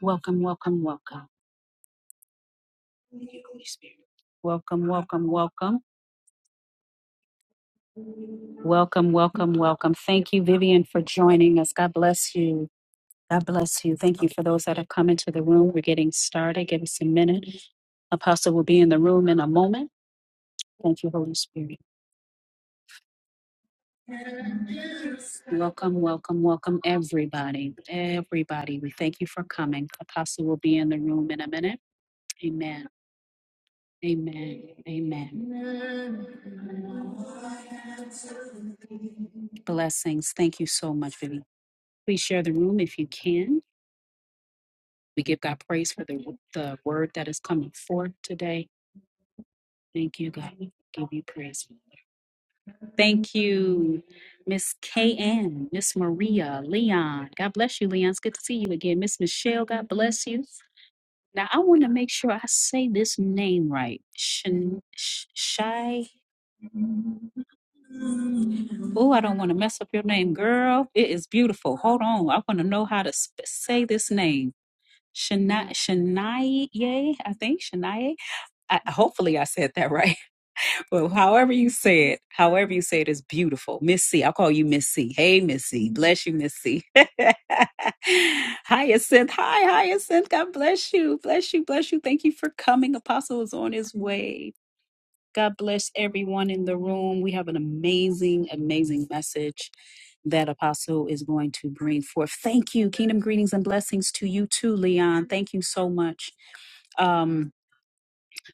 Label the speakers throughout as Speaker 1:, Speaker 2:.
Speaker 1: Welcome, welcome, welcome. Holy Spirit. Welcome, welcome, welcome. Welcome, welcome, welcome. Thank you, Vivian, for joining us. God bless you. God bless you. Thank you for those that have come into the room. We're getting started. Give us a minute. Apostle will be in the room in a moment. Thank you, Holy Spirit. Welcome, welcome, welcome, everybody. Everybody, we thank you for coming. Apostle will be in the room in a minute. Amen. Amen. Amen. Blessings. Thank you so much, Vivi. Please share the room if you can. We give God praise for the, the word that is coming forth today. Thank you, God. Give you praise. Thank you, Miss KN, Miss Maria, Leon. God bless you, Leon. It's good to see you again. Miss Michelle, God bless you. Now, I want to make sure I say this name right. Shin, sh- shy. Oh, I don't want to mess up your name, girl. It is beautiful. Hold on. I want to know how to sp- say this name. Shania, Shania, I think Shania. I, hopefully, I said that right. Well, however you say it, however you say it is beautiful. Miss C, I'll call you Miss C. Hey, Miss C. Bless you, Miss C. Hyacinth. Hi, Hyacinth. God bless you. Bless you. Bless you. Thank you for coming. Apostle is on his way. God bless everyone in the room. We have an amazing, amazing message that Apostle is going to bring forth. Thank you. Kingdom greetings and blessings to you too, Leon. Thank you so much. Um,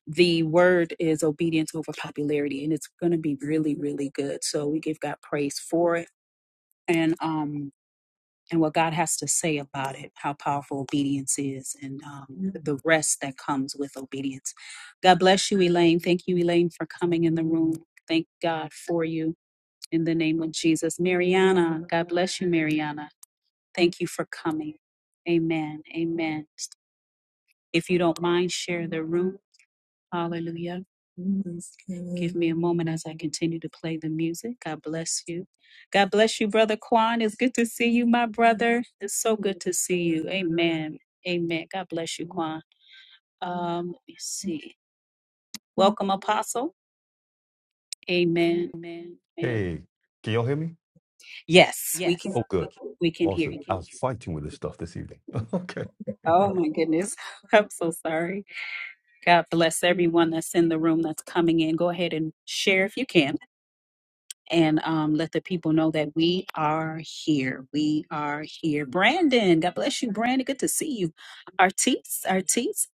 Speaker 1: the word is obedience over popularity and it's going to be really really good so we give god praise for it and um and what god has to say about it how powerful obedience is and um, the rest that comes with obedience god bless you elaine thank you elaine for coming in the room thank god for you in the name of jesus mariana god bless you mariana thank you for coming amen amen if you don't mind share the room Hallelujah. Yes, Give God. me a moment as I continue to play the music. God bless you. God bless you, Brother Quan. It's good to see you, my brother. It's so good to see you. Amen. Amen. God bless you, Quan. Um, let me see. Welcome, Apostle. Amen. Amen.
Speaker 2: Hey, can y'all hear me?
Speaker 1: Yes, we can
Speaker 2: Oh, good.
Speaker 1: we
Speaker 2: we
Speaker 1: can hear
Speaker 2: Awesome. we
Speaker 1: you.
Speaker 2: I was fighting with this stuff this evening. okay.
Speaker 1: Oh my goodness. I'm so sorry. God bless everyone that's in the room that's coming in. Go ahead and share if you can. and um, let the people know that we are here. We are here. Brandon, God bless you, Brandon. Good to see you. Artis, Artis,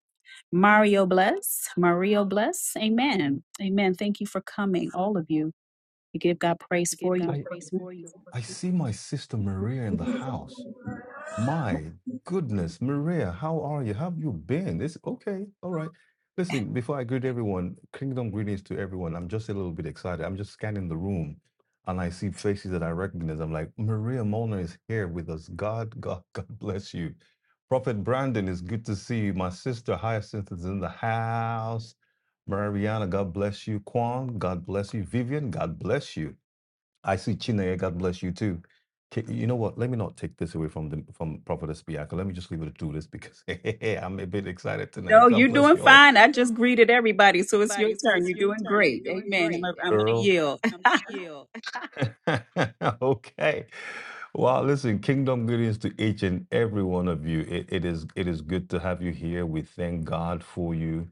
Speaker 1: Mario bless, Mario bless. Amen. Amen. Thank you for coming, all of you. We give God praise for you.
Speaker 2: I I see my sister Maria in the house. My goodness, Maria, how are you? How have you been? It's okay. All right. Listen, before I greet everyone, kingdom greetings to everyone. I'm just a little bit excited. I'm just scanning the room and I see faces that I recognize. I'm like, Maria Molnar is here with us. God, God, God bless you. Prophet Brandon, it's good to see you. My sister Hyacinth is in the house. Mariana, God bless you. Kwan, God bless you. Vivian, God bless you. I see Chineye, God bless you too. K- You know what? Let me not take this away from the from Prophetess Bianca. Let me just leave it to this because I'm a bit excited tonight.
Speaker 1: No,
Speaker 2: God
Speaker 1: you're
Speaker 2: bless
Speaker 1: doing
Speaker 2: you all.
Speaker 1: fine. I just greeted everybody, so it's your turn. You're doing great. Amen. I'm, I'm going to
Speaker 2: Girl,
Speaker 1: yield.
Speaker 2: Okay. Well, listen, kingdom greetings to each and every one of you. It, it is it is good to have you here. We thank God for you.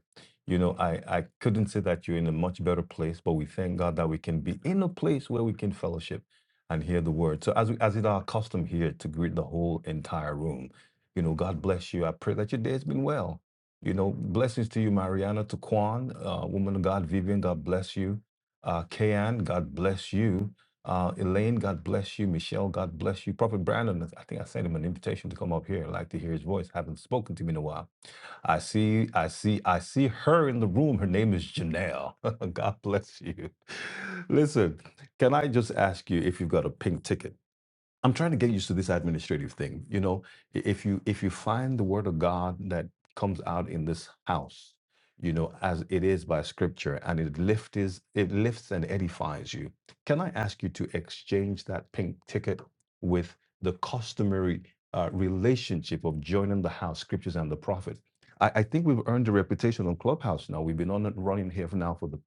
Speaker 2: You know, I, I couldn't say that you're in a much better place, but we thank God that we can be in a place where we can fellowship and hear the word. So as we, as is our custom here to greet the whole entire room. You know, God bless you. I pray that your day has been well. You know, blessings to you, Mariana, to Kwan, uh, woman of God, Vivian, God bless you. Uh, Kayan, God bless you. Uh, Elaine, God bless you. Michelle, God bless you. Prophet Brandon, I think I sent him an invitation to come up here. I'd like to hear his voice. haven't spoken to him in a while. I see, I see, I see her in the room. Her name is Janelle. God bless you. Listen, can I just ask you if you've got a pink ticket? I'm trying to get used to this administrative thing. You know, I- if you if you find the word of God that comes out in this house, you know, as it is by scripture, and it lifts is it lifts and edifies you. Can I ask you to exchange that pink ticket with the customary uh, relationship of joining the house, scriptures, and the prophet? I, I think we've earned a reputation on Clubhouse now. We've been on and running here for now for the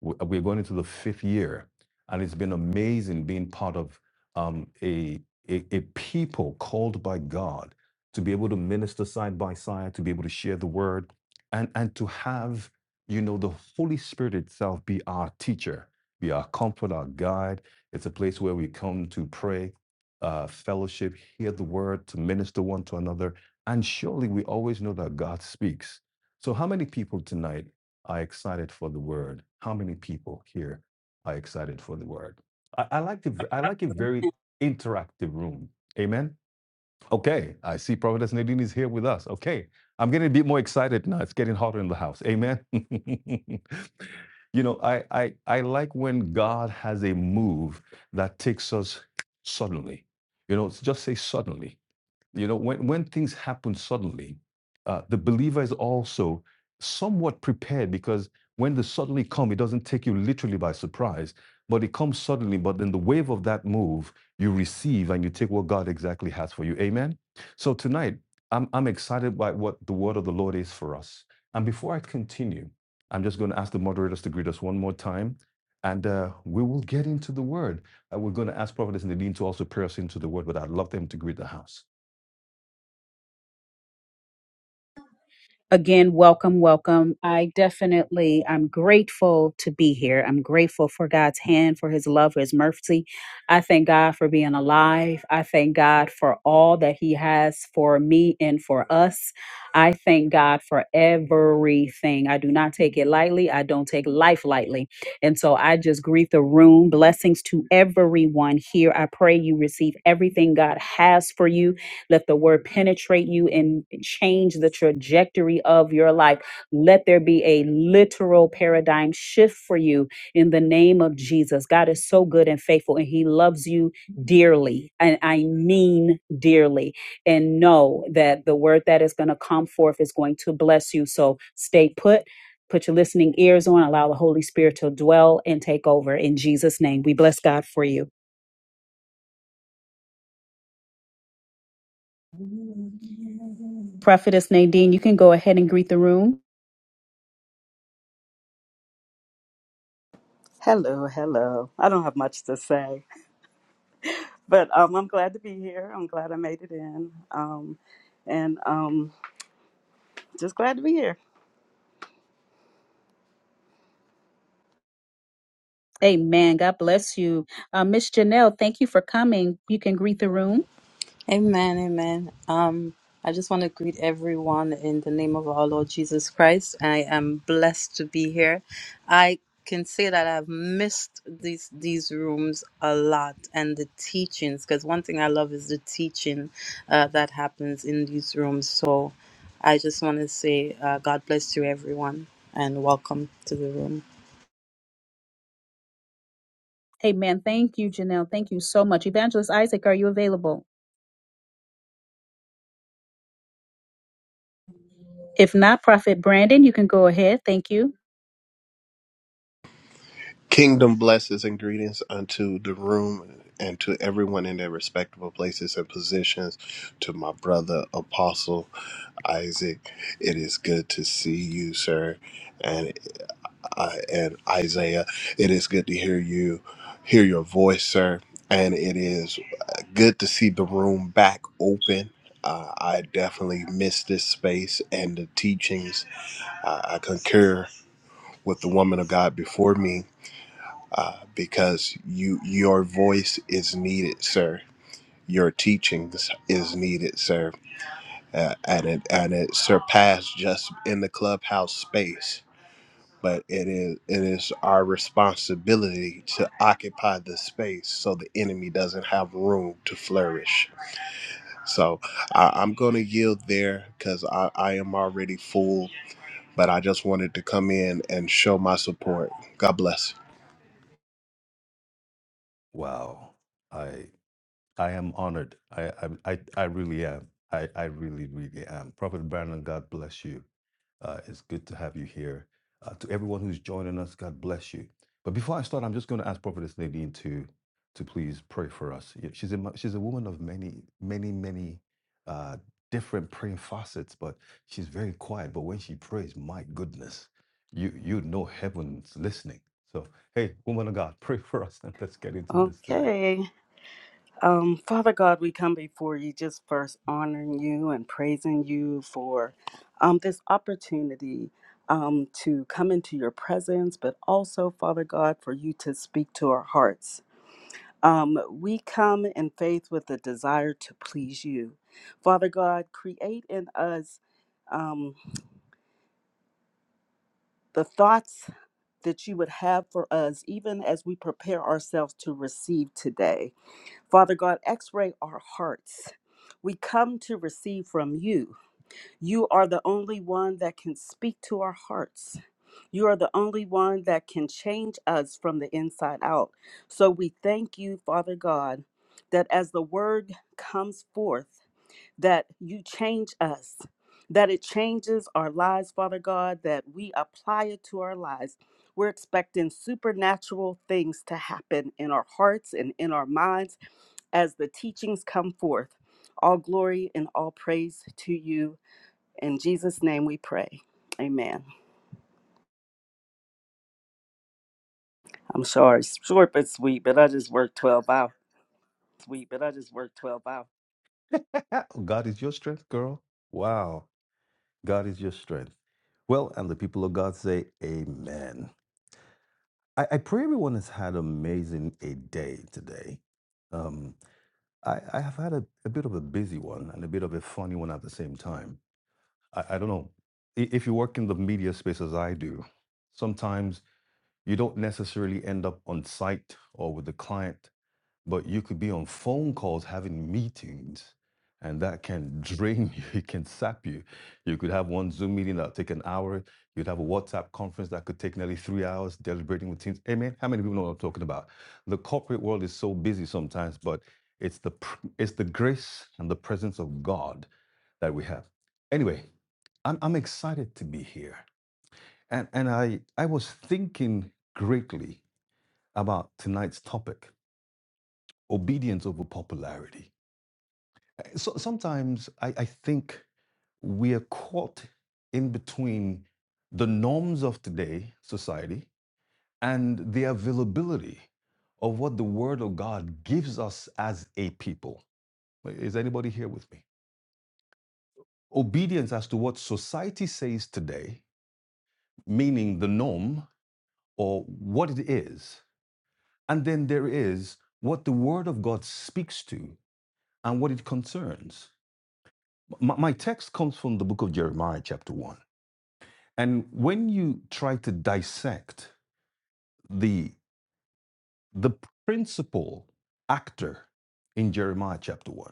Speaker 2: we- we're going into the fifth year, and it's been amazing being part of um, a, a, a people called by God to be able to minister side by side, to be able to share the word, and, and to have, you know, the Holy Spirit itself be our teacher, be our comfort, our guide. It's a place where we come to pray, uh, fellowship, hear the word, to minister one to another. And surely we always know that God speaks. So, how many people tonight are excited for the word? How many people here are excited for the word? I, I like the I like a very interactive room. Amen. Okay, I see Prophetess Nadine is here with us. Okay, I'm getting a bit more excited now. It's getting hotter in the house. Amen. you know, I, I I like when God has a move that takes us suddenly. You know, just say suddenly. You know, when, when things happen suddenly, uh, the believer is also somewhat prepared because when the suddenly come, it doesn't take you literally by surprise, but it comes suddenly. But then the wave of that move, you receive and you take what God exactly has for you. Amen. So tonight, I'm, I'm excited by what the word of the Lord is for us. And before I continue, I'm just going to ask the moderators to greet us one more time. And uh, we will get into the word. Uh, we're going to ask Prophetess Nadine to also pray us into the word, but I'd love them to greet the house.
Speaker 1: again welcome welcome i definitely i'm grateful to be here i'm grateful for god's hand for his love for his mercy i thank god for being alive i thank god for all that he has for me and for us i thank god for everything i do not take it lightly i don't take life lightly and so i just greet the room blessings to everyone here i pray you receive everything god has for you let the word penetrate you and change the trajectory of your life. Let there be a literal paradigm shift for you in the name of Jesus. God is so good and faithful, and He loves you dearly. And I mean dearly. And know that the word that is going to come forth is going to bless you. So stay put. Put your listening ears on, allow the Holy Spirit to dwell and take over. In Jesus' name, we bless God for you. Prophetess Nadine, you can go ahead and greet the room.
Speaker 3: Hello, hello. I don't have much to say, but um, I'm glad to be here. I'm glad I made it in, um, and um, just glad to be here.
Speaker 1: Amen. God bless you. Uh, Miss Janelle, thank you for coming. You can greet the room.
Speaker 4: Amen, amen. Um, I just want to greet everyone in the name of our Lord Jesus Christ. I am blessed to be here. I can say that I've missed these these rooms a lot and the teachings because one thing I love is the teaching uh, that happens in these rooms. So I just want to say uh, God bless you, everyone, and welcome to the room.
Speaker 1: Amen. Thank you, Janelle. Thank you so much. Evangelist Isaac, are you available? If not, Prophet Brandon, you can go ahead. Thank you.
Speaker 5: Kingdom blesses and greetings unto the room and to everyone in their respectable places and positions. To my brother, Apostle Isaac, it is good to see you, sir, and uh, and Isaiah. It is good to hear you, hear your voice, sir, and it is good to see the room back open. Uh, I definitely miss this space and the teachings. Uh, I concur with the woman of God before me uh, because you your voice is needed, sir. Your teachings is needed, sir, uh, and it and it surpassed just in the clubhouse space. But it is it is our responsibility to occupy the space so the enemy doesn't have room to flourish. So I, I'm going to yield there because I, I am already full, but I just wanted to come in and show my support. God bless.
Speaker 2: Wow. I I am honored. I I I, I really am. I, I really, really am. Prophet Brandon, God bless you. Uh, it's good to have you here. Uh, to everyone who's joining us, God bless you. But before I start, I'm just going to ask Prophetess Nadine to to please pray for us. Yeah, She's a mo- she's a woman of many, many, many uh, different praying facets, but she's very quiet. But when she prays, my goodness, you you know heaven's listening. So hey, woman of God, pray for us and let's get into this today.
Speaker 3: Okay. Um, Father God, we come before you just first honoring you and praising you for um, this opportunity um, to come into your presence, but also, Father God, for you to speak to our hearts. Um, we come in faith with a desire to please you. Father God, create in us um, the thoughts that you would have for us, even as we prepare ourselves to receive today. Father God, x ray our hearts. We come to receive from you. You are the only one that can speak to our hearts. You are the only one that can change us from the inside out. So we thank you, Father God, that as the word comes forth, that you change us, that it changes our lives, Father God, that we apply it to our lives. We're expecting supernatural things to happen in our hearts and in our minds as the teachings come forth. All glory and all praise to you. In Jesus' name we pray. Amen. I'm sorry, it's short but sweet, but I just worked 12 hours.
Speaker 2: week, but I just worked 12 hours. God is your strength, girl. Wow. God is your strength. Well, and the people of God say, Amen. I, I pray everyone has had amazing a day today. Um, I, I have had a, a bit of a busy one and a bit of a funny one at the same time. I, I don't know. I- If you work in the media space as I do, sometimes you don't necessarily end up on site or with the client but you could be on phone calls having meetings and that can drain you it can sap you you could have one zoom meeting that'll take an hour you'd have a whatsapp conference that could take nearly three hours deliberating with teams hey man how many people know what i'm talking about the corporate world is so busy sometimes but it's the it's the grace and the presence of god that we have anyway i'm, I'm excited to be here and and i i was thinking greatly about tonight's topic obedience over popularity. So, sometimes I, I think we are caught in between the norms of today society and the availability of what the word of God gives us as a people. Is anybody here with me? Obedience as to what society says today, meaning the norm or what it is, and then there is what the word of God speaks to and what it concerns. My, my text comes from the book of Jeremiah, chapter 1. And when you try to dissect the, the principal actor in Jeremiah, chapter 1,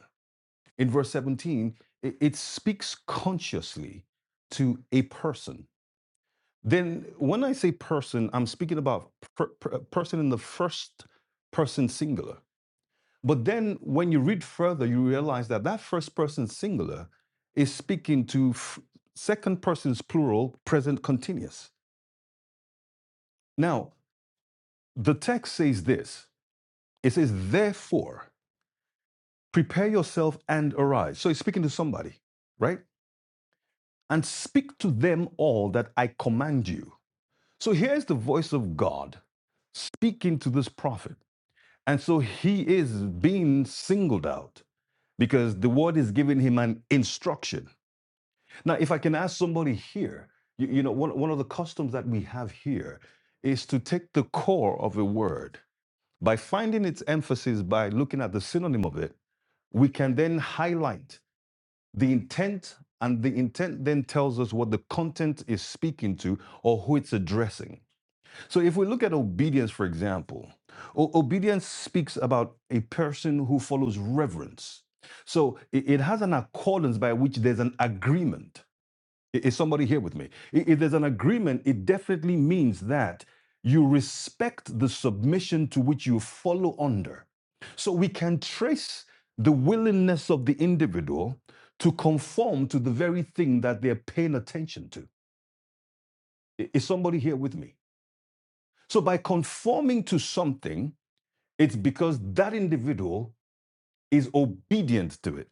Speaker 2: in verse 17, it, it speaks consciously to a person. Then, when I say person, I'm speaking about per, per- person in the first person singular. But then when you read further, you realize that that first person singular is speaking to f- second person's plural, present continuous. Now, the text says this it says, therefore, prepare yourself and arise. So he's speaking to somebody, right? And speak to them all that I command you. So here's the voice of God speaking to this prophet. And so he is being singled out because the word is giving him an instruction. Now, if I can ask somebody here, you, you know, one, one of the customs that we have here is to take the core of a word by finding its emphasis by looking at the synonym of it. We can then highlight the intent, and the intent then tells us what the content is speaking to or who it's addressing. So, if we look at obedience, for example, o- obedience speaks about a person who follows reverence. So, it it has an accordance by which there's an agreement. Is somebody here with me? If there's an agreement, it definitely means that you respect the submission to which you follow under. So we can trace the willingness of the individual to conform to the very thing that they're paying attention to. Is somebody here with me? So by conforming to something, it's because that individual is obedient to it.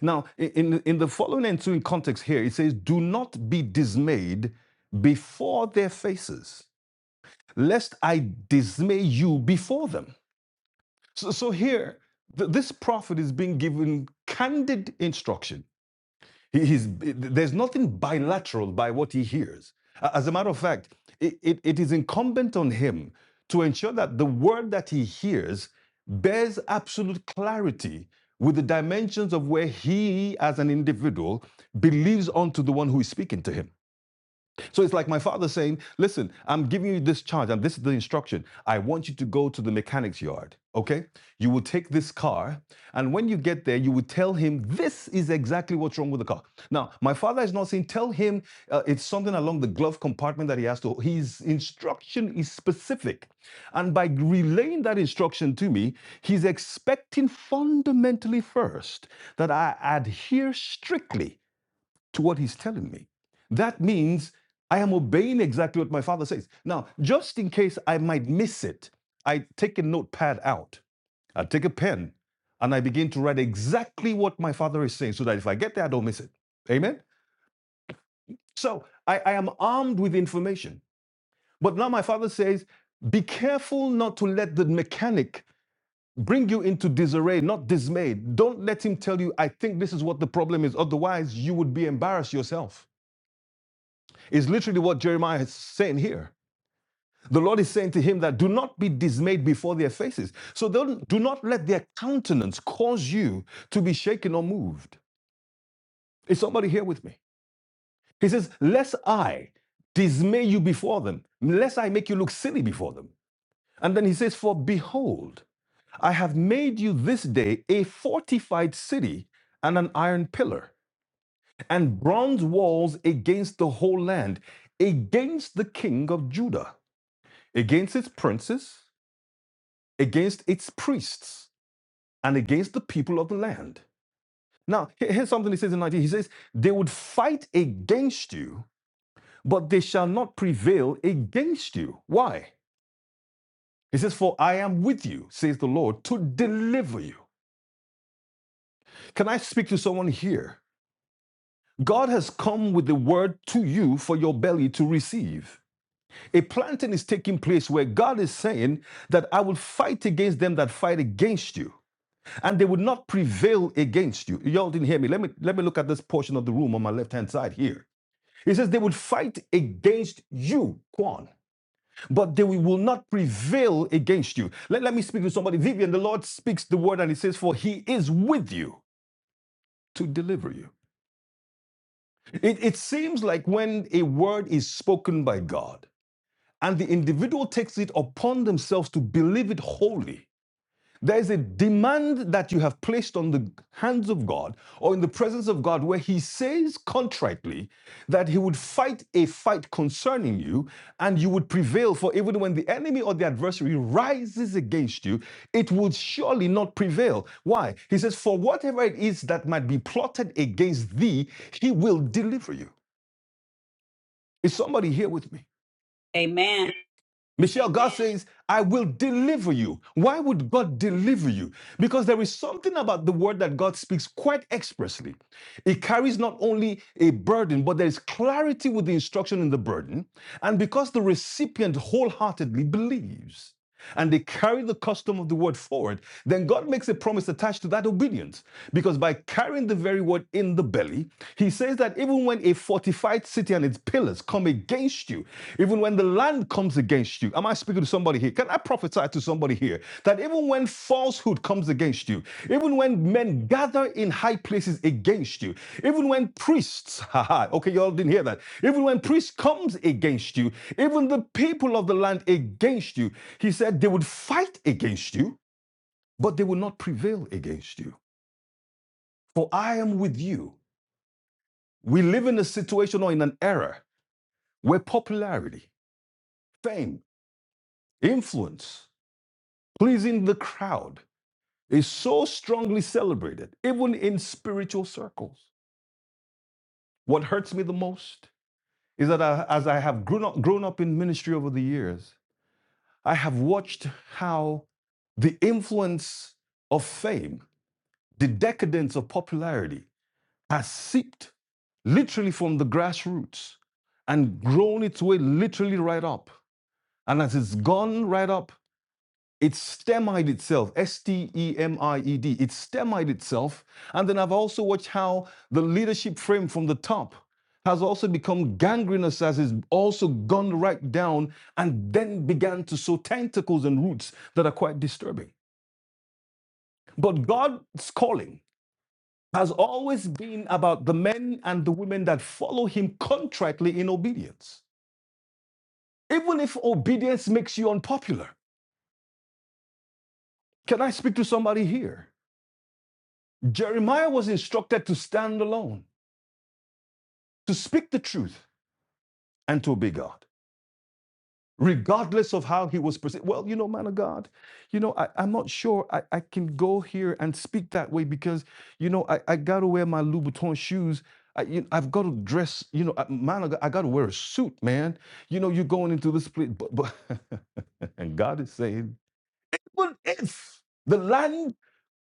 Speaker 2: Now, in, in the following ensuing context here, it says, Do not be dismayed before their faces, lest I dismay you before them. So, so here, th- this prophet is being given candid instruction he- he's, there's nothing bilateral by what he hears. As a matter of fact, it, it, it is incumbent on him to ensure that the word that he hears bears absolute clarity with the dimensions of where he, as an individual, believes onto the one who is speaking to him. So it's like my father saying, Listen, I'm giving you this charge, and this is the instruction. I want you to go to the mechanic's yard, okay? You will take this car, and when you get there, you will tell him this is exactly what's wrong with the car. Now, my father is not saying, Tell him uh, it's something along the glove compartment that he has to. His instruction is specific. And by relaying that instruction to me, he's expecting fundamentally first that I adhere strictly to what he's telling me. That means I am obeying exactly what my father says. Now, just in case I might miss it, I take a notepad out, I take a pen, and I begin to write exactly what my father is saying so that if I get there, I don't miss it. Amen? So I, I am armed with information. But now my father says, be careful not to let the mechanic bring you into disarray, not dismayed. Don't let him tell you, I think this is what the problem is. Otherwise, you would be embarrassed yourself. is literally what Jeremiah is saying here. The Lord is saying to him that do not be dismayed before their faces. So don't, do not let their countenance cause you to be shaken or moved. Is somebody here with me? He says, Lest I dismay you before them, lest I make you look silly before them. And then he says, For behold, I have made you this day a fortified city and an iron pillar and bronze walls against the whole land, against the king of Judah. against its princes, against its priests, and against the people of the land. Now, here's something he says in 19. He says, They would fight against you, but they shall not prevail against you. Why? He says, For I am with you, says the Lord, to deliver you. Can I speak to someone here? God has come with the word to you for your belly to receive. A planting is taking place where God is saying that I will fight against them that fight against you. and they would not prevail against you. Y'all didn't hear me. Let me let me look at this portion of the room on my left-hand side here. It says they would fight against you, Quan, but they will not prevail against you. Let, let me speak to somebody. Vivian, the Lord speaks the word and he says, For he is with you to deliver you. It, it seems like when a word is spoken by God and the individual takes it upon themselves to believe it wholly, There is a demand that you have placed on the hands of God or in the presence of God where He says contritely that He would fight a fight concerning you and you would prevail. For even when the enemy or the adversary rises against you, it would surely not prevail. Why? He says, For whatever it is that might be plotted against thee, He will deliver you. Is somebody here with me?
Speaker 1: Amen.
Speaker 2: Michelle, God says, I will deliver you. Why would God deliver you? Because there is something about the word that God speaks quite expressly. It carries not only a burden, but there is clarity with the instruction in the burden. And because the recipient wholeheartedly believes and they carry the custom of the word forward, then God makes a promise attached to that obedience. Because by carrying the very word in the belly, he says that even when a fortified city and its pillars come against you, even when the land comes against you, am I speaking to somebody here? Can I prophesy to somebody here that even when falsehood comes against you, even when men gather in high places against you, even when priests, haha, okay, y'all didn't hear that, even when priests comes against you, even the people of the land against you, he said they would fight against you, but they will not prevail against you. For I am with you. We live in a situation or in an era where popularity, fame, influence, pleasing the crowd is so strongly celebrated, even in spiritual circles. What hurts me the most is that I, as I have grown up, grown up in ministry over the years, I have watched how the influence of fame, the decadence of popularity has seeped literally from the grassroots and grown its way literally right up. And as it's gone right up, It's stemied itself, S T E M I E D. It's stemied itself. And then I've also watched how the leadership frame from the top has also become gangrenous as it's also gone right down and then began to sow tentacles and roots that are quite disturbing. But God's calling has always been about the men and the women that follow Him contritely in obedience. Even if obedience makes you unpopular, can I speak to somebody here? Jeremiah was instructed to stand alone, to speak the truth, and to obey God, regardless of how he was perceived. Well, you know, man of God, you know, I, I'm not sure I, I can go here and speak that way because, you know, I, I got to wear my Louboutin shoes. I, you, I've got to dress, you know, I- man, of God, I got to wear a suit, man. You know, you're going into this place. But, but and God is saying, but if the land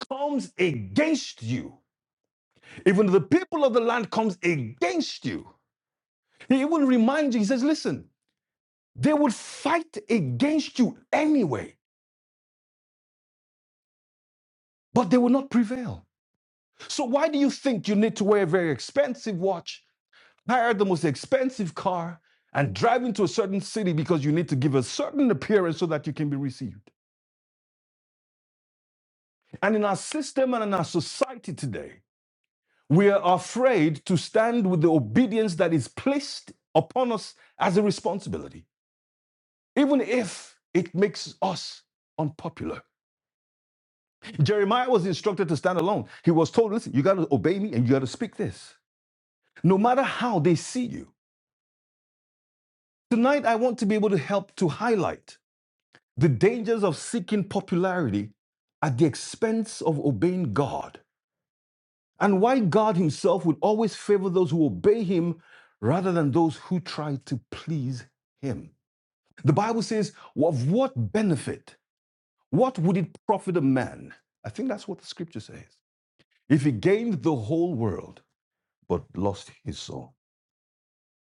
Speaker 2: comes against you, even the people of the land comes against you, He even reminds you, he says, listen, they would fight against you anyway, but they will not prevail. So why do you think you need to wear a very expensive watch, hire the most expensive car, and drive into a certain city because you need to give a certain appearance so that you can be received? And in our system and in our society today, we are afraid to stand with the obedience that is placed upon us as a responsibility, even if it makes us unpopular. Jeremiah was instructed to stand alone. He was told, listen, you got to obey me and you got to speak this, no matter how they see you. Tonight, I want to be able to help to highlight the dangers of seeking popularity at the expense of obeying God and why God Himself would always favor those who obey Him rather than those who try to please Him. The Bible says, of what benefit? What would it profit a man? I think that's what the scripture says. If he gained the whole world but lost his soul.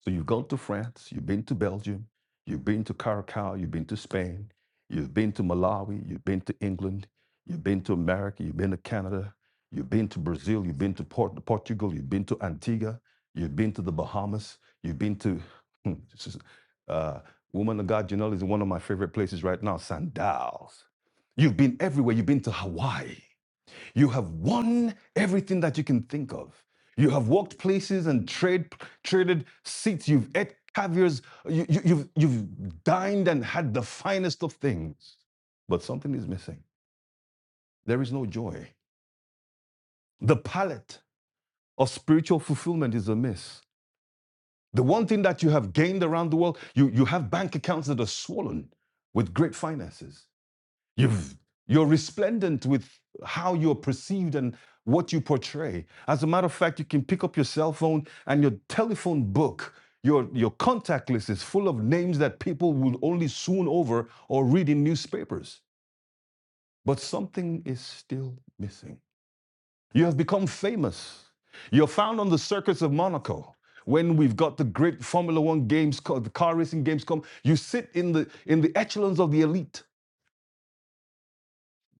Speaker 2: So you've gone to France, you've been to Belgium, you've been to Caracas, you've been to Spain, you've been to Malawi, you've been to England, you've been to America, you've been to Canada, you've been to Brazil, you've been to Port- Portugal, you've been to Antigua, you've been to the Bahamas, you've been to, hmm, uh, woman of God, you know, is one of my favorite places right now, Sandals. You've been everywhere, you've been to Hawaii. You have won everything that you can think of. You have walked places and trade, traded seats. You've ate caviars. You, you, you've, you've dined and had the finest of things. But something is missing. There is no joy. The palette of spiritual fulfillment is amiss. The one thing that you have gained around the world, you, you have bank accounts that are swollen with great finances. You've, you're resplendent with how you're perceived and what you portray. As a matter of fact, you can pick up your cell phone and your telephone book, your, your contact list is full of names that people will only swoon over or read in newspapers. But something is still missing. You have become famous. You're found on the circuits of Monaco. When we've got the great Formula One games, the car racing games come, you sit in the in the echelons of the elite.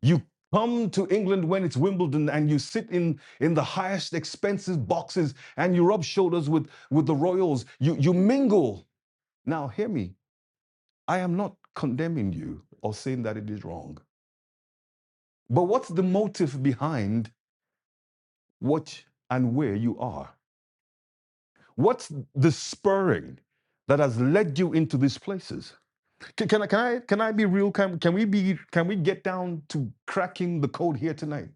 Speaker 2: You come to England when it's Wimbledon and you sit in, in the highest expensive boxes and you rub shoulders with, with the royals. You, you mingle. Now, hear me. I am not condemning you or saying that it is wrong. But what's the motive behind what and where you are? What's the spurring that has led you into these places? Can, can, I, can I can I be real? Can, can we be can we get down to cracking the code here tonight?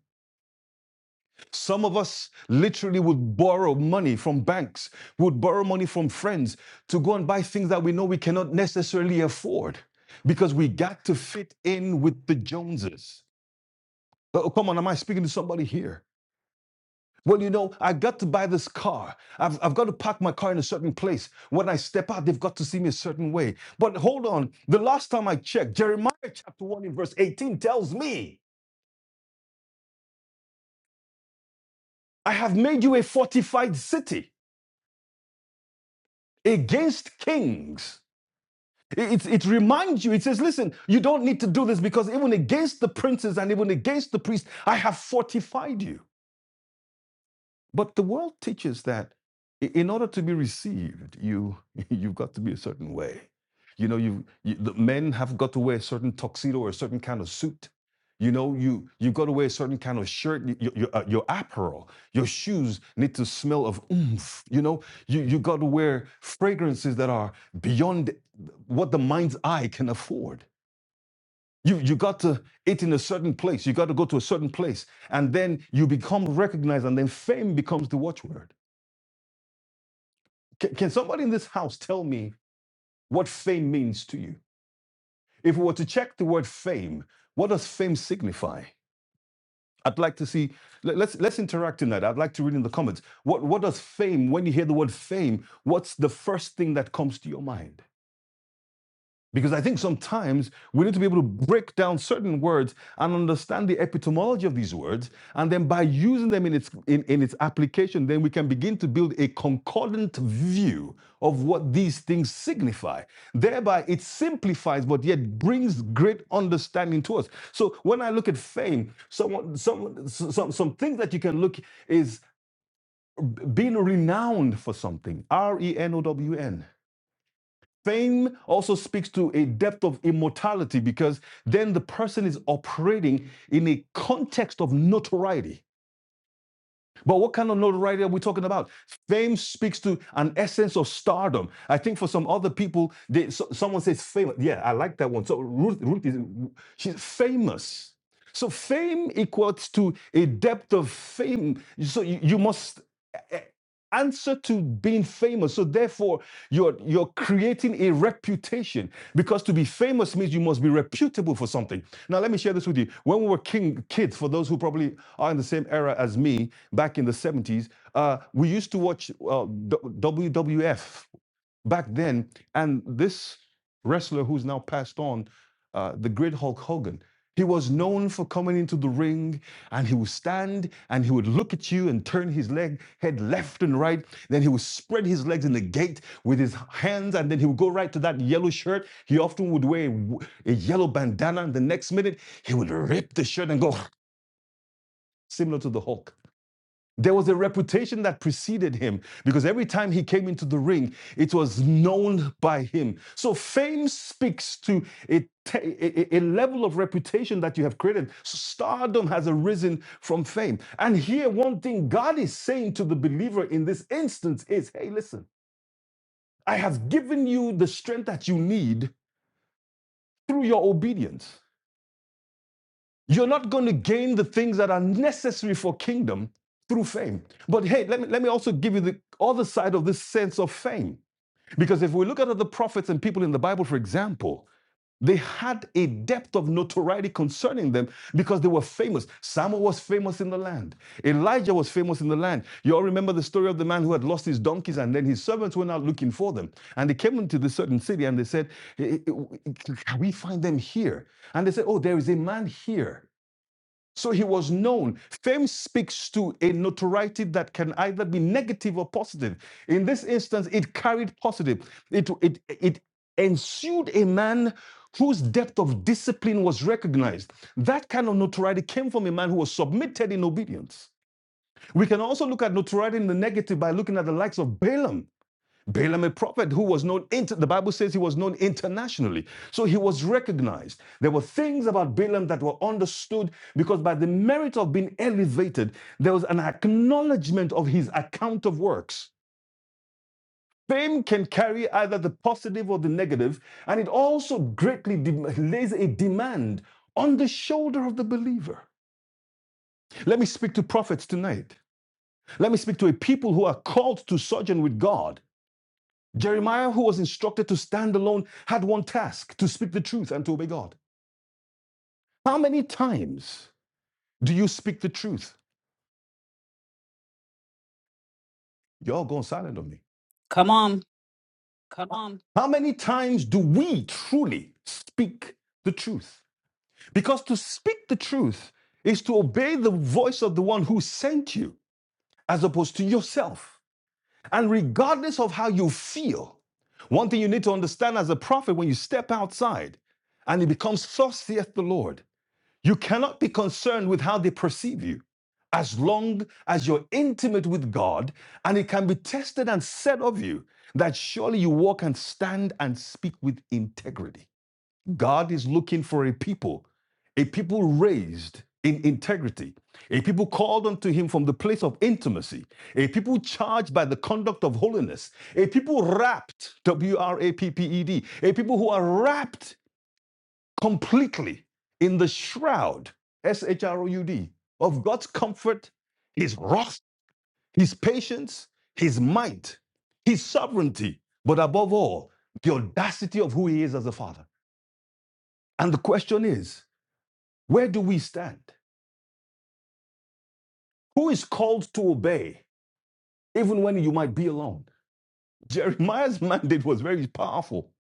Speaker 2: Some of us literally would borrow money from banks, would borrow money from friends to go and buy things that we know we cannot necessarily afford because we got to fit in with the Joneses. Oh, come on, am I speaking to somebody here? Well, you know, I got to buy this car. I've, I've got to park my car in a certain place. When I step out, they've got to see me a certain way. But hold on, the last time I checked, Jeremiah chapter 1 in verse 18 tells me, I have made you a fortified city against kings It, it, reminds you, it says, listen, you don't need to do this because even against the princes and even against the priests, I have fortified you. But the world teaches that i- in order to be received, you you've got to be a certain way. You know, you, you the men have got to wear a certain tuxedo or a certain kind of suit. You know, you you've got to wear a certain kind of shirt. y- Your your, uh, your apparel, your shoes need to smell of oomph. You know, you you got to wear fragrances that are beyond what the mind's eye can afford. You you got to eat in a certain place. You got to go to a certain place, and then you become recognized, and then fame becomes the watchword. Can, can somebody in this house tell me what fame means to you? If we were to check the word fame, what does fame signify? I'd like to see. let- Let's let's interact in that. I'd like to read in the comments. What what does fame? When you hear the word fame, what's the first thing that comes to your mind? Because I think sometimes we need to be able to break down certain words and understand the epistemology of these words. And then by using them in its, in, in its application, then we can begin to build a concordant view of what these things signify. Thereby, it simplifies, but yet brings great understanding to us. So when I look at fame, some some, some, some things that you can look is being renowned for something, R E N O W N. Fame also speaks to a depth of immortality because then the person is operating in a context of notoriety. But what kind of notoriety are we talking about? Fame speaks to an essence of stardom. I think for some other people, they, so- someone says famous. Yeah, I like that one. So Ruth, Ruth is she's famous. So fame equals to a depth of fame. So you, you must eh, eh, answer to being famous. So therefore, you're you're creating a reputation because to be famous means you must be reputable for something. Now let me share this with you. When we were king kids, for those who probably are in the same era as me, back in the 70s, uh, we used to watch uh, WWF back then. And this wrestler who's now passed on, uh, the great Hulk Hogan, he was known for coming into the ring and he would stand and he would look at you and turn his leg head left and right. Then he would spread his legs in the gate with his hands and then he would go right to that yellow shirt. He often would wear a, w- a yellow bandana and the next minute he would rip the shirt and go similar to the Hulk. There was a reputation that preceded him because every time he came into the ring, it was known by him. So fame speaks to a, a- a level of reputation that you have created. Stardom has arisen from fame. And here, one thing God is saying to the believer in this instance is hey, listen, I have given you the strength that you need through your obedience. You're not going to gain the things that are necessary for kingdom through fame. But hey, let me, let me also give you the other side of this sense of fame. Because if we look at other prophets and people in the Bible, for example, they had a depth of notoriety concerning them because they were famous. Samuel was famous in the land. Elijah was famous in the land. You all remember the story of the man who had lost his donkeys and then his servants went out looking for them. And they came into this certain city and they said, "Eh, eh, eh, Can we find them here? And they said, Oh, there is a man here so he was known. Fame speaks to a notoriety that can either be negative or positive. In this instance, it carried positive. It, it, it ensued a man whose depth of discipline was recognized. That kind of notoriety came from a man who was submitted in obedience. We can also look at notoriety in the negative by looking at the likes of Balaam. Balaam, a prophet who was known, inter- the Bible says he was known internationally. So he was recognized. There were things about Balaam that were understood because by the merit of being elevated, there was an acknowledgement of his account of works. Fame can carry either the positive or the negative, and it also greatly lays a demand on the shoulder of the believer. Let me speak to prophets tonight. Let me speak to a people who are called to sojourn with God Jeremiah, who was instructed to stand alone, had one task to speak the truth and to obey God. How many times do you speak the truth? You're going silent on me.
Speaker 1: Come on.
Speaker 2: How many times do we truly speak the truth? Because to speak the truth is to obey the voice of the one who sent you as opposed to yourself. And regardless of how you feel, one thing you need to understand as a prophet when you step outside and it becomes, Thus saith the Lord, You cannot be concerned with how they perceive you as long as you're intimate with God and it can be tested and said of you that surely you walk and stand and speak with integrity. God is looking for a people, a people raised in integrity, a people called unto him from the place of intimacy, a people charged by the conduct of holiness, a people wrapped, W R A P P E D, a people who are wrapped completely in the shroud, S H R O U D, of God's comfort, His wrath, His patience, His might, His sovereignty, but above all, the audacity of who He is as a Father. And the question is where do we stand? Who is called to obey, even when you might be alone? Jeremiah's mandate was very powerful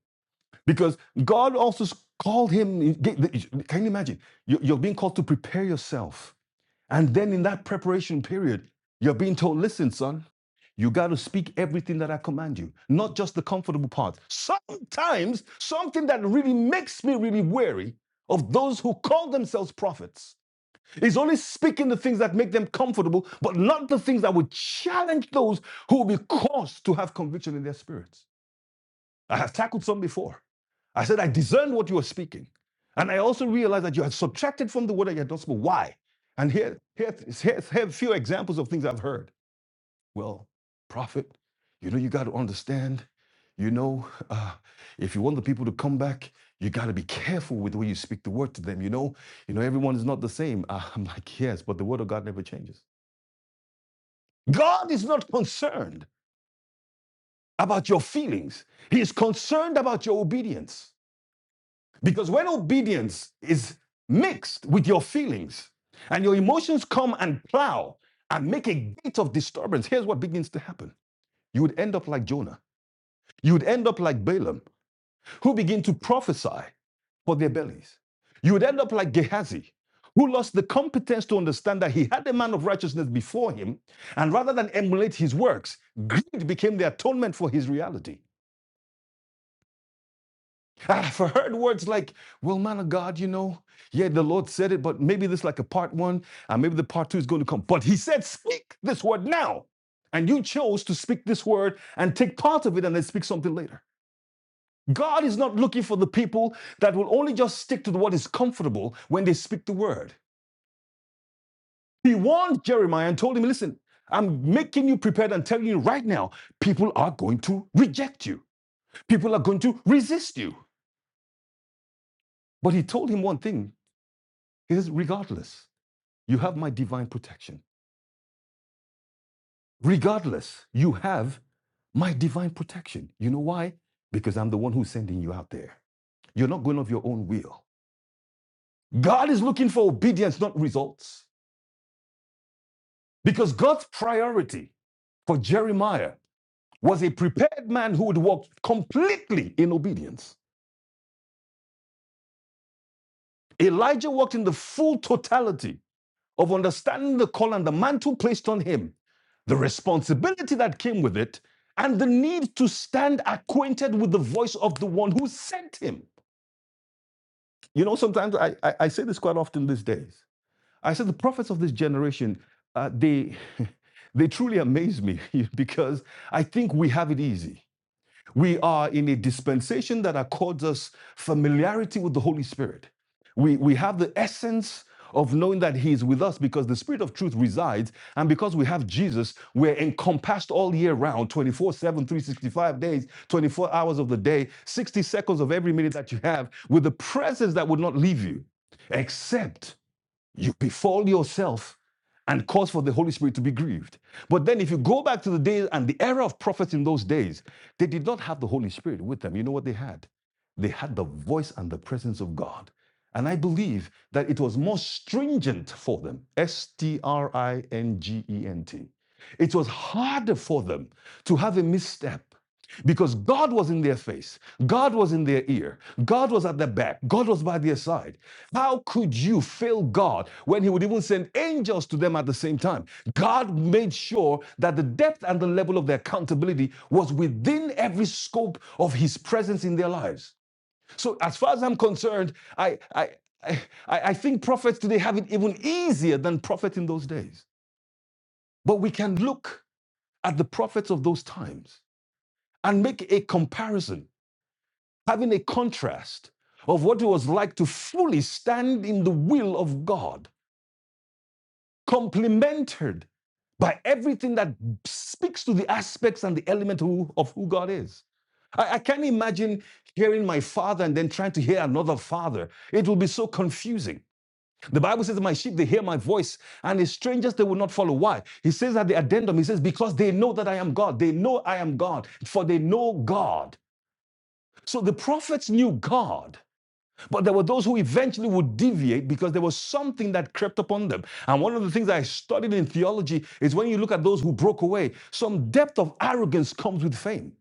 Speaker 2: because God also called him. Can you imagine? You- You're being called to prepare yourself And then in that preparation period, you're being told, listen, son, you got to speak everything that I command you, not just the comfortable part. Sometimes, something that really makes me really wary of those who call themselves prophets is only speaking the things that make them comfortable, but not the things that would challenge those who will be caused to have conviction in their spirits. I have tackled some before. I said, I discerned what you were speaking. And I also realized that you had subtracted from the word that you had not spoken. Why? And here, here, here, here are a few examples of things I've heard. Well, prophet, you know, you got to understand, you know, uh, if you want the people to come back, you got to be careful with the way you speak the word to them. You know, you know, everyone is not the same. Uh, I'm like, yes, but the word of God never changes. God is not concerned about your feelings. He is concerned about your obedience. Because when obedience is mixed with your feelings and your emotions come and plow and make a gate of disturbance, here's what begins to happen. You would end up like Jonah. You would end up like Balaam, who begin to prophesy for their bellies. You would end up like Gehazi, who lost the competence to understand that he had a man of righteousness before him, and rather than emulate his works, greed became the atonement for his reality. I've heard words like, well, man of God, you know, yeah, the Lord said it, but maybe this is like a part one, and maybe the part two is going to come. But he said, speak this word now. And you chose to speak this word and take part of it and then speak something later. God is not looking for the people that will only just stick to what is comfortable when they speak the word. He warned Jeremiah and told him, listen, I'm making you prepared and telling you right now, people are going to reject you. People are going to resist you. But he told him one thing, he says, regardless. You have my divine protection. Regardless, you have my divine protection. You know why? Because I'm the one who's sending you out there. You're not going of your own will. God is looking for obedience, not results. Because God's priority for Jeremiah was a prepared man who would walk completely in obedience. Elijah walked in the full totality of understanding the call and the mantle placed on him, the responsibility that came with it, and the need to stand acquainted with the voice of the one who sent him. You know, sometimes I, I, I say this quite often these days. I say the prophets of this generation, uh, they, they truly amaze me because I think we have it easy. We are in a dispensation that accords us familiarity with the Holy Spirit. We, we have the essence of knowing that He is with us because the Spirit of truth resides. And because we have Jesus, we're encompassed all year round twenty-four-seven, three-sixty-five days, 24 hours of the day, 60 seconds of every minute that you have with the presence that would not leave you, except you befool yourself and cause for the Holy Spirit to be grieved. But then, if you go back to the days and the era of prophets in those days, they did not have the Holy Spirit with them. You know what they had? They had the voice and the presence of God. And I believe that it was more stringent for them S T R I N G E N T. It was harder for them to have a misstep. Because God was in their face, God was in their ear, God was at their back, God was by their side. How could you fail God when He would even send angels to them at the same time? God made sure that the depth and the level of their accountability was within every scope of His presence in their lives. So, as far as I'm concerned, I, I, I, I I think prophets today have it even easier than prophets in those days. But we can look at the prophets of those times and make a comparison, having a contrast of what it was like to fully stand in the will of God complemented by everything that speaks to the aspects and the element who- of who God is. I, I can't imagine hearing my father and then trying to hear another father. It will be so confusing. The Bible says, My sheep, they hear my voice, and the strangers they will not follow. Why? He says at the addendum, he says, Because they know that I am God. They know I am God, for they know God. So the prophets knew God. But there were those who eventually would deviate because there was something that crept upon them. And one of the things I studied in theology is when you look at those who broke away, some depth of arrogance comes with fame.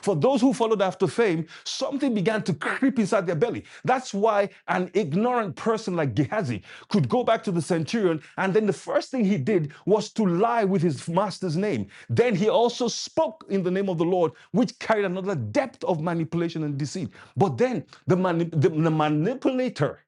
Speaker 2: For those who followed after fame, something began to creep inside their belly. That's why an ignorant person like Gehazi could go back to the centurion, and then the first thing he did was to lie with his master's name. Then he also spoke in the name of the Lord, which carried another depth of manipulation and deceit. But then the, mani- the, the manipulator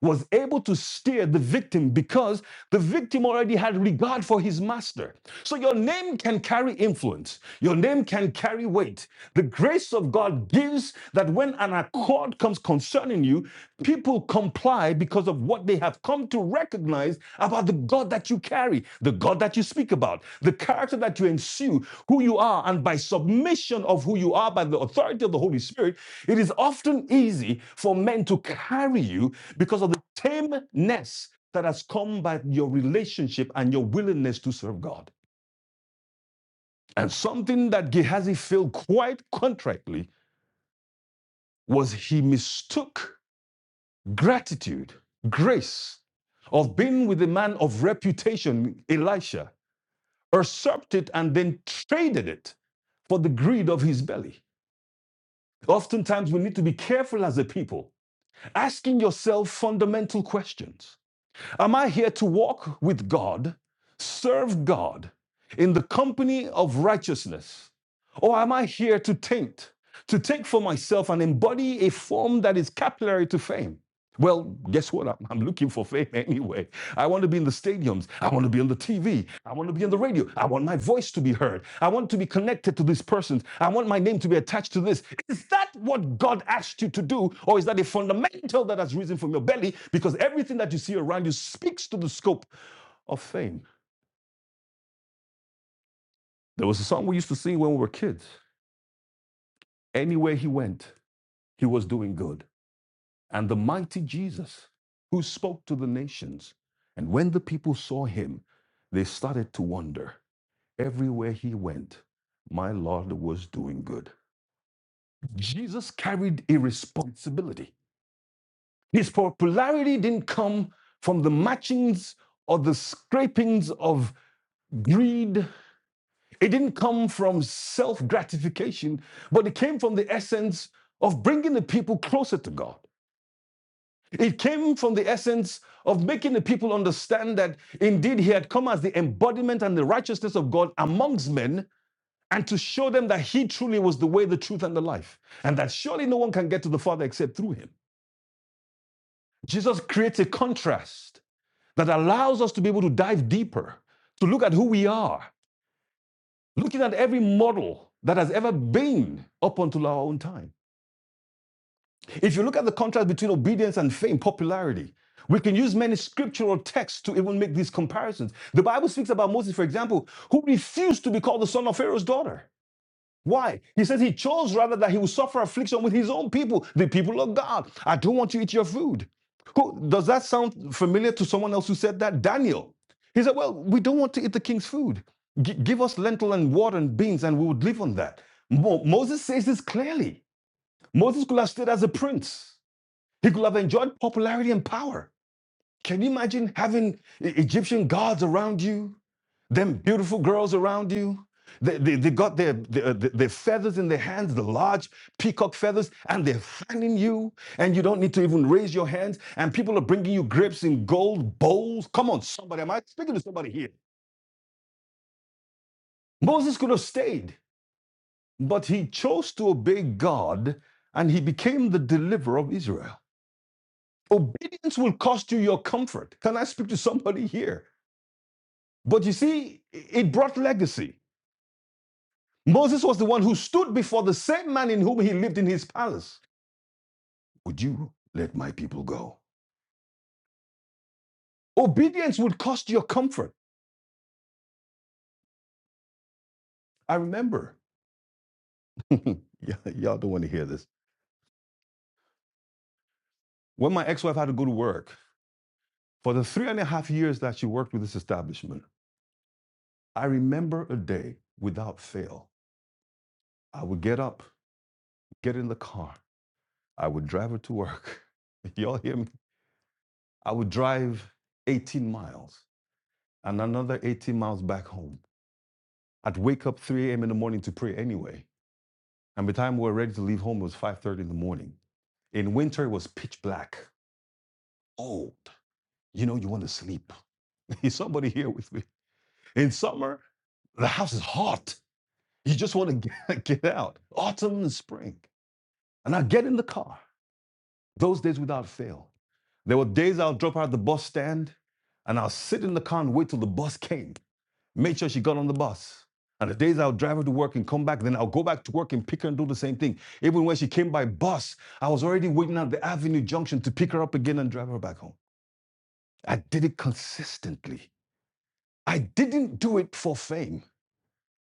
Speaker 2: was able to steer the victim because the victim already had regard for his master. So your name can carry influence, your name can carry weight. The grace of God gives that when an accord comes concerning you, people comply because of what they have come to recognize about the God that you carry, the God that you speak about, the character that you ensue, who you are, and by submission of who you are by the authority of the Holy Spirit, it is often easy for men to carry you because of the tameness that has come by your relationship and your willingness to serve God. And something that Gehazi failed quite contractly was he mistook gratitude, grace of being with a man of reputation, Elisha, usurped it and then traded it for the greed of his belly. Oftentimes, we need to be careful as a people, asking yourself fundamental questions. Am I here to walk with God, serve God in the company of righteousness? Or am I here to taint, to take for myself and embody a form that is capillary to fame? Well, guess what? I'm, I'm looking for fame anyway. I want to be in the stadiums. I want to be on the TV. I want to be on the radio. I want my voice to be heard. I want to be connected to these persons. I want my name to be attached to this. Is that what God asked you to do? Or is that a fundamental that has risen from your belly? Because everything that you see around you speaks to the scope of fame. There was a song we used to sing when we were kids. Anywhere he went, he was doing good. And the mighty Jesus, who spoke to the nations. And when the people saw him, they started to wonder Everywhere he went, my Lord was doing good. Jesus carried a responsibility. His popularity didn't come from the matchings or the scrapings of greed. It didn't come from self gratification, but it came from the essence of bringing the people closer to God. It came from the essence of making the people understand that indeed he had come as the embodiment and the righteousness of God amongst men and to show them that he truly was the way, the truth, and the life, and that surely no one can get to the Father except through him. Jesus creates a contrast that allows us to be able to dive deeper, to look at who we are, looking at every model that has ever been up until our own time. If you look at the contrast between obedience and fame, popularity, we can use many scriptural texts to even make these comparisons. The Bible speaks about Moses, for example, who refused to be called the son of Pharaoh's daughter. Why? He says he chose rather that he would suffer affliction with his own people, the people of God. I don't want you to eat your food. Who, does that sound familiar to someone else who said that? Daniel. He said, Well, we don't want to eat the king's food. Gi- give us lentil and water and beans, and we would live on that. Mo- Moses says this clearly. Moses could have stood as a prince, he could have enjoyed popularity and power. Can you imagine having E- Egyptian gods around you? Them beautiful girls around you? They, they, they got their, their, their feathers in their hands, the large peacock feathers, and they're fanning you, and you don't need to even raise your hands. And people are bringing you grapes in gold bowls. Come on, somebody, am I speaking to somebody here? Moses could have stayed, but he chose to obey God, and he became the deliverer of Israel. Obedience will cost you your comfort. Can I speak to somebody here? But you see, it brought legacy. Moses was the one who stood before the same man in whom he lived in his palace. Would you let my people go? Obedience would cost your comfort. I remember, y- y'all don't want to hear this. When my ex wife had to go to work, for the three and a half years that she worked with this establishment, I remember a day without fail. I would get up, get in the car, I would drive her to work. Y'all hear me? I would drive 18 miles and another 18 miles back home. I'd wake up 3 a.m. in the morning to pray anyway. And by the time we were ready to leave home, it was 5.30 in the morning. In winter, it was pitch black, old. You know, you want to sleep. Is somebody here with me? In summer, the house is hot. You just want to get, get out. Autumn and spring. And I get in the car, those days without fail. There were days I'll drop her at the bus stand and I'll sit in the car and wait till the bus came, make sure she got on the bus. And the days I'll drive her to work and come back, then I'll go back to work and pick her and do the same thing. Even when she came by bus, I was already waiting at the Avenue Junction to pick her up again and drive her back home. I did it consistently. I didn't do it for fame.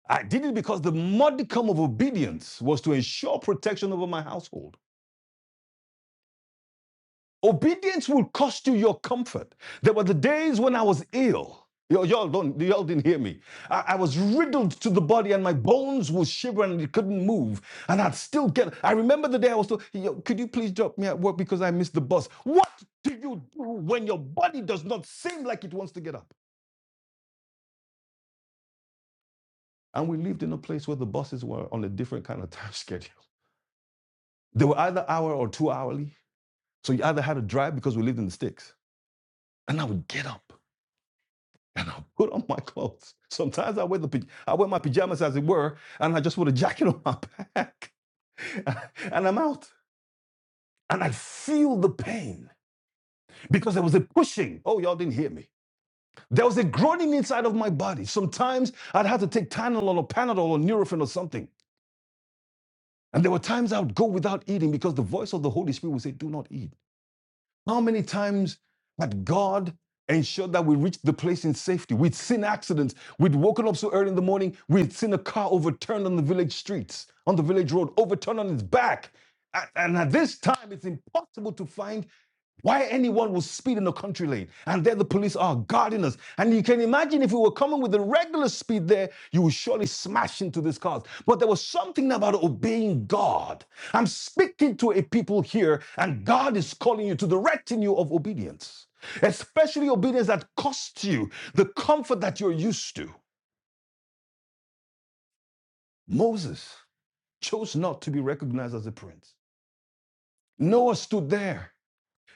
Speaker 2: I did it because the modicum of obedience was to ensure protection over my household. Obedience will cost you your comfort. There were the days when I was ill. Y'all, don't, y'all didn't hear me. I, I was riddled to the body and my bones would shiver, and it couldn't move. And I'd still get, I remember the day I was told, could you please drop me at work because I missed the bus? What do you do when your body does not seem like it wants to get up? And we lived in a place where the buses were on a different kind of time schedule. They were either hour or two hourly. So you either had to drive because we lived in the sticks. And I would get up. and I put on my clothes. Sometimes I wear the I wear my pajamas as it were, and I just put a jacket on my back, and I'm out. And I feel the pain because there was a pushing. Oh, y'all didn't hear me. There was a groaning inside of my body. Sometimes I'd have to take Tylenol or Panadol or Nurofen or something. And there were times I would go without eating because the voice of the Holy Spirit would say, "Do not eat." How many times had God ensured that we reached the place in safety? We'd seen accidents. We'd woken up so early in the morning, we'd seen a car overturned on the village streets, on the village road, overturned on its back. And at this time, it's impossible to find why anyone will speed in the country lane and there the police are guarding us. And you can imagine if we were coming with the regular speed there, you would surely smash into these cars. But there was something about obeying God. I'm speaking to a people here, and God is calling you to the retinue of obedience, especially obedience that costs you the comfort that you're used to. Moses chose not to be recognized as a prince. Noah stood there,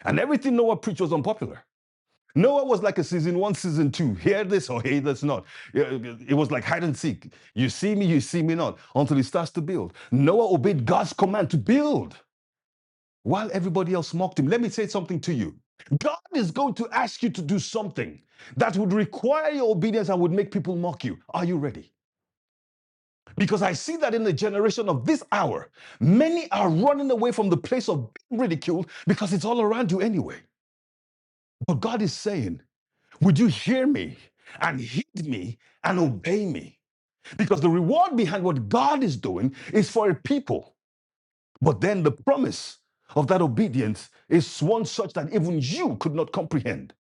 Speaker 2: and everything Noah preached was unpopular. Noah was like a season one, season two. Hear this or hear this not. Yeah, It was like hide and seek. You see me, you see me not, until he starts to build. Noah obeyed God's command to build while everybody else mocked him. Let me say something to you. God is going to ask you to do something that would require your obedience and would make people mock you. Are you ready? Because I see that in the generation of this hour, many are running away from the place of being ridiculed because it's all around you anyway. But God is saying, Would you hear me and heed me and obey me? Because the reward behind what God is doing is for a people. But then the promise of that obedience is one such that even you could not comprehend.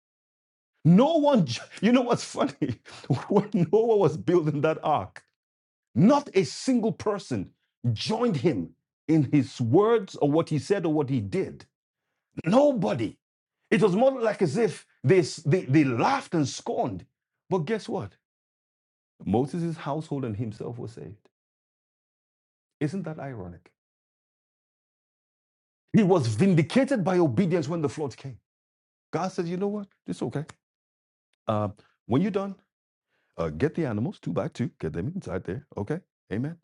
Speaker 2: No one, ju- you know what's funny? When Noah was building that ark, not a single person joined him in his words or what he said or what he did. Nobody. It was more like as if they, s- they, they laughed and scorned. But guess what? Moses' household and himself were saved. Isn't that ironic? He was vindicated by obedience when the floods came. God says, you know what? It's okay. Uh, when you're done, uh, get the animals, two by two, get them inside there. Okay? Amen.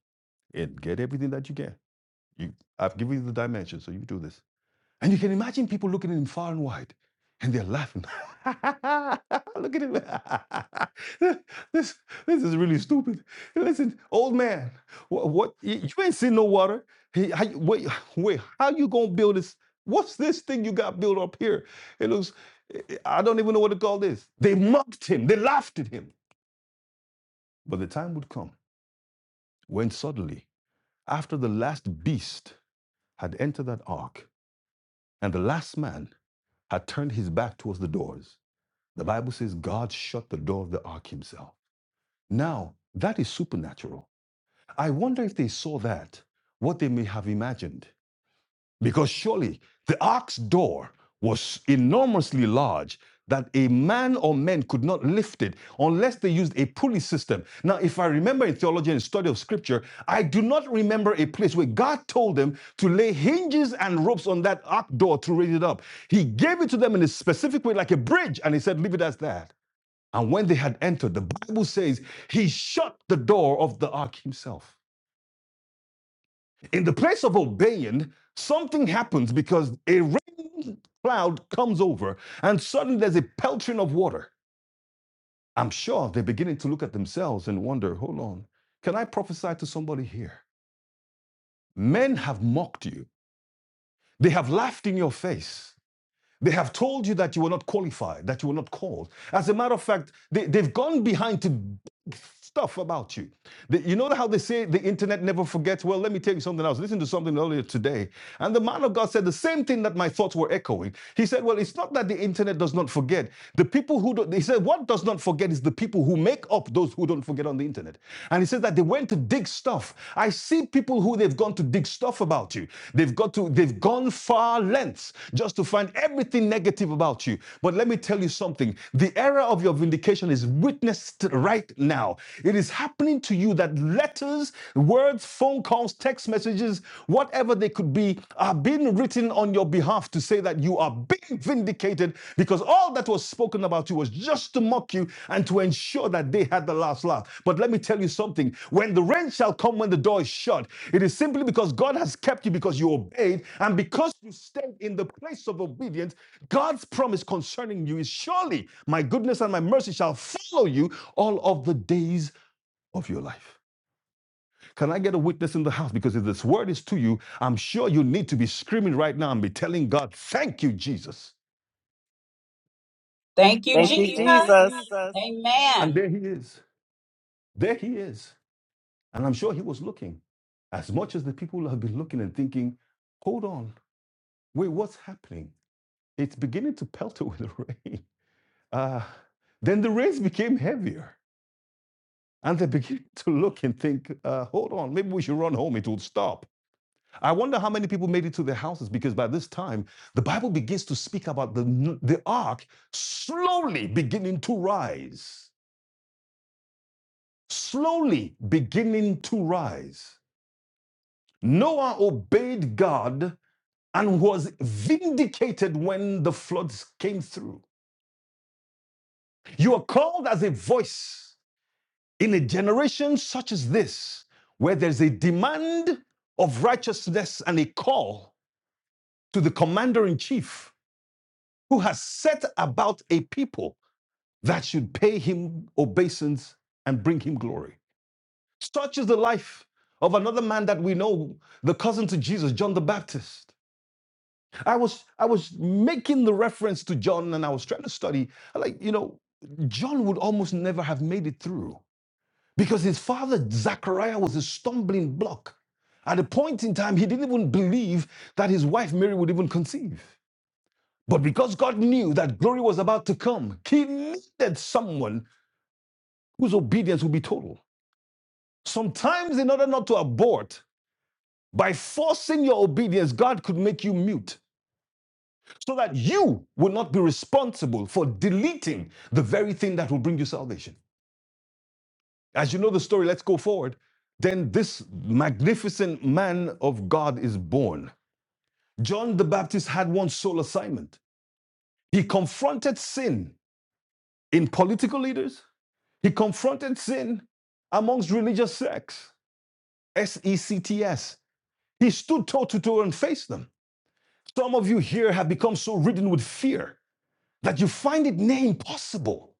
Speaker 2: And get everything that you can. You, I've given you the dimensions, so you do this. And you can imagine people looking at him far and wide and they're laughing. Look at him. this, this is really stupid. Listen, old man, what, what you ain't seen no water. Hey, how, wait, wait, how you gonna build this? What's this thing you got built up here? It looks, I don't even know what to call this. They mocked him, they laughed at him. But the time would come when suddenly, after the last beast had entered that ark and the last man had turned his back towards the doors, The Bible says God shut the door of the ark himself. Now, that is supernatural. I wonder if they saw that, what they may have imagined. Because surely the ark's door was enormously large that a man or men could not lift it unless they used a pulley system. Now, if I remember in theology and study of scripture, I do not remember a place where God told them to lay hinges and ropes on that ark door to raise it up. He gave it to them in a specific way, like a bridge, and he said, Leave it as that. And when they had entered, the Bible says he shut the door of the ark himself. In the place of obeying, something happens because a rain cloud comes over and suddenly there's a pelting of water. I'm sure they're beginning to look at themselves and wonder hold on, can I prophesy to somebody here? Men have mocked you, they have laughed in your face. They have told you that you were not qualified, that you were not called. As a matter of fact, they, they've gone behind to stuff about you. The- you know how they say the internet never forgets? Well, let me tell you something else. Listen to something earlier today. And the man of God said the same thing that my thoughts were echoing. He said, Well, it's not that the internet does not forget. The people who don't, he said, What does not forget is the people who make up those who don't forget on the internet. And he says that they went to going to dig stuff. I see people who they've gone to dig stuff about you. They've got to, they've gone far lengths just to find everything negative about you. But let me tell you something. The era of your vindication is witnessed right now. It is happening to you that letters, words, phone calls, text messages, whatever they could be, are being written on your behalf to say that you are being vindicated because all that was spoken about you was just to mock you and to ensure that they had the last laugh. But let me tell you something when the rain shall come when the door is shut, it is simply because God has kept you because you obeyed and because you stayed in the place of obedience, God's promise concerning you is surely my goodness and my mercy shall follow you all of the days of your life. Can I get a witness in the house? Because if this word is to you, I'm sure you need to be screaming right now and be telling God, thank you, Jesus.
Speaker 1: Thank you,
Speaker 3: Thank you,
Speaker 1: Jesus.
Speaker 3: Jesus.
Speaker 2: Yes. And
Speaker 1: Amen.
Speaker 2: there he is. There he is. And I'm sure he was looking as much as the people have been looking and thinking, hold on, wait, what's happening? It's beginning to pelter with rain. Uh, then the rains became heavier. And they began to look and think, uh, hold on, maybe we should run home. It will stop. I wonder how many people made it to their houses because by this time, the Bible begins to speak about the, the ark slowly beginning to rise. Slowly beginning to rise. Noah obeyed God and was vindicated when the floods came through. You are called as a voice in a generation such as this, where there's a demand of righteousness and a call to the commander in chief who has set about a people that should pay him obeisance and bring him glory. Such is the life of another man that we know, the cousin to Jesus, John the Baptist. I was I was making the reference to John and I was trying to study like you know John would almost never have made it through because his father Zachariah was a stumbling block. At a point in time he didn't even believe that his wife Mary would even conceive. But because God knew that glory was about to come, He needed someone whose obedience would be total. Sometimes, in order not to abort, by forcing your obedience, God could make you mute so that you will not be responsible for deleting the very thing that will bring you salvation. As you know the story, let's go forward. Then this magnificent man of God is born. John the Baptist had one sole assignment. He confronted sin in political leaders, He confronted sin amongst religious sects, S E C T S. He stood toe to toe and faced them. Some of you here have become so ridden with fear that you find it near impossible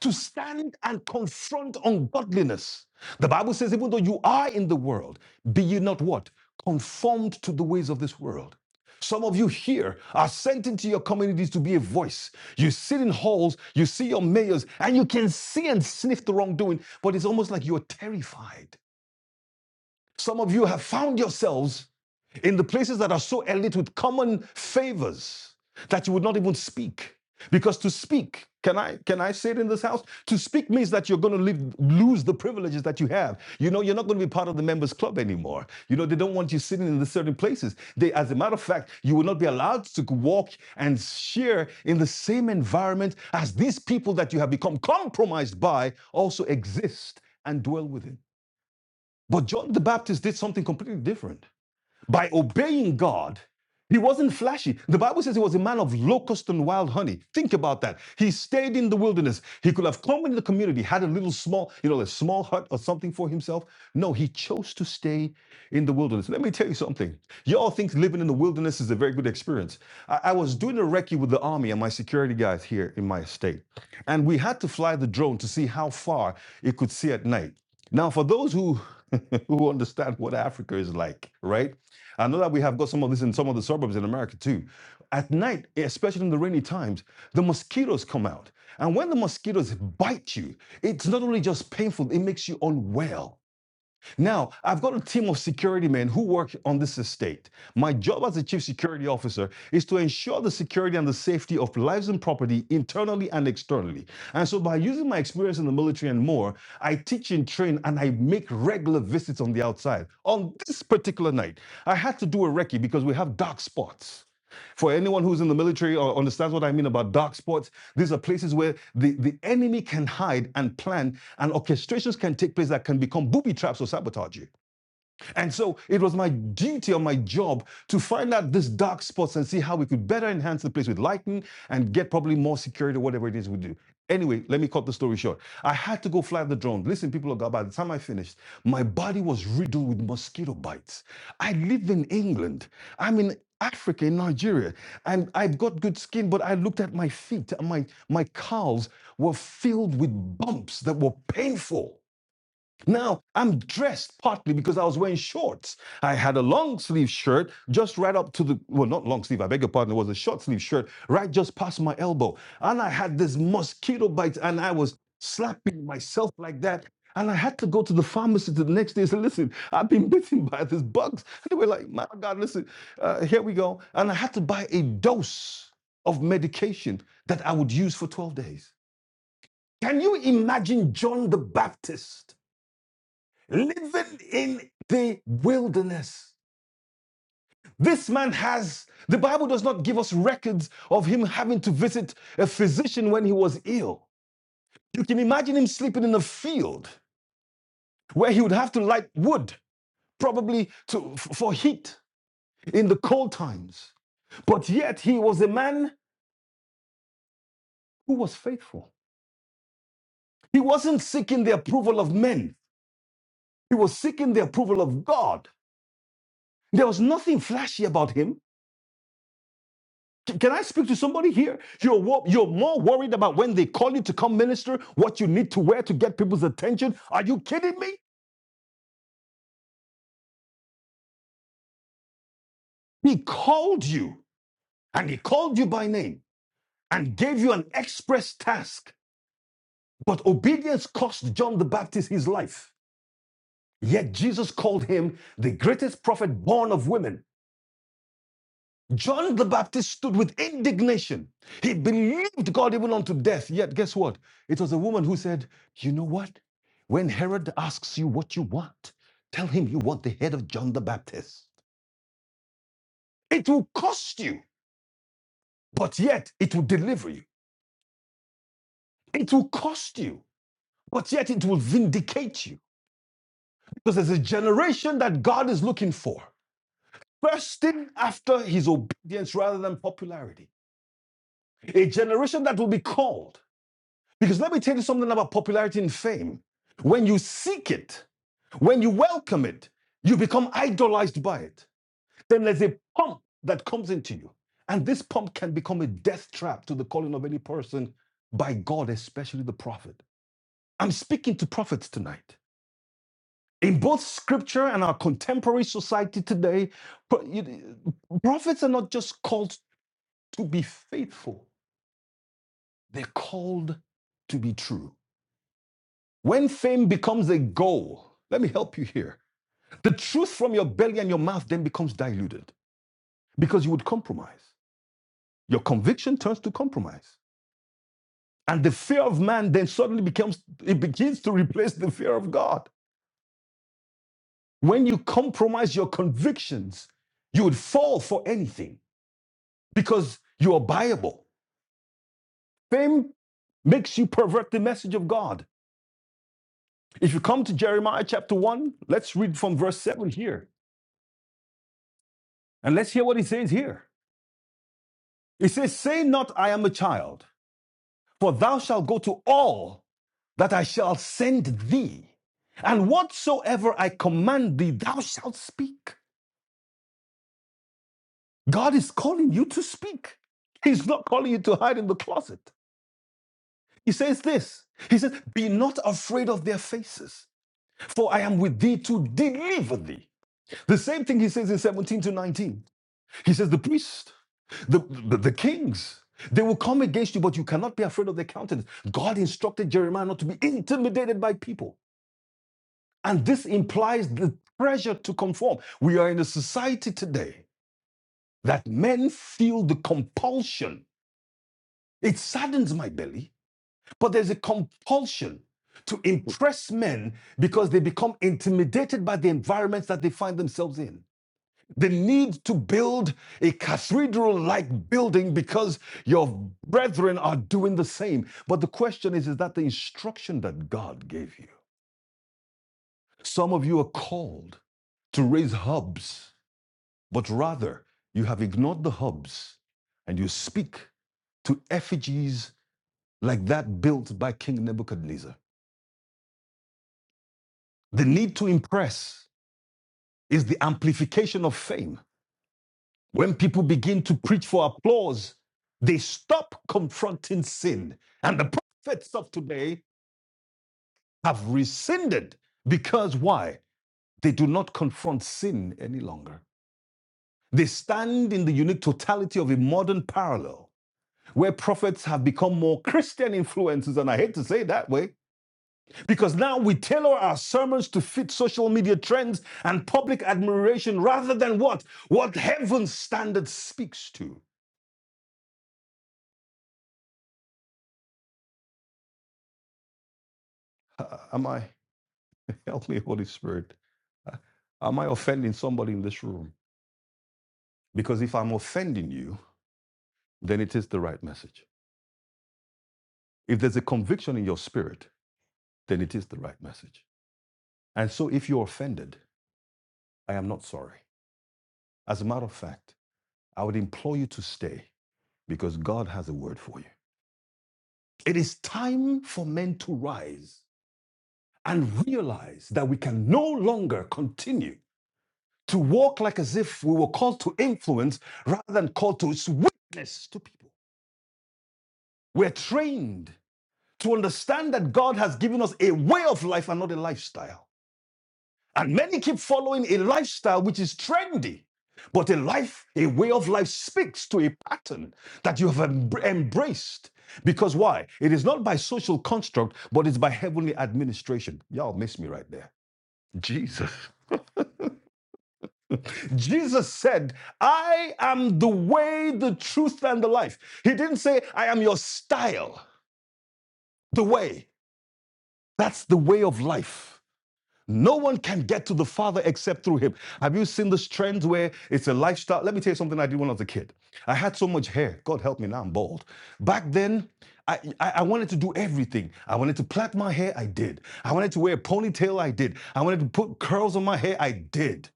Speaker 2: to stand and confront ungodliness. The Bible says, even though you are in the world, be ye not what? Conformed to the ways of this world. Some of you here are sent into your communities to be a voice. You sit in halls, you see your mayors, and you can see and sniff the wrongdoing, but it's almost like you're terrified. Some of you have found yourselves in the places that are so elite with common favors that you would not even speak. Because to speak, can I can I say it in this house? To speak means that you're going to live, lose the privileges that you have. You know, you're not going to be part of the members club anymore. You know, they don't want you sitting in the certain places. They, as a matter of fact, you will not be allowed to walk and share in the same environment as these people that you have become compromised by also exist and dwell within. But John the Baptist did something completely different by obeying God, he wasn't flashy. The Bible says he was a man of locust and wild honey. Think about that. He stayed in the wilderness. He could have come into the community, had a little small, you know, a small hut or something for himself. No, he chose to stay in the wilderness. Let me tell you something. Y'all think living in the wilderness is a very good experience. I, I was doing a recce with the army and my security guys here in my state. And we had to fly the drone to see how far it could see at night. Now, for those who who understand what Africa is like, right? I know that we have got some of this in some of the suburbs in America too. At night, especially in the rainy times, the mosquitoes come out. And when the mosquitoes bite you, it's not only just painful, it makes you unwell. Now, I've got a team of security men who work on this estate. My job as the chief security officer is to ensure the security and the safety of lives and property internally and externally. And so, by using my experience in the military and more, I teach and train and I make regular visits on the outside. On this particular night, I had to do a recce because we have dark spots. For anyone who's in the military or understands what I mean about dark spots, these are places where the, the enemy can hide and plan and orchestrations can take place that can become booby traps or sabotage you. And so it was my duty or my job to find out this dark spots and see how we could better enhance the place with lighting and get probably more security, or whatever it is we do. Anyway, let me cut the story short. I had to go fly the drone. Listen, people of God, by the time I finished, my body was riddled with mosquito bites. I live in England. I'm in Africa, in Nigeria, and I've got good skin, but I looked at my feet and my, my calves were filled with bumps that were painful. Now I'm dressed partly because I was wearing shorts. I had a long sleeve shirt just right up to the, well, not long sleeve, I beg your pardon, it was a short sleeve shirt right just past my elbow. And I had this mosquito bite and I was slapping myself like that. And I had to go to the pharmacy to the next day and say, listen, I've been bitten by these bugs. And they were like, my God, listen, uh, here we go. And I had to buy a dose of medication that I would use for 12 days. Can you imagine John the Baptist? living in the wilderness. This man has, the Bible does not give us records of him having to visit a physician when he was ill. You can imagine him sleeping in a field where he would have to light wood, probably to, for heat in the cold times. But yet he was a man who was faithful. He wasn't seeking the approval of men, he was seeking the approval of God. There was nothing flashy about him. Can I speak to somebody here? You're, you're more worried about when they call you to come minister, what you need to wear to get people's attention. Are you kidding me? He called you and he called you by name and gave you an express task. But obedience cost John the Baptist his life. Yet Jesus called him the greatest prophet born of women John the Baptist stood with indignation. He believed God even unto death. Yet, guess what? It was a woman who said, You know what? When Herod asks you what you want, tell him you want the head of John the Baptist. It will cost you, but yet it will deliver you. It will cost you, but yet it will vindicate you. Because there's a generation that God is looking for, thirsting after his obedience rather than popularity. A generation that will be called Because let me tell you something about popularity and fame. When you seek it, when you welcome it, you become idolized by it. Then there's a pump that comes into you. And this pump can become a death trap to the calling of any person by God, especially the prophet. I'm speaking to prophets tonight. In both scripture and our contemporary society today, pro- you- prophets are not just called to be faithful, they're called to be true. When fame becomes a goal, let me help you here. The truth from your belly and your mouth then becomes diluted because you would compromise. Your conviction turns to compromise. And the fear of man then suddenly becomes, it begins to replace the fear of God. When you compromise your convictions, you would fall for anything because you are buyable. Fame makes you pervert the message of God. If you come to Jeremiah chapter 1, let's read from verse 7 here. And let's hear what he says here. It says, Say not, I am a child, for thou shalt go to all that I shall send thee, and whatsoever I command thee, thou shalt speak. God is calling you to speak. He's not calling you to hide in the closet. He says this He says, Be not afraid of their faces, for I am with thee to deliver thee. The same thing he says in 17 to 19. He says, the priests, the, the, the kings, they will come against you, but you cannot be afraid of their countenance. God instructed Jeremiah not to be intimidated by people. And this implies the pressure to conform. We are in a society today that men feel the compulsion. It saddens my belly, but there's a compulsion to impress men because they become intimidated by the environments that they find themselves in. the need to build a cathedral like building because your brethren are doing the same. But the question is is that the instruction that God gave you? Some of you are called to raise hubs, but rather you have ignored the hubs and you speak to effigies like that built by King Nebuchadnezzar. The need to impress is the amplification of fame. When people begin to preach for applause, they stop confronting sin. And the prophets of today have rescinded because why? They do not confront sin any longer. They stand in the unique totality of a modern parallel where prophets have become more Christian influences. And I hate to say it that way because now we tailor our sermons to fit social media trends and public admiration rather than what? What heaven's standard speaks to. Uh, am I? Help me, Holy Spirit. Uh, Am I offending somebody in this room? Because if I'm offending you, then it is the right message. If there's a conviction in your spirit, then it is the right message. And so if you're offended, I am not sorry. As a matter of fact, I would implore you to stay because God has a word for you. It is time for men to rise and realize that we can no longer continue to walk like as if we were called to influence rather than called to witness to people. We're trained to understand that God has given us a way of life and not a lifestyle. And many keep following a lifestyle which is trendy. But a life, a way of life speaks to a pattern that you have em- embraced. Because why? It is not by social construct, but it's by heavenly administration. Y'all miss me right there. Jesus. Jesus said, I am the way, the truth, and the life. He didn't say, I am your style, the way. That's the way of life. No one can get to the Father except through him. Have you seen this trend where it's a lifestyle? Let me tell you something I did when I was a kid. I had so much hair. God help me, now I'm bald. Back then, I, I, I wanted to do everything. I wanted to plait my hair, I did. I wanted to wear a ponytail, I did. I wanted to put curls on my hair, I did.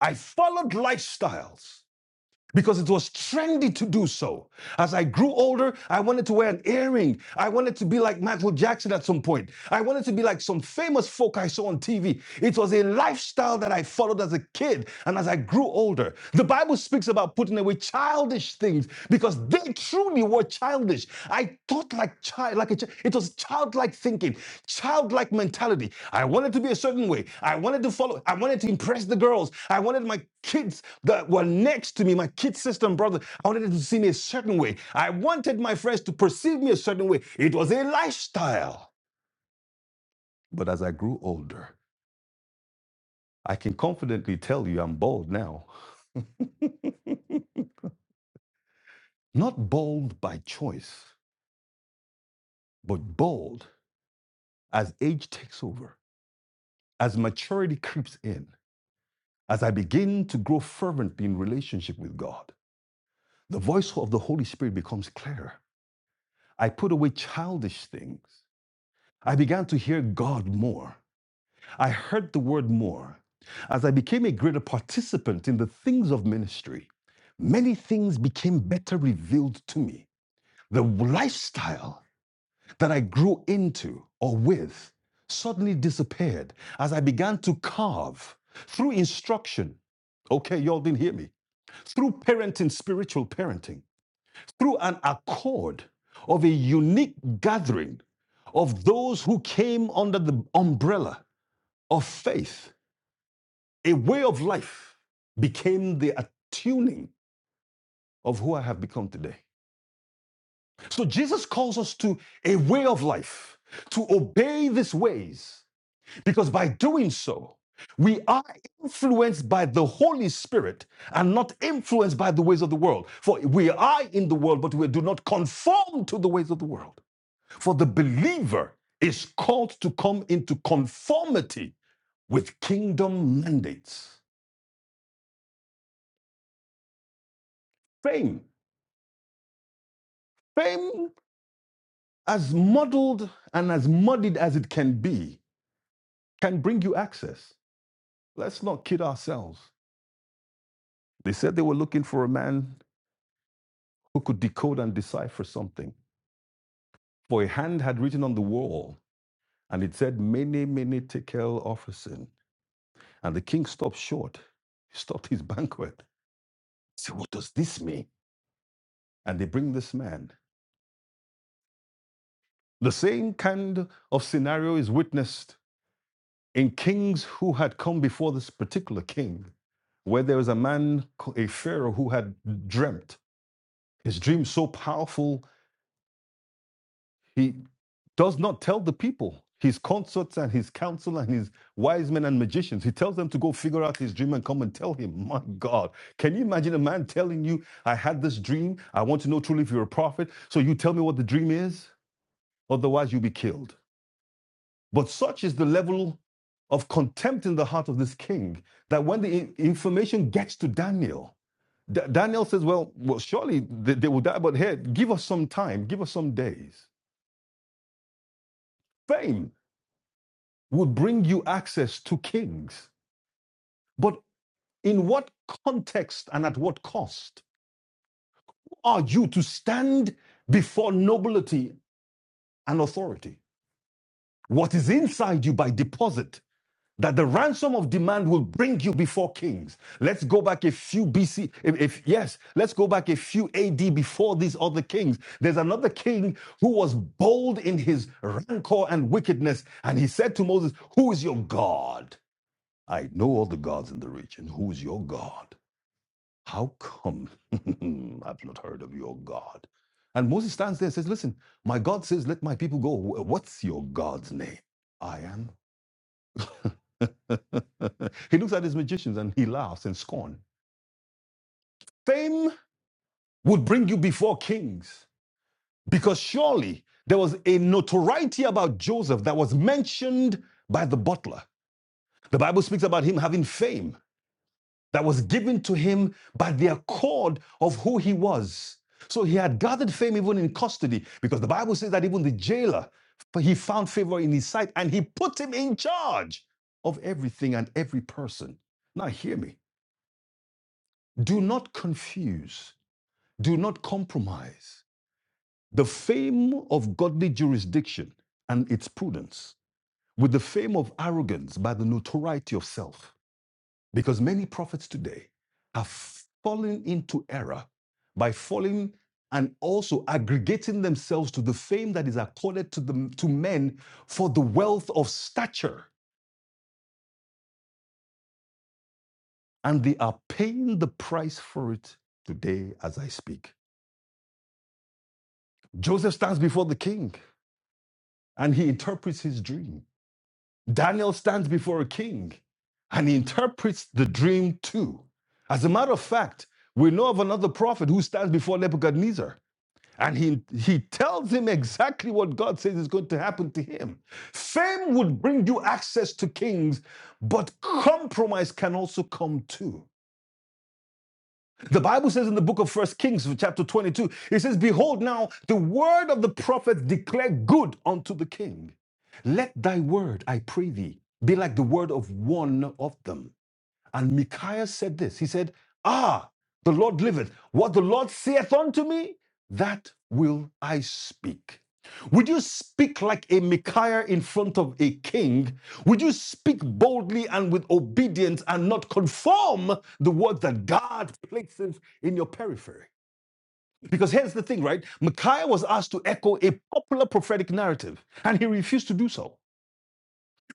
Speaker 2: I followed lifestyles because it was trendy to do so. As I grew older, I wanted to wear an earring. I wanted to be like Michael Jackson at some point. I wanted to be like some famous folk I saw on TV. It was a lifestyle that I followed as a kid and as I grew older. The Bible speaks about putting away childish things because they truly were childish. I thought like child, like a child. It was childlike thinking, childlike mentality. I wanted to be a certain way. I wanted to follow. I wanted to impress the girls. I wanted my kids that were next to me, my kid sister and brother, I wanted them to see me a certain way. I wanted my friends to perceive me a certain way. It was a lifestyle. But as I grew older, I can confidently tell you I'm bald now. Not bald by choice, but bald as age takes over, as maturity creeps in, as I begin to grow fervently in relationship with God. The voice of the Holy Spirit becomes clearer. I put away childish things. I began to hear God more. I heard the word more. As I became a greater participant in the things of ministry, many things became better revealed to me. The lifestyle that I grew into or with suddenly disappeared as I began to carve through instruction. Okay, y'all didn't hear me. Through parenting, spiritual parenting through an accord of a unique gathering of those who came under the umbrella of faith. A way of life became the attuning of who I have become today. So Jesus calls us to a way of life, to obey these ways, because by doing so, we are influenced by the Holy Spirit and not influenced by the ways of the world. For we are in the world, but we do not conform to the ways of the world. For the believer is called to come into conformity with kingdom mandates. Fame, fame, as muddled and as muddied as it can be, can bring you access. Let's not kid ourselves. They said they were looking for a man who could decode and decipher something. For a hand had written on the wall, and it said, Many, many tekel officin. And the king stopped short. He stopped his banquet. He said, What does this mean? And they bring this man. The same kind of scenario is witnessed in kings who had come before this particular king, where there was a man, a pharaoh, who had dreamt his dream so powerful, he does not tell the people, his consorts and his council and his wise men and magicians. He tells them to go figure out his dream and come and tell him. My God, can you imagine a man telling you, I had this dream. I want to know truly if you're a prophet. So you tell me what the dream is, otherwise you'll be killed. But such is the level of contempt in the heart of this king that when the information gets to Daniel, Da- Daniel says, Well, well surely they, they will die, but here, give us some time, give us some days. Fame would bring you access to kings, but in what context and at what cost are you to stand before nobility and authority? What is inside you by deposit that the ransom of demand will bring you before kings. Let's go back a few BC. If, if- yes, let's go back a few AD before these other kings. There's another king who was bold in his rancor and wickedness, and he said to Moses, "Who is your God? I know all the gods in the region. Who is your God? How come I've not heard of your God?" And Moses stands there and says, "Listen, my God says, let my people go. What's your God's name? I am." he looks at his magicians and he laughs in scorn. Fame would bring you before kings because surely there was a notoriety about Joseph that was mentioned by the butler. The Bible speaks about him having fame that was given to him by the accord of who he was. So he had gathered fame even in custody because the Bible says that even the jailer, he found favor in his sight and he put him in charge of everything and every person. Now, hear me. Do not confuse, do not compromise the fame of godly jurisdiction and its prudence with the fame of arrogance by the notoriety of self. Because many prophets today have fallen into error by falling and also aggregating themselves to the fame that is accorded to, them, to men for the wealth of stature. And they are paying the price for it today as I speak. Joseph stands before the king and he interprets his dream. Daniel stands before a king and he interprets the dream too. As a matter of fact, we know of another prophet who stands before Nebuchadnezzar and he, he tells him exactly what God says is going to happen to him. Fame would bring you access to kings, but compromise can also come too. The Bible says in the book of First Kings, chapter 22, it says, Behold, now the word of the prophet declare good unto the king. Let thy word, I pray thee, be like the word of one of them and Micaiah said this He said, Ah, the Lord liveth. What the Lord saith unto me, that will I speak. Would you speak like a Micaiah in front of a king? Would you speak boldly and with obedience and not conform the word that God places in your periphery? Because here's the thing, right? Micaiah was asked to echo a popular prophetic narrative, and he refused to do so.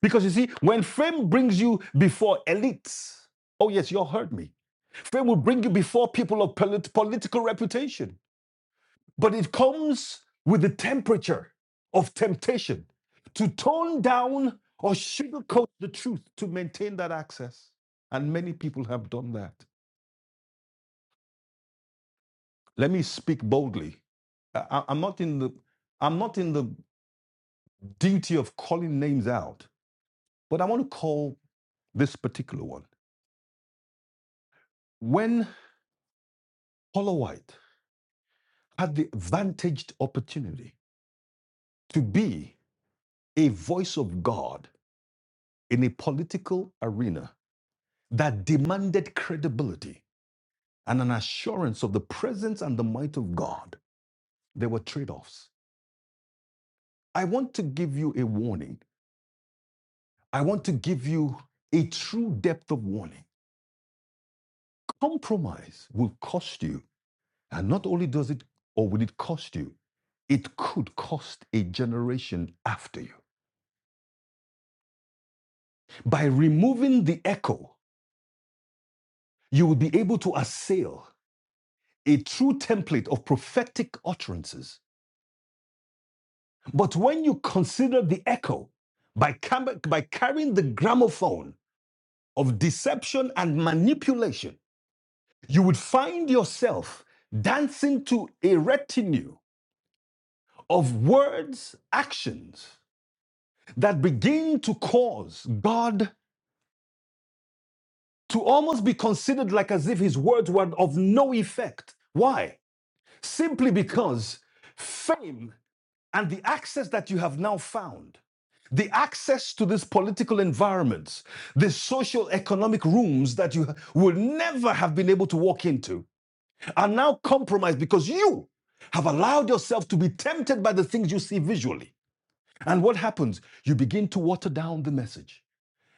Speaker 2: Because you see, when fame brings you before elites, oh yes, you all heard me. Fame will bring you before people of polit- political reputation, but it comes with the temperature of temptation to tone down or sugarcoat the truth to maintain that access. And many people have done that. Let me speak boldly. I- I- I'm not in the I'm not in the duty of calling names out, but I want to call this particular one. When Paula White had the vantaged opportunity to be a voice of God in a political arena that demanded credibility and an assurance of the presence and the might of God, there were trade offs. I want to give you a warning. I want to give you a true depth of warning. Compromise will cost you. And not only does it, or will it cost you, it could cost a generation after you. By removing the echo you will be able to assail a true template of prophetic utterances. But when you consider the echo by, by carrying the gramophone of deception and manipulation, you would find yourself dancing to a retinue of words, actions that begin to cause God to almost be considered like as if his words were of no effect. Why? Simply because fame And the access that you have now found, the access to these political environments, the social economic rooms that you would never have been able to walk into, are now compromised because you have allowed yourself to be tempted by the things you see visually. And what happens? You begin to water down the message.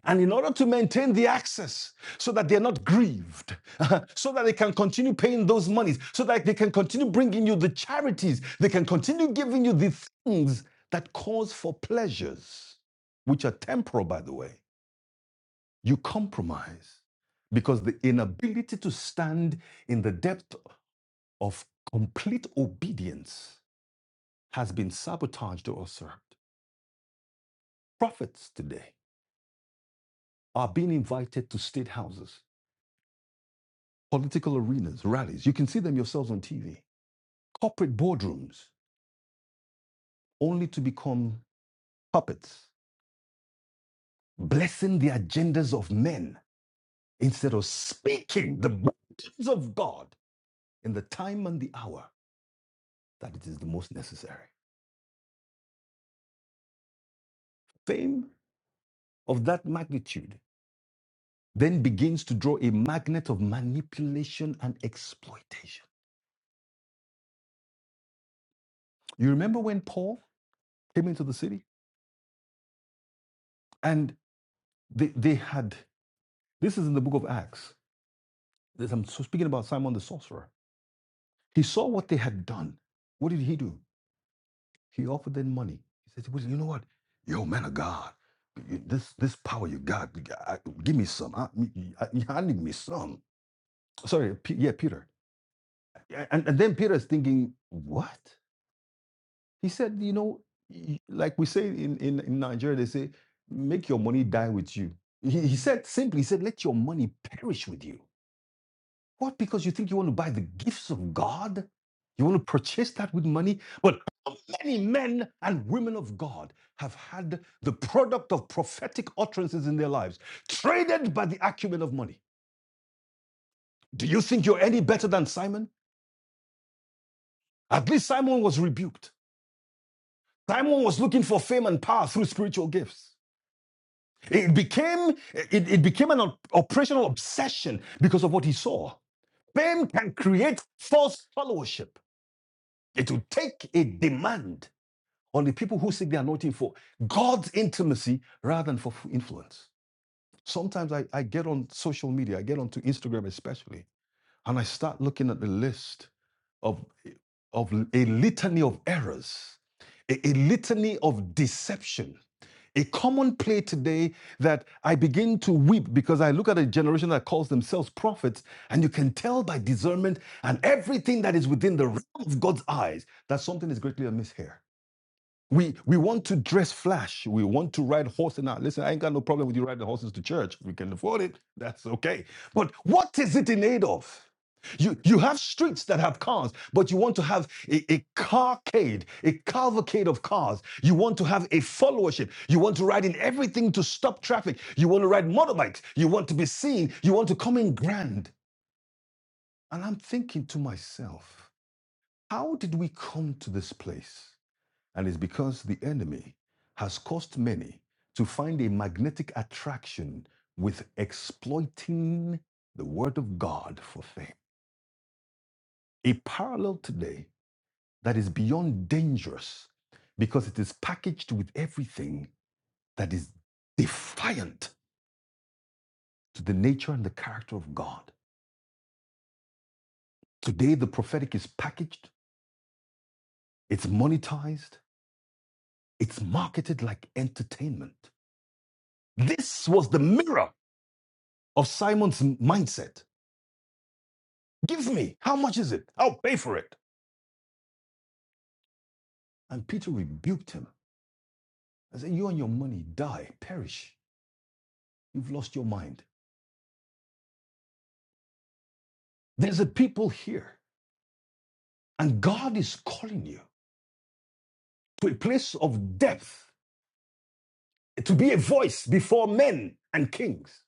Speaker 2: And in order to maintain the access so that they're not grieved, so that they can continue paying those monies, so that they can continue bringing you the charities, they can continue giving you the things that cause for pleasures, which are temporal, by the way, you compromise because the inability to stand in the depth of complete obedience has been sabotaged or usurped. Prophets today are being invited to state houses political arenas, rallies. You can see them yourselves on TV. Corporate boardrooms, only to become puppets, blessing the agendas of men instead of speaking the words of God in the time and the hour that it is the most necessary. Fame of that magnitude then begins to draw a magnet of manipulation and exploitation. You remember when Paul came into the city and they, they had, this is in the book of Acts. I'm so speaking about Simon the sorcerer He saw what they had done. What did he do? He offered them money. He said, "Well, You know what? Yo, man of God, this, this power you got, I- give me some. I, I, I need me some. Sorry, P- yeah, Peter. Yeah, And, and then Peter is thinking, What? He said, You know, like we say in, in, in Nigeria, they say, Make your money die with you. He, he said simply, He said, Let your money perish with you. What? Because you think you want to buy the gifts of God? You want to purchase that with money? But many men and women of God have had the product of prophetic utterances in their lives traded by the acumen of money. Do you think you're any better than Simon? At least Simon was rebuked. Simon was looking for fame and power through spiritual gifts. It became, it, it became an operational obsession because of what he saw. Fame can create false followership. It will take a demand. on the people who seek the anointing for God's intimacy rather than for influence. Sometimes I, I get on social media, I get onto Instagram especially, and I start looking at the list of, of a litany of errors, a, a litany of deception. A common play today that I begin to weep because I look at a generation that calls themselves prophets, and you can tell by discernment and everything that is within the realm of God's eyes that something is greatly amiss here. We we want to dress flash. We want to ride horses. Now, listen, I ain't got no problem with you riding horses to church. If we can afford it, that's okay. But what is it in aid of? You you have streets that have cars, but you want to have a, a carcade, a cavalcade of cars. You want to have a followership. You want to ride in everything to stop traffic. You want to ride motorbikes. You want to be seen. You want to come in grand. And I'm thinking to myself, how did we come to this place? And it's because the enemy has caused many to find a magnetic attraction with exploiting the word of God for fame. A parallel today that is beyond dangerous because it is packaged with everything that is defiant to the nature and the character of God. Today, the prophetic is packaged, it's monetized, it's marketed like entertainment. This was the mirror of Simon's mindset Give me. How much is it? I'll pay for it. And Peter rebuked him and said, You and your money die, perish. You've lost your mind. There's a people here, and God is calling you to a place of depth, to be a voice before men and kings,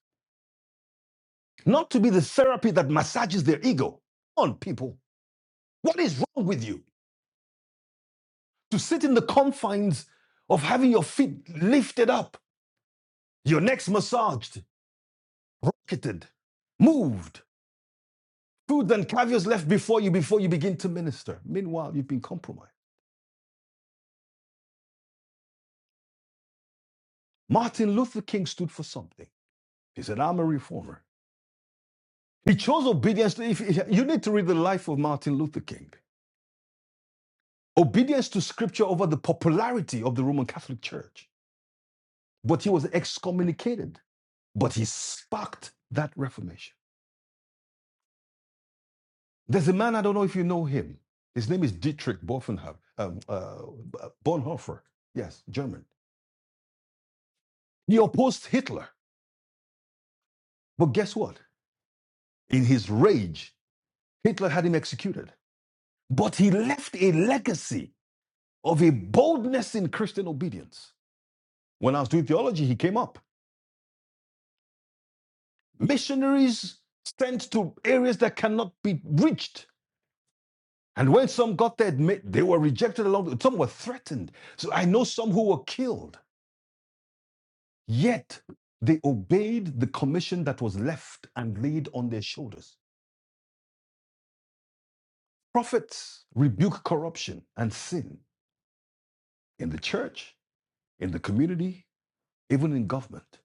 Speaker 2: not to be the therapy that massages their ego. Come on, people. What is wrong with you? To sit in the confines of having your feet lifted up, your necks massaged, rocketed, moved Food and caviar's left before you before you begin to minister. Meanwhile, you've been compromised. Martin Luther King stood for something. He said, I'm a reformer. He chose obedience to, if, you need to read the life of Martin Luther King. Obedience to scripture over the popularity of the Roman Catholic Church. But he was excommunicated. But he sparked that reformation. There's a man, I don't know if you know him. His name is Dietrich Bonhoeffer. Um, uh, Bonhoeffer. Yes, German. He opposed Hitler. But guess what? In his rage, Hitler had him executed. But he left a legacy of a boldness in Christian obedience. When I was doing theology, he came up. Missionaries sent to areas that cannot be reached. And when some got there, they were rejected along the way. Some were threatened. So I know some who were killed. Yet they obeyed the commission that was left and laid on their shoulders. Prophets rebuke corruption and sin in the church, in the community, even in government.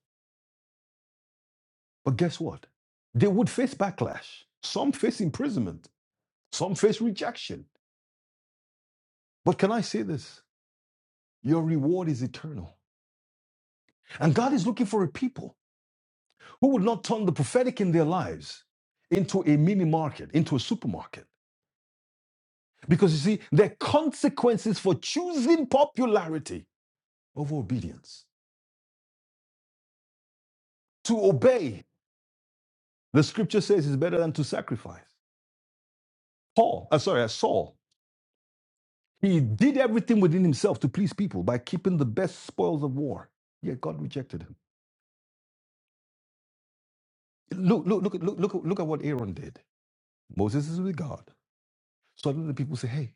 Speaker 2: But guess what? They would face backlash. Some face imprisonment, some face rejection. But can I say this? Your reward is eternal. And God is looking for a people who would not turn the prophetic in their lives into a mini market, into a supermarket. Because you see, there are consequences for choosing popularity over obedience. To obey, the scripture says, is better than to sacrifice. Paul, uh, sorry, uh, Saul He did everything within himself to please people by keeping the best spoils of war. Yet God rejected him. Look, look, look, look, look, look at what Aaron did. Moses is with God. Suddenly the people say, Hey,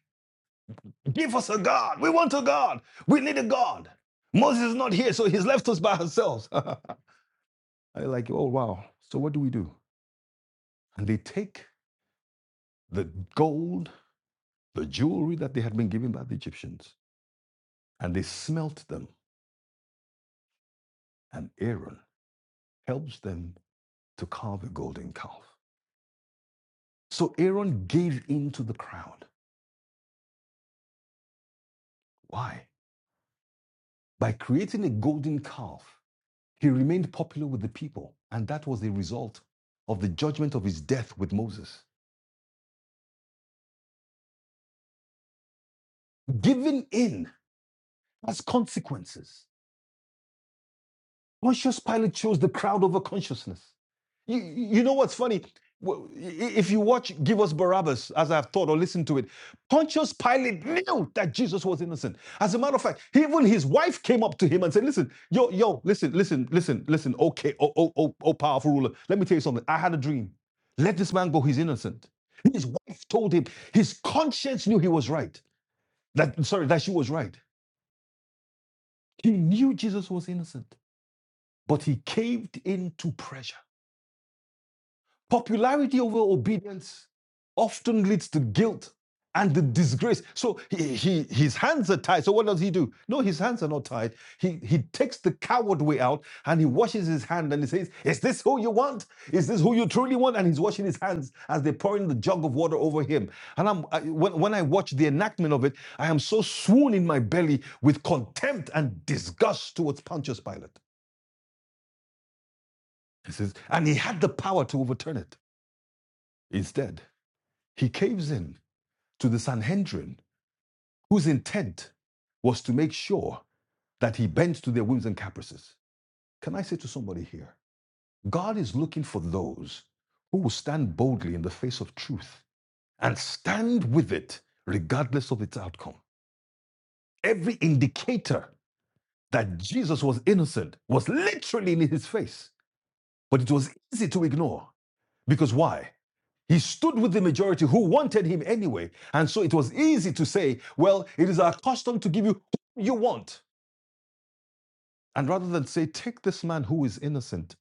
Speaker 2: give us a God. We want a God. We need a God. Moses is not here, so he's left us by ourselves. and they're like, oh wow. So what do we do? And they take the gold, the jewelry that they had been given by the Egyptians, and they smelt them. And Aaron helps them to carve a golden calf. So Aaron gave in to the crowd. Why? By creating a golden calf, he remained popular with the people, and that was the result of the judgment of his death with Moses. Giving in has consequences. Pontius Pilate chose the crowd over consciousness. You, you know what's funny? Well, If you watch Give Us Barabbas, as I've thought or listened to it, Pontius Pilate knew that Jesus was innocent. As a matter of fact, even his wife came up to him and said, Listen, yo, yo, listen, listen, listen, listen, okay, oh, oh, oh, oh powerful ruler, let me tell you something. I had a dream. Let this man go, he's innocent. His wife told him, his conscience knew he was right. That sorry, that she was right. He knew Jesus was innocent, but he caved into pressure. Popularity over obedience often leads to guilt and the disgrace. So he, he, his hands are tied. So what does he do? No, his hands are not tied. He, he takes the coward way out and he washes his hand and he says, Is this who you want? Is this who you truly want? And he's washing his hands as they're pouring the jug of water over him. And I'm, I, when, when I watch the enactment of it, I am so swoon in my belly with contempt and disgust towards Pontius Pilate. He says, and he had the power to overturn it. Instead, he caves in to the Sanhedrin, whose intent was to make sure that he bends to their whims and caprices. Can I say to somebody here, God is looking for those who will stand boldly in the face of truth and stand with it regardless of its outcome. Every indicator that Jesus was innocent was literally in his face. But it was easy to ignore. Because why? He stood with the majority who wanted him anyway. And so it was easy to say, well, it is our custom to give you who you want. And rather than say, take this man who is innocent,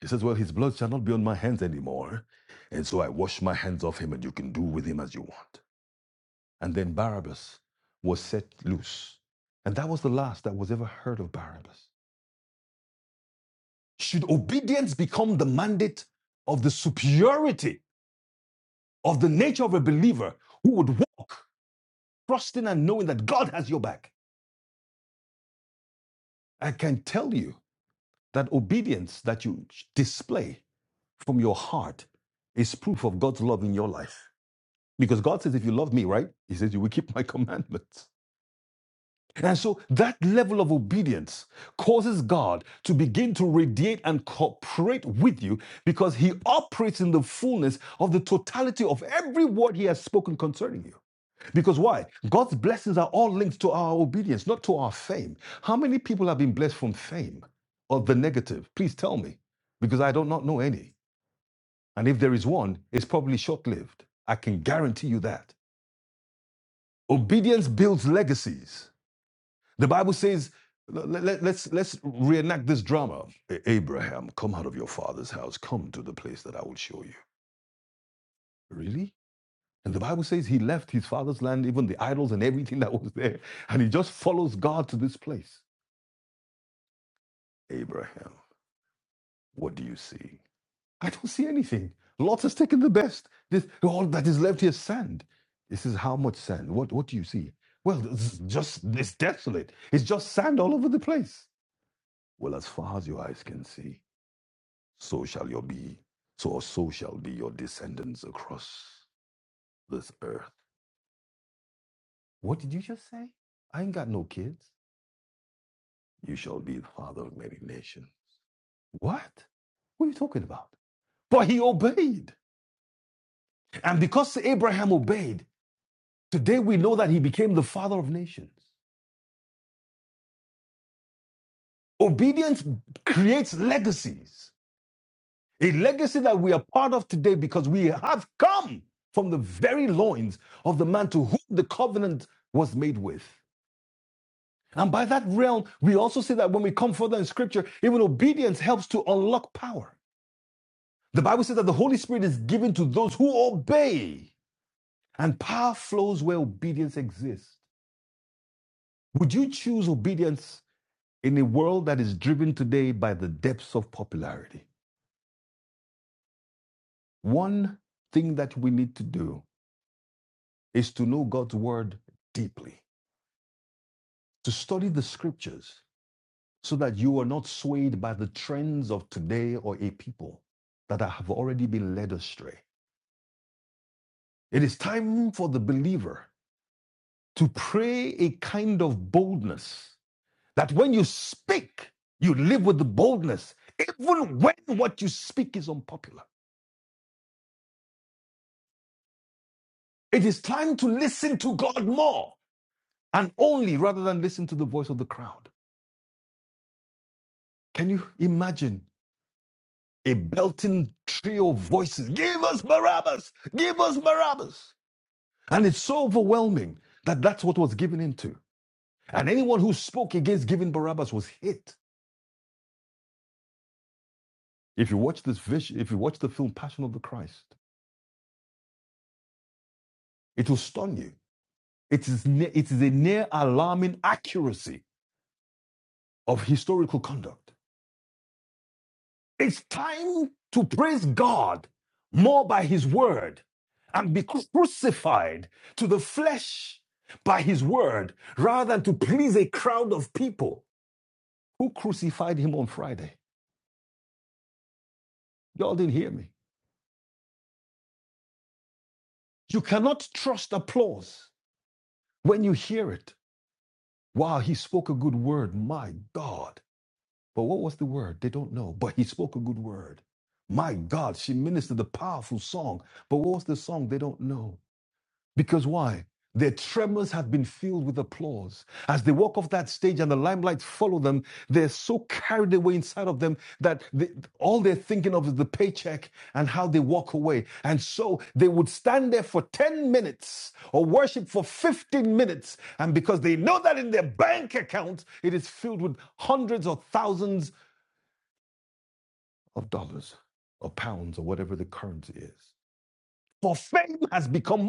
Speaker 2: he says, well, his blood shall not be on my hands anymore. And so I wash my hands off him, and you can do with him as you want. And then Barabbas was set loose. And that was the last that was ever heard of Barabbas. Should obedience become the mandate of the superiority of the nature of a believer who would walk trusting and knowing that God has your back. I can tell you that obedience that you display from your heart is proof of God's love in your life. Because God says, if you love me, right? He says, you will keep my commandments. And so that level of obedience causes God to begin to radiate and cooperate with you because he operates in the fullness of the totality of every word he has spoken concerning you. Because why? God's blessings are all linked to our obedience, not to our fame. How many people have been blessed from fame or the negative? Please tell me, because I do not know any. And if there is one, it's probably short lived. I can guarantee you that. Obedience builds legacies. The Bible says, let, let, let's, let's reenact this drama. "A- Abraham, come out of your father's house, come to the place that I will show you. Really? And the Bible says he left his father's land, even the idols and everything that was there, and he just follows God to this place. Abraham, what do you see? I don't see anything. Lot has taken the best. This, all that is left here is sand. This is how much sand? What, what do you see? Well, it's just it's desolate. It's just sand all over the place. Well, as far as your eyes can see, so shall your be. So or so shall be your descendants across this earth. What did you just say? I ain't got no kids. You shall be the father of many nations. What? What are you talking about? But he obeyed. And because Abraham obeyed, today we know that he became the father of nations. Obedience creates legacies, a legacy that we are part of today because we have come from the very loins of the man to whom the covenant was made with. And by that realm, we also see that when we come further in scripture, even obedience helps to unlock power. The Bible says that the Holy Spirit is given to those who obey, and power flows where obedience exists. Would you choose obedience In a world that is driven today by the depths of popularity, one thing that we need to do is to know God's word deeply, to study the scriptures so that you are not swayed by the trends of today or a people that have already been led astray. It is time for the believer to pray a kind of boldness that when you speak, you live with the boldness, even when what you speak is unpopular. It is time to listen to God more and only rather than listen to the voice of the crowd. Can you imagine a belting trio of voices? Give us Barabbas! Give us Barabbas! And it's so overwhelming that that's what was given into. And anyone who spoke against giving Barabbas was hit. If you watch this vision, if you watch the film Passion of the Christ, it will stun you. It is, ne- it is a near alarming accuracy of historical conduct. It's time to praise God more by His word and be crucified to the flesh by His word rather than to please a crowd of people who crucified Him on Friday. Y'all didn't hear me. You cannot trust applause when you hear it. Wow, He spoke a good word. My God. But what was the word? They don't know. But He spoke a good word. My God, she ministered a powerful song. But what was the song? They don't know. Because why? Their tremors have been filled with applause. As they walk off that stage and the limelight follow them, they're so carried away inside of them that they, all they're thinking of is the paycheck and how they walk away. And so they would stand there for 10 minutes or worship for 15 minutes. And because they know that in their bank account, it is filled with hundreds or thousands of dollars or pounds or whatever the currency is. For fame has become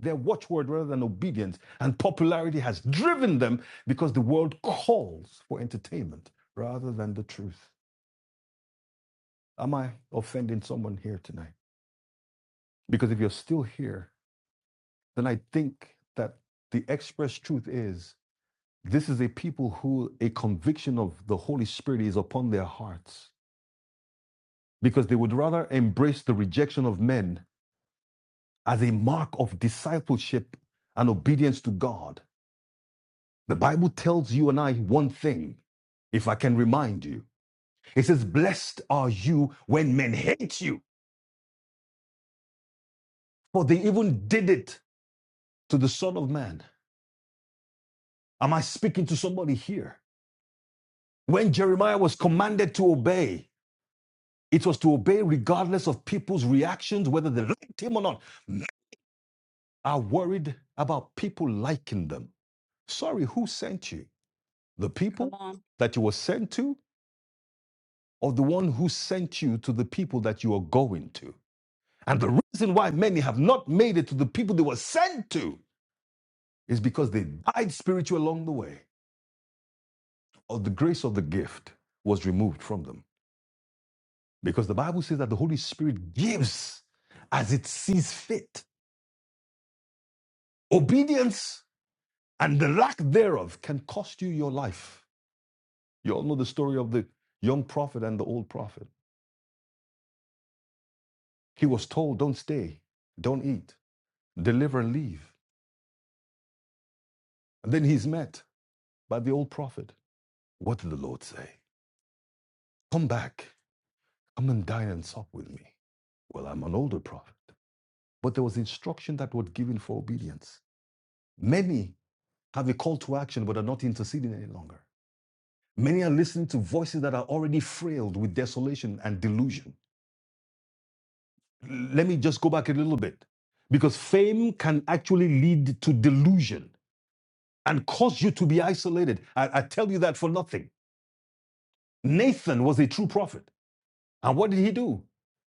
Speaker 2: their watchword rather than obedience, and popularity has driven them because the world calls for entertainment rather than the truth. Am I offending someone here tonight? Because if you're still here, then I think that the express truth is this is a people who a conviction of the Holy Spirit is upon their hearts because they would rather embrace the rejection of men as a mark of discipleship and obedience to God The Bible tells you and I one thing, if I can remind you. It says, Blessed are you when men hate you, for they even did it to the Son of Man. Am I speaking to somebody here? When Jeremiah was commanded to obey, it was to obey regardless of people's reactions, whether they liked him or not. Are worried about people liking them. Sorry, who sent you? The people that you were sent to, or the one who sent you to the people that you are going to? And the reason why many have not made it to the people they were sent to is because they died spiritually along the way, or the grace of the gift was removed from them. Because the Bible says that the Holy Spirit gives as it sees fit. Obedience and the lack thereof can cost you your life. You all know the story of the young prophet and the old prophet. He was told, Don't stay, don't eat, deliver and leave. And then he's met by the old prophet. What did the Lord say? Come back. Come and dine and sup with me. Well, I'm an older prophet. But there was instruction that was given for obedience. Many have a call to action but are not interceding any longer. Many are listening to voices that are already frailed with desolation and delusion. Let me just go back a little bit because fame can actually lead to delusion and cause you to be isolated. I, I tell you that for nothing. Nathan was a true prophet. And what did he do?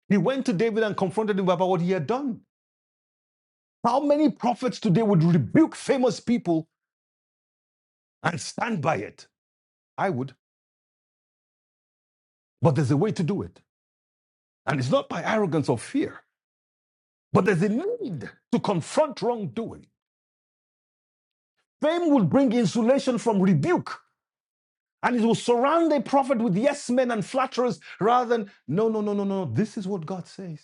Speaker 2: He went to David and confronted him about what he had done. How many prophets today would rebuke famous people and stand by it? I would. But there's a way to do it. And it's not by arrogance or fear, but there's a need to confront wrongdoing. Fame will bring insulation from rebuke, and it will surround a prophet with yes men and flatterers rather than, no, no, no, no, no, this is what God says.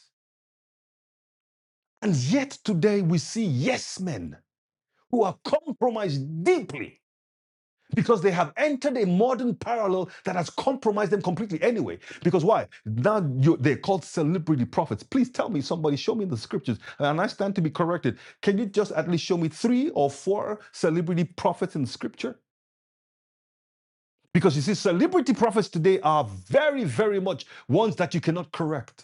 Speaker 2: And yet today we see yes men who are compromised deeply because they have entered a modern parallel that has compromised them completely anyway. Because why? Now you, they're called celebrity prophets. Please tell me, somebody, show me in the scriptures, and I stand to be corrected. Can you just at least show me three or four celebrity prophets in scripture? Because you see, celebrity prophets today are very, very much ones that you cannot correct.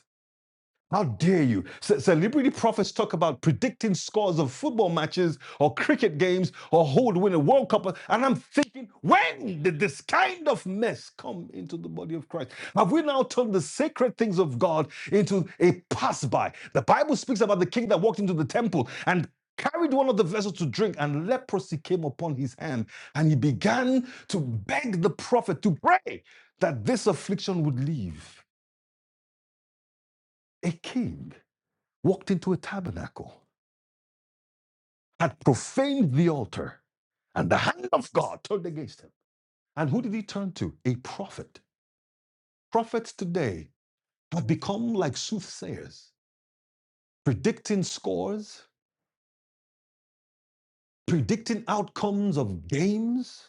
Speaker 2: How dare you? Ce- Celebrity prophets talk about predicting scores of football matches or cricket games or who would win a World Cup. And I'm thinking, when did this kind of mess come into the body of Christ? Have we now turned the sacred things of God into a pass by? The Bible speaks about the king that walked into the temple and carried one of the vessels to drink, and leprosy came upon his hand. And he began to beg the prophet to pray that this affliction would leave. A king walked into a tabernacle, had profaned the altar, and the hand of God turned against him. And who did he turn to? A prophet. Prophets today have become like soothsayers, predicting scores, predicting outcomes of games.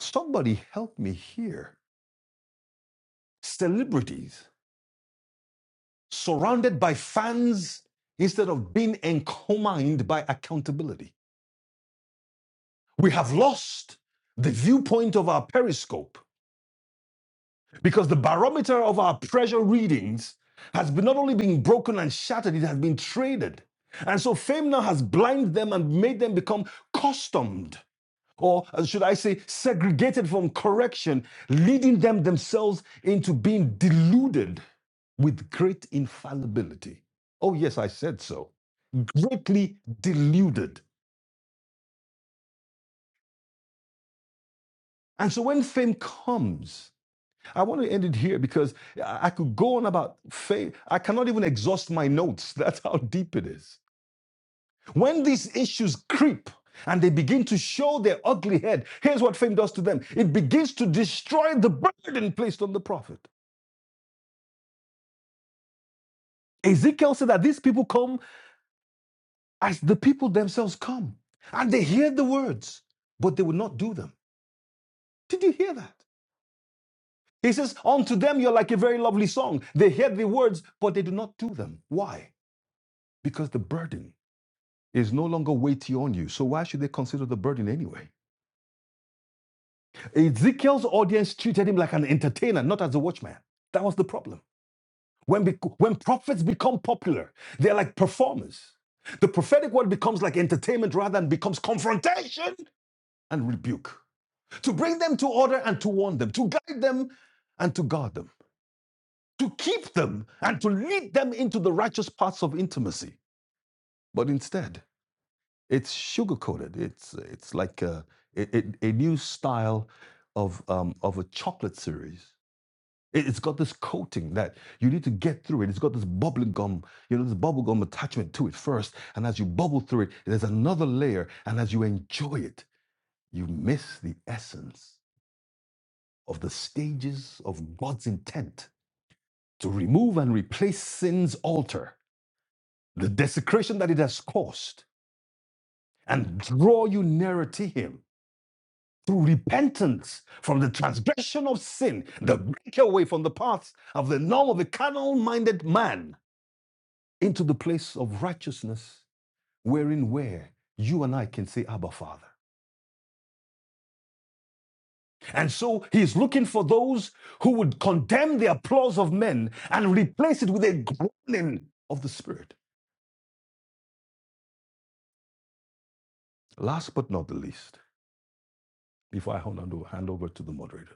Speaker 2: Somebody help me here. Celebrities surrounded by fans instead of being encomined by accountability. We have lost the viewpoint of our periscope Because the barometer of our pressure readings has been not only been broken and shattered, it has been traded. And so fame now has blinded them and made them become customed, or uh, should I say, segregated from correction, leading them themselves into being deluded with great infallibility. Oh, yes, I said so. Greatly deluded. And so when fame comes, I want to end it here because I I could go on about faith. I cannot even exhaust my notes. That's how deep it is. When these issues creep and they begin to show their ugly head, here's what fame does to them it begins to destroy the burden placed on the prophet. Ezekiel said that these people come as the people themselves come, and they hear the words, but they will not do them. Did you hear that? He says, Unto them you're like a very lovely song. They hear the words, but they do not do them. Why? Because the burden is no longer weighty on you. So why should they consider the burden anyway? Ezekiel's audience treated him like an entertainer, not as a watchman. That was the problem. When, bec when prophets become popular, they're like performers. The prophetic word becomes like entertainment rather than becomes confrontation and rebuke. To bring them to order and to warn them, to guide them and to guard them, to keep them and to lead them into the righteous paths of intimacy. But instead, It's sugar coated. It's it's like a it, a new style of um, of a chocolate series. It, it's got this coating that you need to get through it. It's got this bubbling gum, you know, this bubble gum attachment to it first, and as you bubble through it, there's another layer, and as you enjoy it, you miss the essence of the stages of God's intent to remove and replace sin's altar, the desecration that it has caused, and draw you nearer to Him through repentance from the transgression of sin, the breakaway from the paths of the norm of a carnal minded man into the place of righteousness, wherein where you and I can say, Abba, Father. And so he is looking for those who would condemn the applause of men and replace it with a groaning of the Spirit. Last but not the least, before I hand hand over to the moderator,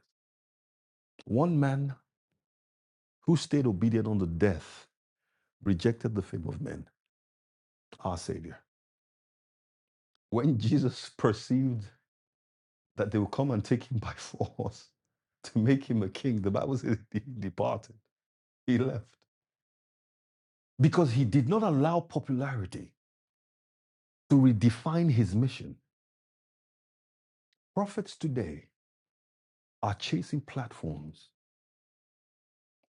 Speaker 2: one man who stayed obedient unto death rejected the fame of men, our Savior. When Jesus perceived that they would come and take him by force to make him a king, the Bible says he departed, he left. Because he did not allow popularity to redefine his mission. Prophets today are chasing platforms.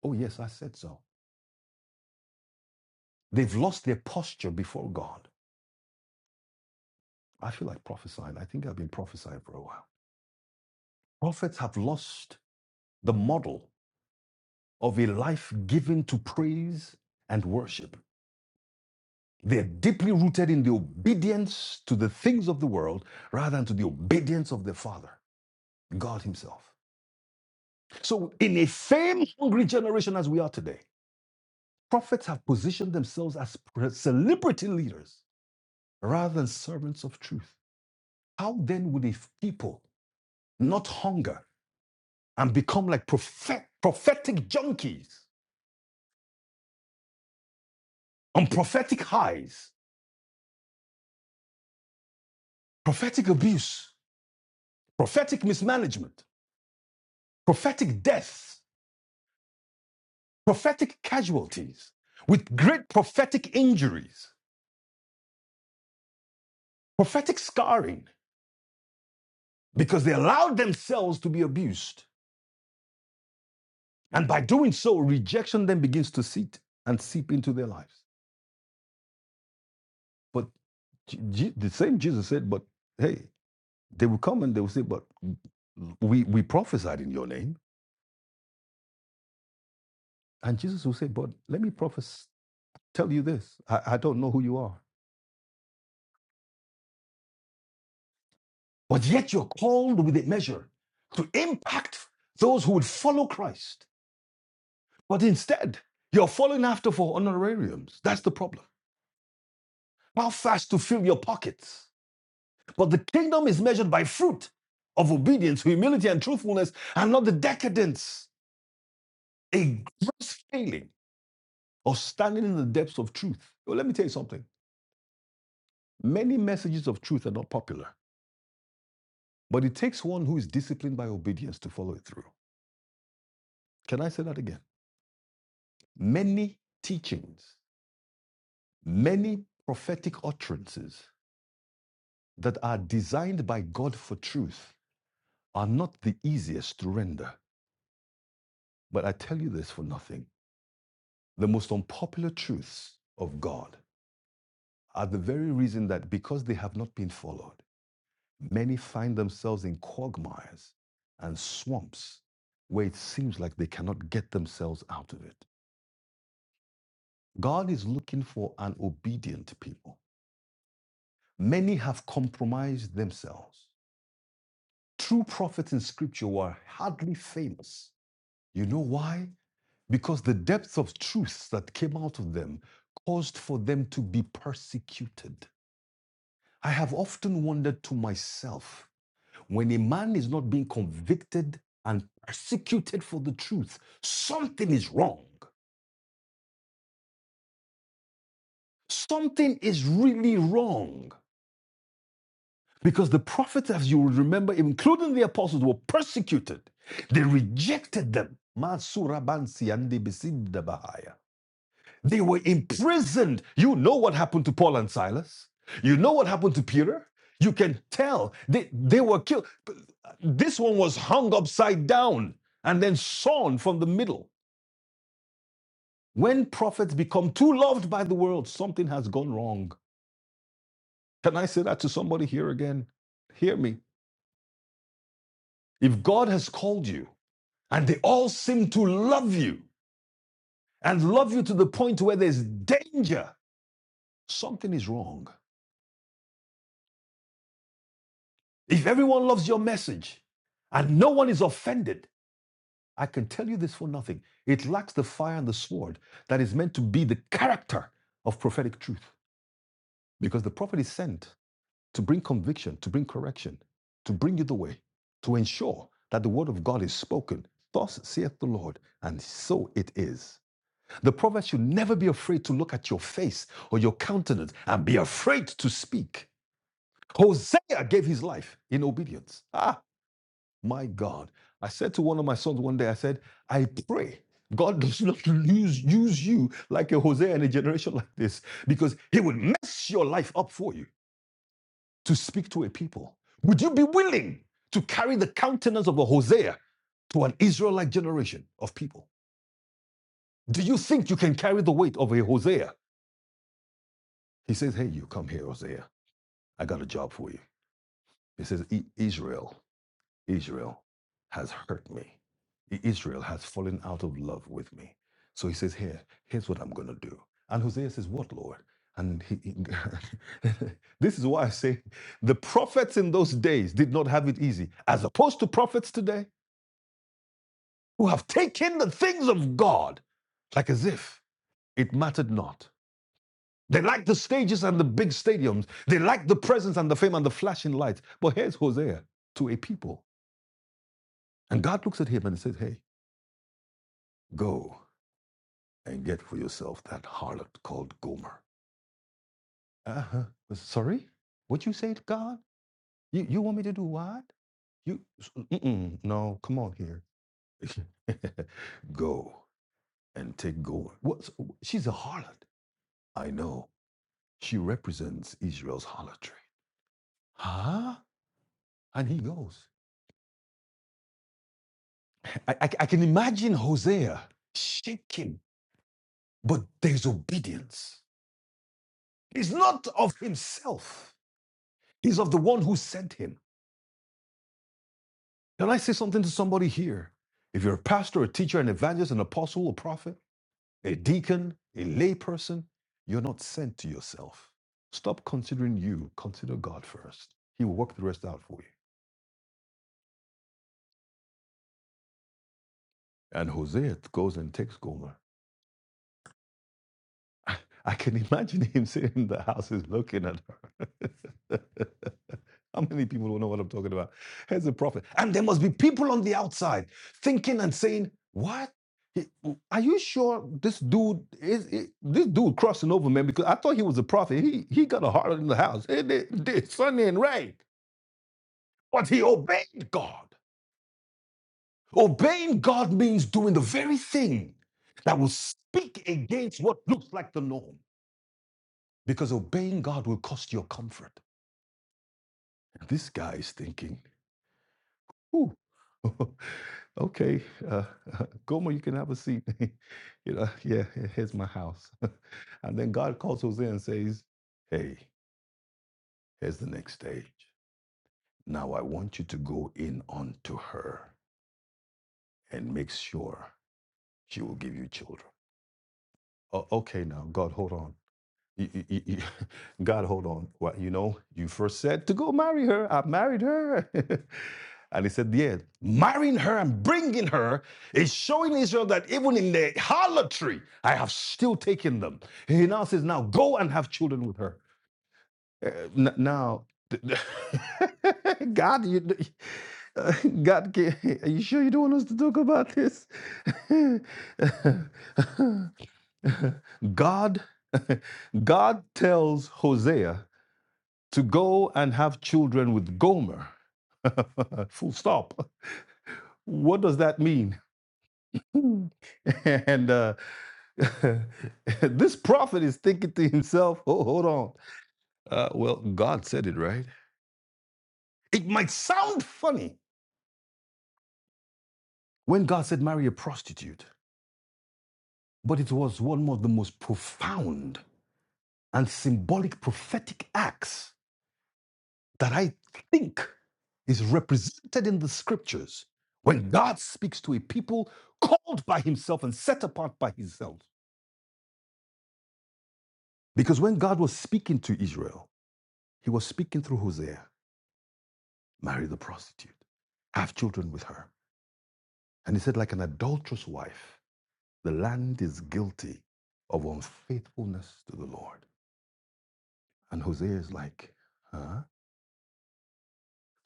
Speaker 2: Oh, yes, I said so. They've lost their posture before God. I feel like prophesying. I think I've been prophesying for a while. Prophets have lost the model of a life given to praise and worship. They're deeply rooted in the obedience to the things of the world rather than to the obedience of the Father, God Himself. So, in a fame hungry generation as we are today, prophets have positioned themselves as celebrity leaders rather than servants of truth. How then would a f- people not hunger and become like prophet- prophetic junkies on prophetic highs, prophetic abuse, prophetic mismanagement, prophetic deaths? prophetic casualties, with great prophetic injuries, prophetic scarring, because they allowed themselves to be abused. And by doing so, rejection then begins to seep and seep into their lives. But Je- the same Jesus said, but hey, they will come and they will say, but we, we prophesied in your name. And Jesus will say, but let me prophesy, tell you this. I, I don't know who you are. But yet you're called with a measure to impact those who would follow Christ But instead, you're falling after for honorariums. That's the problem. How fast to fill your pockets. But the kingdom is measured by fruit of obedience, humility, and truthfulness, and not the decadence, a gross failing, or standing in the depths of truth. Well, let me tell you something. Many messages of truth are not popular, but it takes one who is disciplined by obedience to follow it through. Can I say that again? Many teachings, many prophetic utterances that are designed by God for truth are not the easiest to render. But I tell you this for nothing. The most unpopular truths of God are the very reason that because they have not been followed, many find themselves in quagmires and swamps where it seems like they cannot get themselves out of it. God is looking for an obedient people. Many have compromised themselves. True prophets in scripture were hardly famous. You know why? because the depth of truth that came out of them caused for them to be persecuted. I have often wondered to myself when a man is not being convicted and persecuted for the truth, something is wrong. Something is really wrong. Because the prophets, as you will remember, including the apostles, were persecuted. They rejected them. They were imprisoned. You know what happened to Paul and Silas. You know what happened to Peter. You can tell they, they were killed. This one was hung upside down and then sawn from the middle. When prophets become too loved by the world, something has gone wrong. Can I say that to somebody here again? Hear me. If God has called you and they all seem to love you and love you to the point where there's danger, something is wrong. If everyone loves your message and no one is offended, I can tell you this for nothing. It lacks the fire and the sword that is meant to be the character of prophetic truth. Because the prophet is sent to bring conviction, to bring correction, to bring you the way, to ensure that the word of God is spoken. Thus saith the Lord, and so it is. The prophet should never be afraid to look at your face or your countenance and be afraid to speak. Hosea gave his life in obedience. Ah. My God. I said to one of my sons one day, I said, I pray God does not lose, use you like a Hosea in a generation like this because he would mess your life up for you to speak to a people. Would you be willing to carry the countenance of a Hosea to an Israelite generation of people? Do you think you can carry the weight of a Hosea? He says, Hey, you come here, Hosea. I got a job for you. He says, "E, Israel, Israel has hurt me. Israel has fallen out of love with me. So he says, Here, here's what I'm going to do. And Hosea says, What, Lord? And he, he- this is why I say the prophets in those days did not have it easy, as opposed to prophets today who have taken the things of God like as if it mattered not. They like the stages and the big stadiums. They like the presence and the fame and the flashing lights. But here's Hosea to a people. And God looks at him and says, Hey, go. and get for yourself that harlot called Gomer. Uh huh. Sorry? What you say to God? You, you want me to do what? You, mm-mm, no, come on here. Go and take Gomer. What? so- She's a harlot. I know. She represents Israel's harlotry. Huh? And he goes. I, I, I can imagine Hosea shaking, but there's obedience. He's not of himself, he's of the one who sent him. Can I say something to somebody here? If you're a pastor, a teacher, an evangelist, an apostle, a prophet, a deacon, a layperson, you're not sent to yourself. Stop considering you. Consider God first. He will work the rest out for you. And Hosea goes and takes Gomer. I can imagine him sitting in the houses looking at her. How many people don't know what I'm talking about? Here's a prophet. And there must be people on the outside thinking and saying, What? Are you sure this dude is, is- this dude crossing over, man? Because I thought he was a prophet. He he got a heart in the house. It, it, did sunny and rain. But he obeyed God. Obeying God means doing the very thing that will speak against what looks like the norm. because obeying God will cost your comfort. This guy is thinking, ooh, okay, uh, Gomer, you can have a seat. you know, yeah, here's my house. and then God calls Hosea and says, hey, here's the next stage. Now I want you to go in onto her and make sure she will give you children. "O- okay, now, God, hold on. you- you- you- God, hold on. Well, you know, you first said to go marry her. I married her. and he said, yeah, marrying her and bringing her is showing Israel that even in their harlotry, I have still taken them. He now says, now go and have children with her. Uh, n- now, God, you, uh, God, are you sure you don't want us to talk about this? God, God tells Hosea to go and have children with Gomer. Full stop. What does that mean? and uh, this prophet is thinking to himself, oh, hold on. Uh, well, God said it, right? It might sound funny when God said marry a prostitute, but it was one of the most profound and symbolic prophetic acts that I think is represented in the scriptures when God speaks to a people called by himself and set apart by himself. Because when God was speaking to Israel, he was speaking through Hosea marry the prostitute, have children with her. And he said, like an adulterous wife, the land is guilty of unfaithfulness to the Lord. And Hosea is like, huh?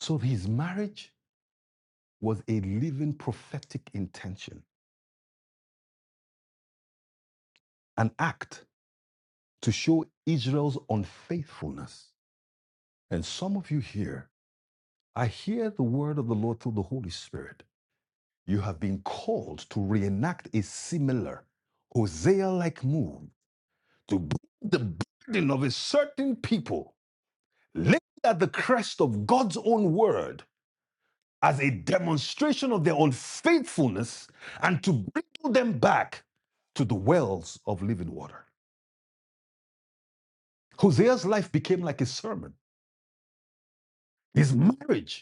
Speaker 2: So his marriage was a living prophetic intention, an act to show Israel's unfaithfulness. And some of you here, I hear the word of the Lord through the Holy Spirit. You have been called to reenact a similar Hosea like move to bring the burden of a certain people, laid at the crest of God's own word, as a demonstration of their unfaithfulness and to bring them back to the wells of living water. Hosea's life became like a sermon. His marriage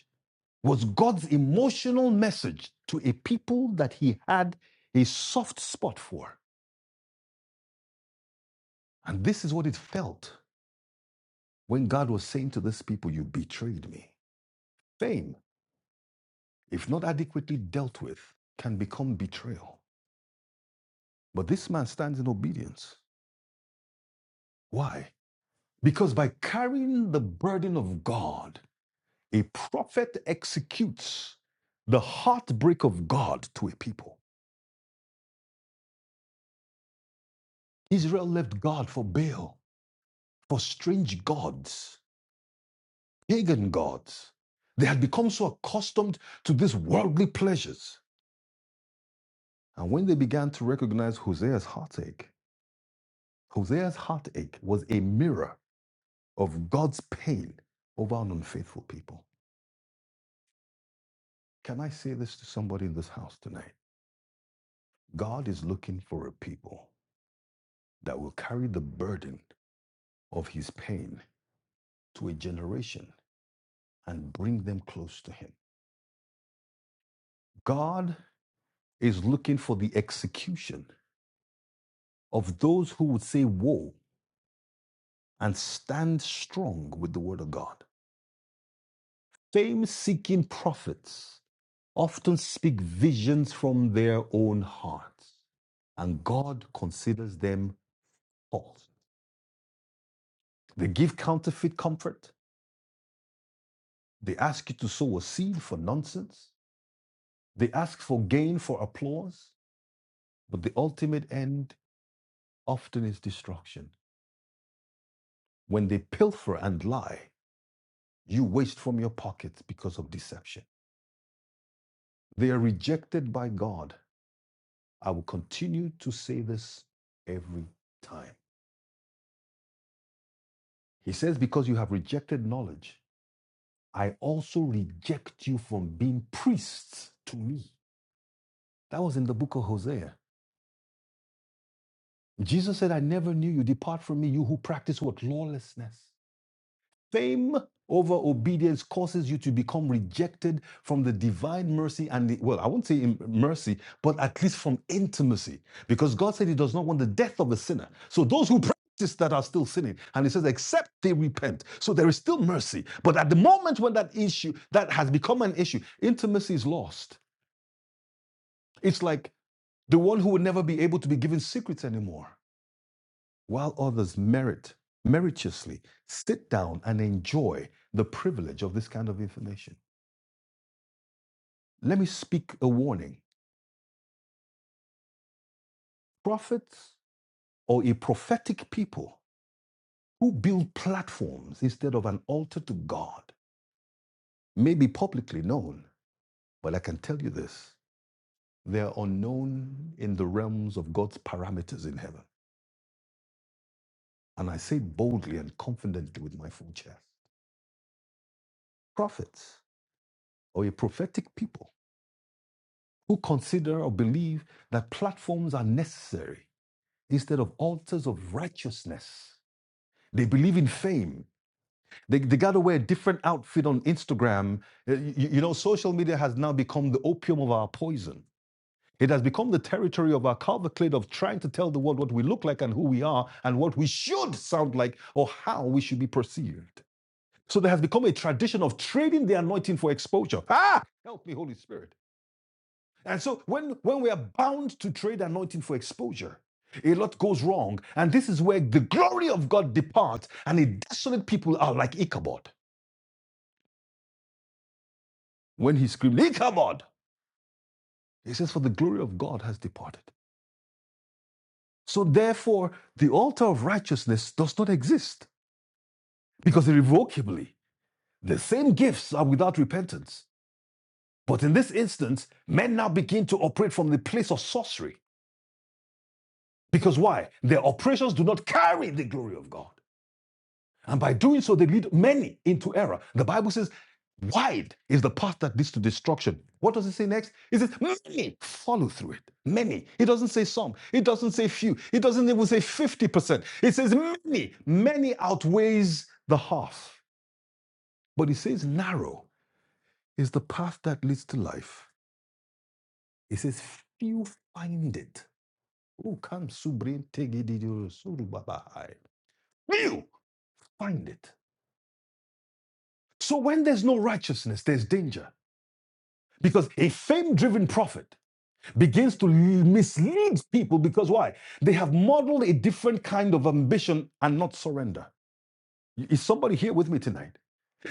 Speaker 2: was God's emotional message to a people that he had a soft spot for. And this is what it felt when God was saying to this people, You betrayed me. Fame, if not adequately dealt with, can become betrayal. But this man stands in obedience. Why? Because by carrying the burden of God, a prophet executes the heartbreak of God to a people. Israel left God for Baal, for strange gods. pagan gods. They had become so accustomed to these worldly pleasures. And when they began to recognize Hosea's heartache, Hosea's heartache was a mirror of God's pain over an unfaithful people. Can I say this to somebody in this house tonight? God is looking for a people that will carry the burden of his pain to a generation and bring them close to him. God is looking for the execution of those who would say, Woe and stand strong with the word of God. Fame seeking prophets often speak visions from their own hearts, and God considers them false. They give counterfeit comfort. They ask you to sow a seed for nonsense. They ask for gain for applause, but the ultimate end often is destruction. When they pilfer and lie, you waste from your pockets because of deception. They are rejected by God I will continue to say this every time. He says, Because you have rejected knowledge, I also reject you from being priests to me. That was in the book of Hosea. Jesus said, I never knew you. Depart from me, you who practice what? Lawlessness. Fame over obedience causes you to become rejected from the divine mercy and the, well, I won't say mercy, but at least from intimacy, because God said He does not want the death of a sinner. So those who practice that are still sinning, and He says, except they repent. So there is still mercy, but at the moment when that issue that has become an issue, intimacy is lost. It's like the one who would never be able to be given secrets anymore while others merit meritoriously sit down and enjoy the privilege of this kind of information. Let me speak a warning. Prophets or a prophetic people who build platforms instead of an altar to God may be publicly known, but I can tell you this they are unknown in the realms of God's parameters in heaven. And I say boldly and confidently with my full chest prophets or a prophetic people who consider or believe that platforms are necessary instead of altars of righteousness. They believe in fame. They, they got to wear a different outfit on Instagram. Uh, You, you know, social media has now become the opium of our poison. It has become the territory of our cavalcade of trying to tell the world what we look like and who we are and what we should sound like or how we should be perceived. So there has become a tradition of trading the anointing for exposure. Ah, help me, Holy Spirit. And so when, when we are bound to trade anointing for exposure, a lot goes wrong. And this is where the glory of God departs and a desolate people are like Ichabod. When he screamed, Ichabod, he says, For the glory of God has departed. So therefore, the altar of righteousness does not exist because irrevocably the same gifts are without repentance. But in this instance, men now begin to operate from the place of sorcery. Because why? Their operations do not carry the glory of God. And by doing so, they lead many into error. The Bible says, wide is the path that leads to destruction. What does it say next? It says, many follow through it. Many. It doesn't say some. It doesn't say few. It doesn't even say 50%. It says many. Many outweighs the half. But it says narrow is the path that leads to life. It says few find it. Oh, come, subrin tegididoro surubabahai. Few find it. So when there's no righteousness, there's danger. Because a fame driven prophet begins to mislead people because why? They have modeled a different kind of ambition and not surrender. Is somebody here with me tonight?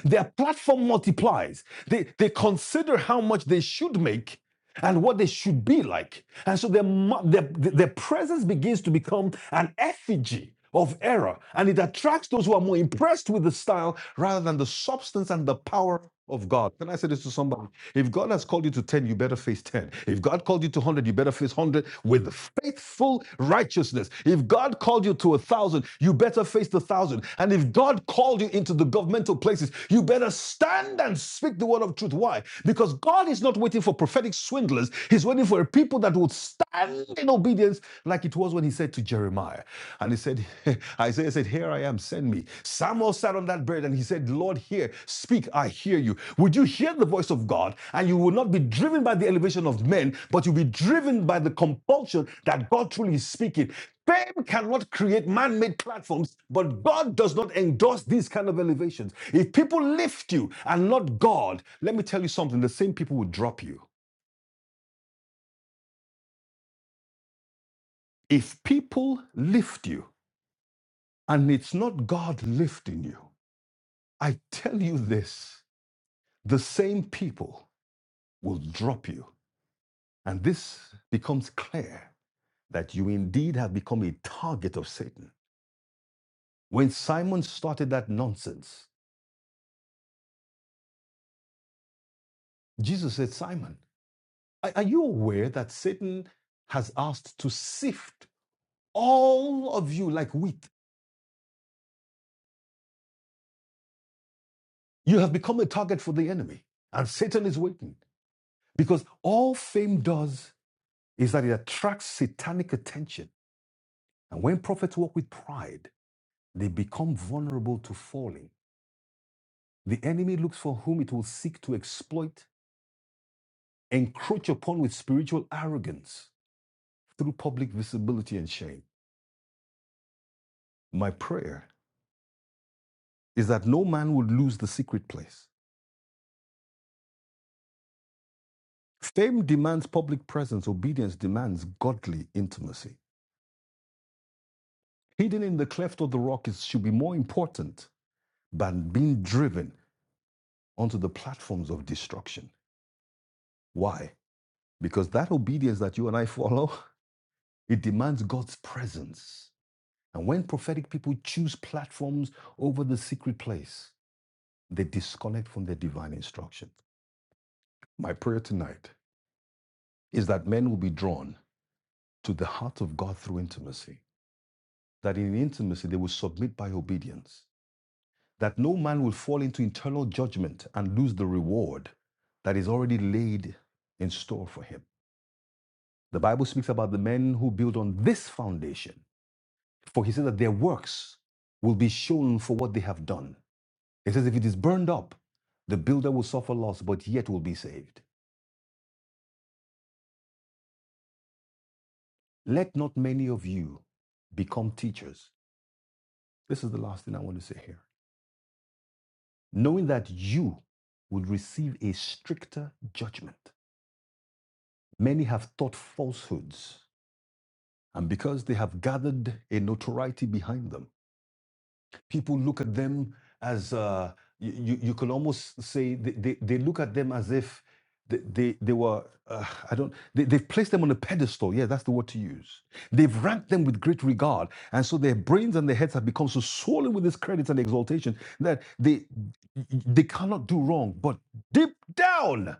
Speaker 2: Their platform multiplies. They, they consider how much they should make and what they should be like. And so their, their, their presence begins to become an effigy of error. And it attracts those who are more impressed with the style rather than the substance and the power of God. Can I say this to somebody? If God has called you to 10, you better face 10. If God called you to 100, you better face 100 with faithful righteousness. If God called you to a 1,000, you better face the 1,000. And if God called you into the governmental places, you better stand and speak the word of truth. Why? Because God is not waiting for prophetic swindlers. He's waiting for a people that would stand in obedience like it was when he said to Jeremiah. And he said, Isaiah said, Here I am, send me. Samuel sat on that bird and he said, Lord, hear, speak, I hear you. Would you hear the voice of God? And you will not be driven by the elevation of men, but you'll be driven by the compulsion that God truly is speaking. Fame cannot create man made platforms, but God does not endorse these kind of elevations. If people lift you and not God, let me tell you something the same people will drop you. If people lift you and it's not God lifting you, I tell you this the same people will drop you. And this becomes clear that you indeed have become a target of Satan. When Simon started that nonsense, Jesus said, Simon, are you aware that Satan has asked to sift all of you like wheat? You have become a target for the enemy, and Satan is waiting because all fame does is that it attracts satanic attention. And when prophets walk with pride, they become vulnerable to falling. The enemy looks for whom it will seek to exploit, encroach upon with spiritual arrogance through public visibility and shame. My prayer is that no man would lose the secret place. Fame demands public presence, obedience demands godly intimacy. Hidden in the cleft of the rock is, should be more important than being driven onto the platforms of destruction. Why? Because that obedience that you and I follow, it demands God's presence And when prophetic people choose platforms over the secret place, they disconnect from their divine instruction. My prayer tonight is that men will be drawn to the heart of God through intimacy, that in intimacy they will submit by obedience, that no man will fall into internal judgment and lose the reward that is already laid in store for him. The Bible speaks about the men who build on this foundation, for he said that their works will be shown for what they have done. It says, If it is burned up, the builder will suffer loss, but yet will be saved. Let not many of you become teachers. This is the last thing I want to say here. Knowing that you would receive a stricter judgment. Many have taught falsehoods, and because they have gathered a notoriety behind them, people look at them as uh, you, you could almost say they, they, they look at them as if they, they, they were uh, i don't they, they've placed them on a pedestal yeah that's the word to use they've ranked them with great regard and so their brains and their heads have become so swollen with this credit and exaltation that they they cannot do wrong but deep down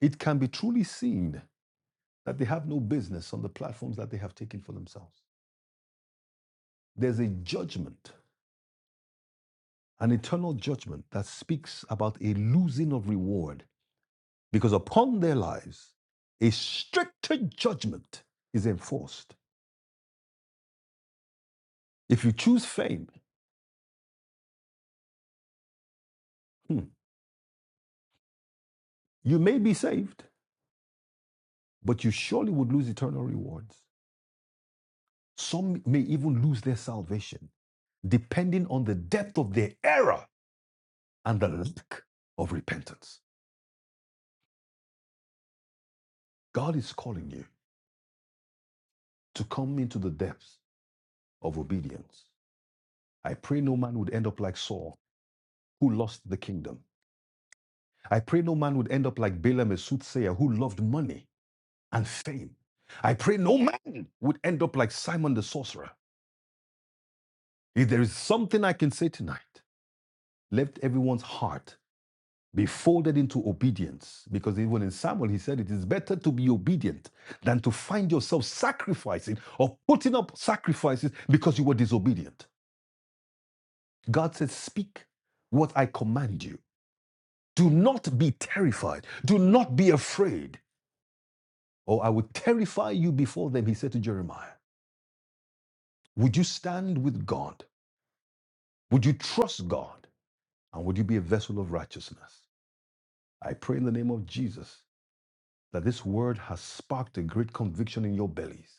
Speaker 2: it can be truly seen that they have no business on the platforms that they have taken for themselves there's a judgment an eternal judgment that speaks about a losing of reward because upon their lives, a stricter judgment is enforced. If you choose fame, hmm, you may be saved, but you surely would lose eternal rewards. Some may even lose their salvation, depending on the depth of their error and the lack of repentance. God is calling you to come into the depths of obedience. I pray no man would end up like Saul, who lost the kingdom I pray no man would end up like Balaam, a soothsayer who loved money and fame. I pray no man would end up like Simon the sorcerer. If there is something I can say tonight, let everyone's heart be folded into obedience. Because even in Samuel, he said, It is better to be obedient than to find yourself sacrificing or putting up sacrifices because you were disobedient. God said, Speak what I command you. Do not be terrified. Do not be afraid. or I will terrify you before them, he said to Jeremiah, Would you stand with God? Would you trust God? And would you be a vessel of righteousness? I pray in the name of Jesus that this word has sparked a great conviction in your bellies.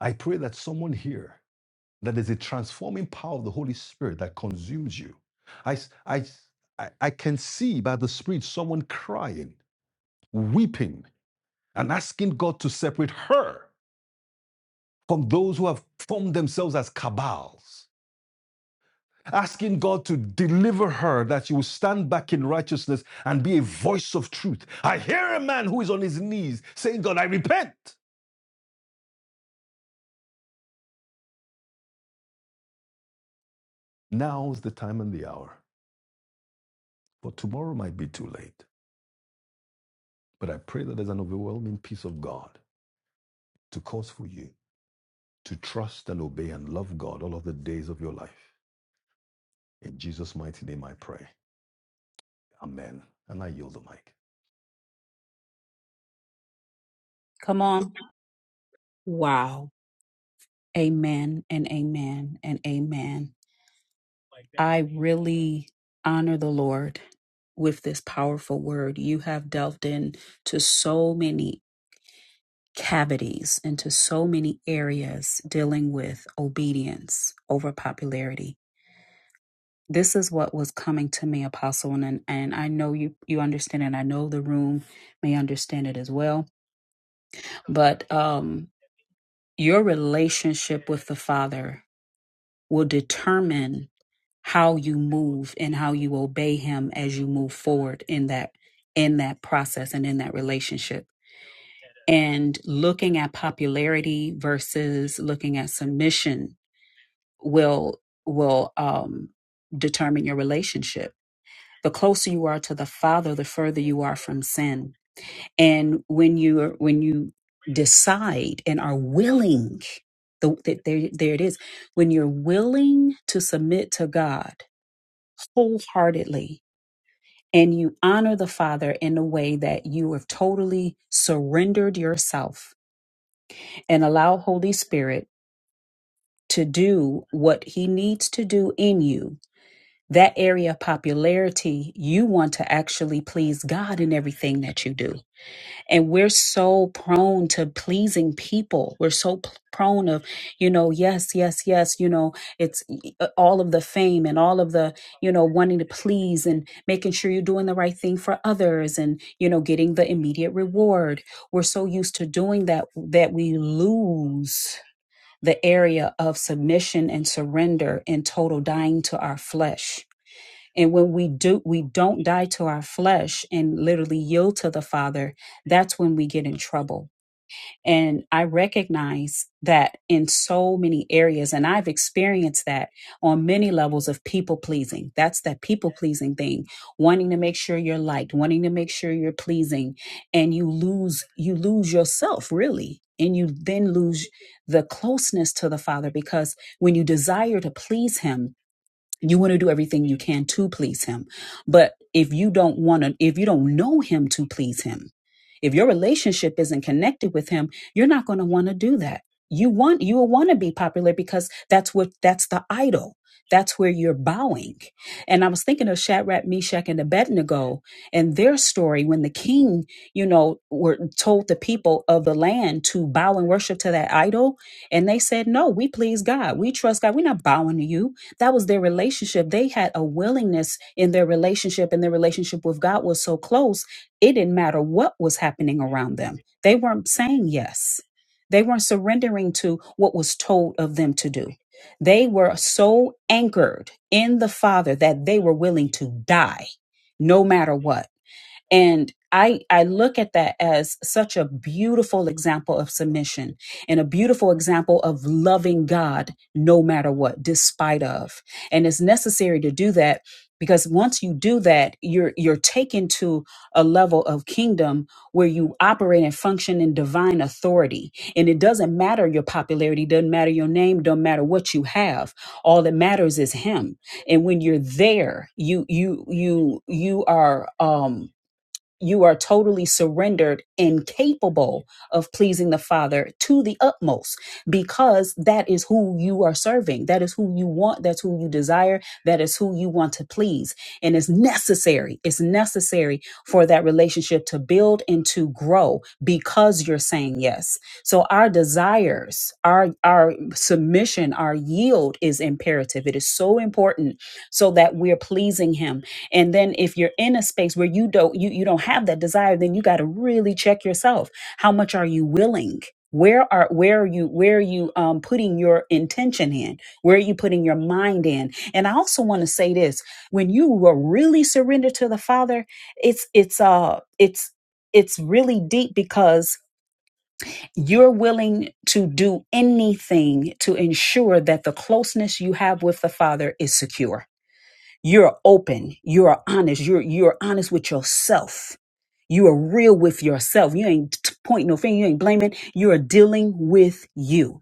Speaker 2: I pray that someone here, that there's a transforming power of the Holy Spirit that consumes you. I, s- I, s- I I can see by the Spirit someone crying, weeping, and asking God to separate her from those who have formed themselves as cabals asking God to deliver her, that she will stand back in righteousness and be a voice of truth. I hear a man who is on his knees saying, God, I repent. Now's the time and the hour, but tomorrow might be too late. But I pray that there's an overwhelming peace of God to cause for you to trust and obey and love God all of the days of your life. In Jesus' mighty name, I pray. Amen. And I yield the mic.
Speaker 1: Come on. Wow. Amen and amen and amen. I really honor the Lord with this powerful word. You have delved into so many cavities, into so many areas dealing with obedience over popularity. This is what was coming to me, Apostle, and, and I know you, you understand, and I know the room may understand it as well. But um, your relationship with the Father will determine how you move and how you obey him as you move forward in that in that process and in that relationship and looking at popularity versus looking at submission will will um, determine your relationship the closer you are to the father the further you are from sin and when you are when you decide and are willing the, the, there, there it is when you're willing to submit to god wholeheartedly and you honor the Father in a way that you have totally surrendered yourself and allow Holy Spirit to do what He needs to do in you. That area of popularity, you want to actually please God in everything that you do and we're so prone to pleasing people we're so p- prone of you know yes yes yes you know it's uh, all of the fame and all of the you know wanting to please and making sure you're doing the right thing for others and you know getting the immediate reward we're so used to doing that that we lose the area of submission and surrender and total dying to our flesh and when we do we don't die to our flesh and literally yield to the Father, that's when we get in trouble. And I recognize that in so many areas, and I've experienced that on many levels of people pleasing. That's that people pleasing thing, wanting to make sure you're liked, wanting to make sure you're pleasing, and you lose you lose yourself really, and you then lose the closeness to the Father because when you desire to please Him, you want to do everything you can to please him but if you don't want to if you don't know him to please him if your relationship isn't connected with him you're not going to want to do that you want you will want to be popular because that's what that's the idol that's where you're bowing and i was thinking of shadrach meshach and abednego and their story when the king you know were told the people of the land to bow and worship to that idol and they said no we please god we trust god we're not bowing to you that was their relationship. They had a willingness in their relationship, and their relationship with God was so close, it didn't matter what was happening around them. They weren't saying yes, they weren't surrendering to what was told of them to do. They were so anchored in the Father that they were willing to die no matter what and i i look at that as such a beautiful example of submission and a beautiful example of loving god no matter what despite of and it's necessary to do that because once you do that you're you're taken to a level of kingdom where you operate and function in divine authority and it doesn't matter your popularity doesn't matter your name doesn't matter what you have all that matters is him and when you're there you you you you are um you are totally surrendered and capable of pleasing the Father to the utmost because that is who you are serving. That is who you want. That's who you desire. That is who you want to please. And it's necessary. It's necessary for that relationship to build and to grow because you're saying yes. So our desires, our, our submission, our yield is imperative. It is so important so that we're pleasing Him and then if you're in a space where you don't you, you don't have that desire then you got to really check yourself how much are you willing where are where are you where are you um, putting your intention in where are you putting your mind in and i also want to say this when you were really surrendered to the father it's it's uh it's it's really deep because you're willing to do anything to ensure that the closeness you have with the father is secure you're open you're honest you're you're honest with yourself you are real with yourself you ain't t- pointing no finger you ain't blaming you are dealing with you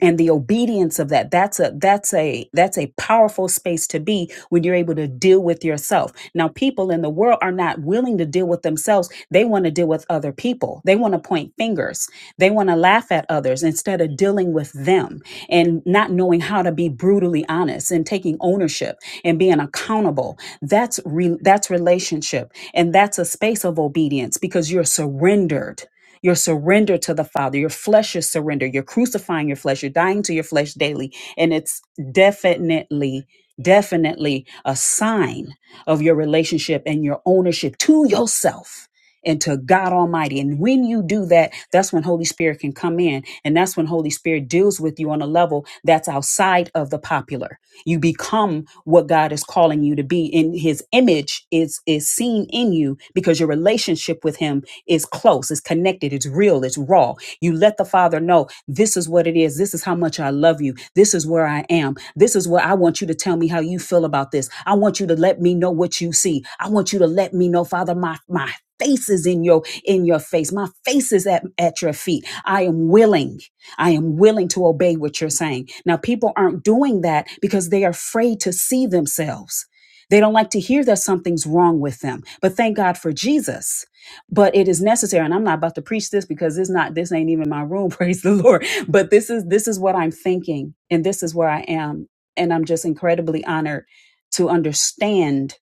Speaker 1: and the obedience of that that's a that's a that's a powerful space to be when you're able to deal with yourself now people in the world are not willing to deal with themselves they want to deal with other people they want to point fingers they want to laugh at others instead of dealing with them and not knowing how to be brutally honest and taking ownership and being accountable that's re- that's relationship and that's a space of obedience because you're surrendered your surrender to the Father. Your flesh is surrender. You're crucifying your flesh. You're dying to your flesh daily. And it's definitely, definitely a sign of your relationship and your ownership to yourself and to God Almighty. And when you do that, that's when Holy Spirit can come in. And that's when Holy Spirit deals with you on a level that's outside of the popular. You become what God is calling you to be. And his image is is seen in you because your relationship with him is close, it's connected, it's real, it's raw. You let the Father know this is what it is. This is how much I love you. This is where I am. This is where I want you to tell me how you feel about this. I want you to let me know what you see. I want you to let me know, Father, my my face is in your in your face. My face is at, at your feet. I am willing. I am willing to obey what you're saying. Now people aren't doing that because they are afraid to see themselves. They don't like to hear that something's wrong with them. But thank God for Jesus but it is necessary and i'm not about to preach this because it's not this ain't even my room praise the lord but this is this is what i'm thinking and this is where i am and i'm just incredibly honored to understand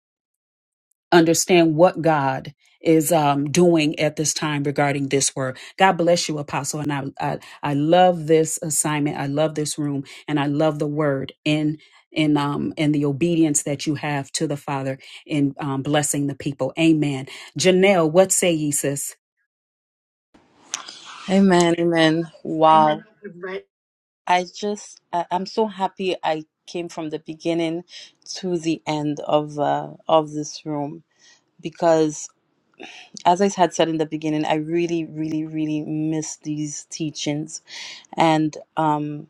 Speaker 1: understand what god is um, doing at this time regarding this word god bless you apostle and I, I i love this assignment i love this room and i love the word in in um in the obedience that you have to the father in um, blessing the people amen janelle what say ye sis
Speaker 4: Amen, amen. Wow. I just I, I'm so happy I came from the beginning to the end of uh, of this room because as I had said in the beginning, I really, really, really miss these teachings. And um,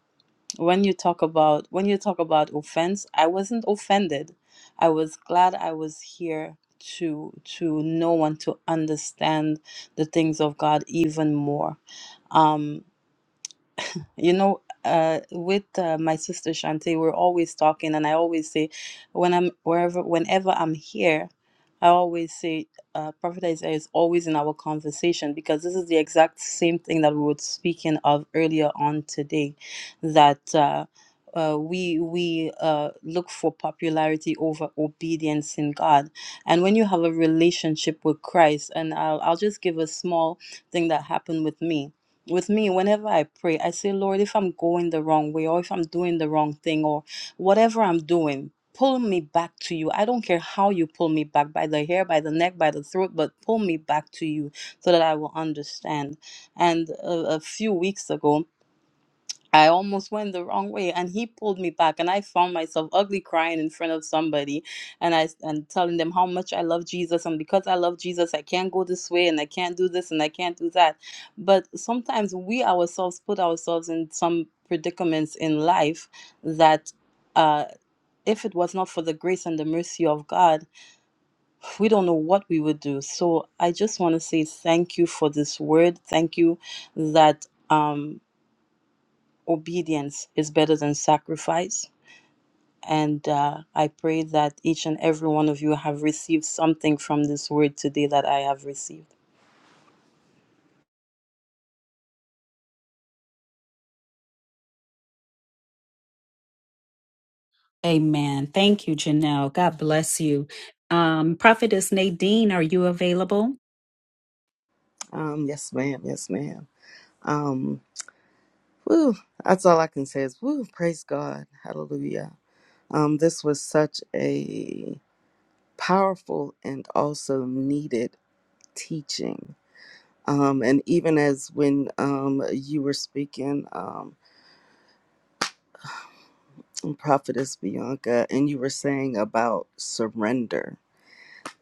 Speaker 4: when you talk about when you talk about offense, I wasn't offended. I was glad I was here to to know and to understand the things of God even more. Um, you know, uh, with uh, my sister Shante, we're always talking, and I always say, when I'm wherever, whenever I'm here, I always say, uh, Prophet Isaiah is always in our conversation because this is the exact same thing that we were speaking of earlier on today, that. Uh, uh, we we uh, look for popularity over obedience in God, and when you have a relationship with Christ, and I'll I'll just give a small thing that happened with me with me, whenever I pray, I say, Lord, if I'm going the wrong way or if I'm doing the wrong thing or whatever I'm doing, pull me back to you. I don't care how you pull me back by the hair, by the neck, by the throat, but pull me back to you so that I will understand. And a, a few weeks ago, I almost went the wrong way and he pulled me back and I found myself ugly crying in front of somebody and I and telling them how much I love Jesus and because I love Jesus I can't go this way and I can't do this and I can't do that. But sometimes we ourselves put ourselves in some predicaments in life that uh if it was not for the grace and the mercy of God, we don't know what we would do. So I just want to say thank you for this word. Thank you that um obedience is better than sacrifice. And uh, I pray that each and every one of you have received something from this word today that I have received.
Speaker 1: Amen. Thank you, Janelle. God bless you. Um, Prophetess Nadine, are you available?
Speaker 3: Um, yes, ma'am. Yes, ma'am. Um, woo. That's all I can say is woo. Praise God. Hallelujah. Um, this was such a powerful and also needed teaching. Um, and even as when um you were speaking, um, Prophetess Bianca, and you were saying about surrender.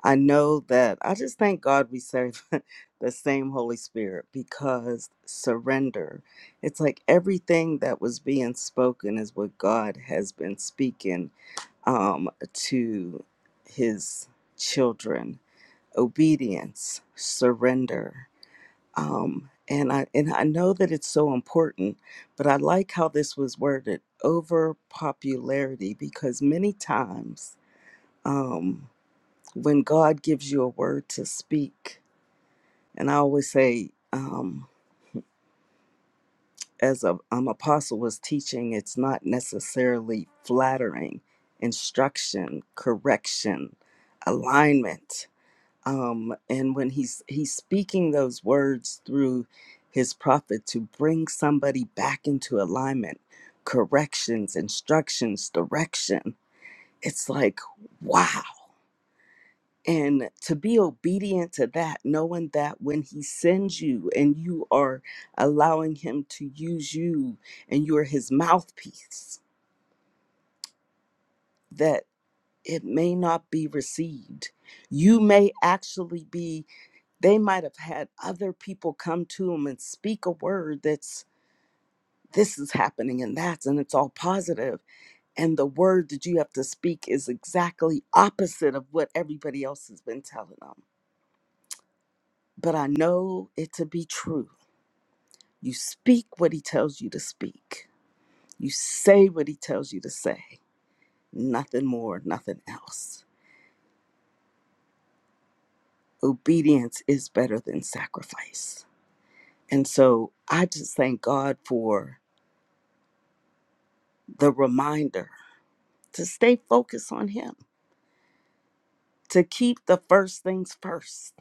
Speaker 3: I know that I just thank God we serve the same Holy Spirit because surrender. It's like everything that was being spoken is what God has been speaking um, to his children. Obedience, surrender. Um, and I and I know that it's so important, but I like how this was worded over popularity because many times um, when God gives you a word to speak, and I always say, um, as a, um, apostle was teaching, it's not necessarily flattering, instruction, correction, alignment. Um, and when he's he's speaking those words through his prophet to bring somebody back into alignment, corrections, instructions, direction, it's like, wow and to be obedient to that, knowing that when He sends you and you are allowing Him to use you and you're His mouthpiece, that it may not be received. You may actually be, they might have had other people come to Him and speak a word that's this is happening and that's, and it's all positive, And the word that you have to speak is exactly opposite of what everybody else has been telling them. But I know it to be true You speak what he tells you to speak. You say what he tells you to say. Nothing more, nothing else. Obedience is better than sacrifice. And so I just thank God for the reminder to stay focused on him, to keep the first things first.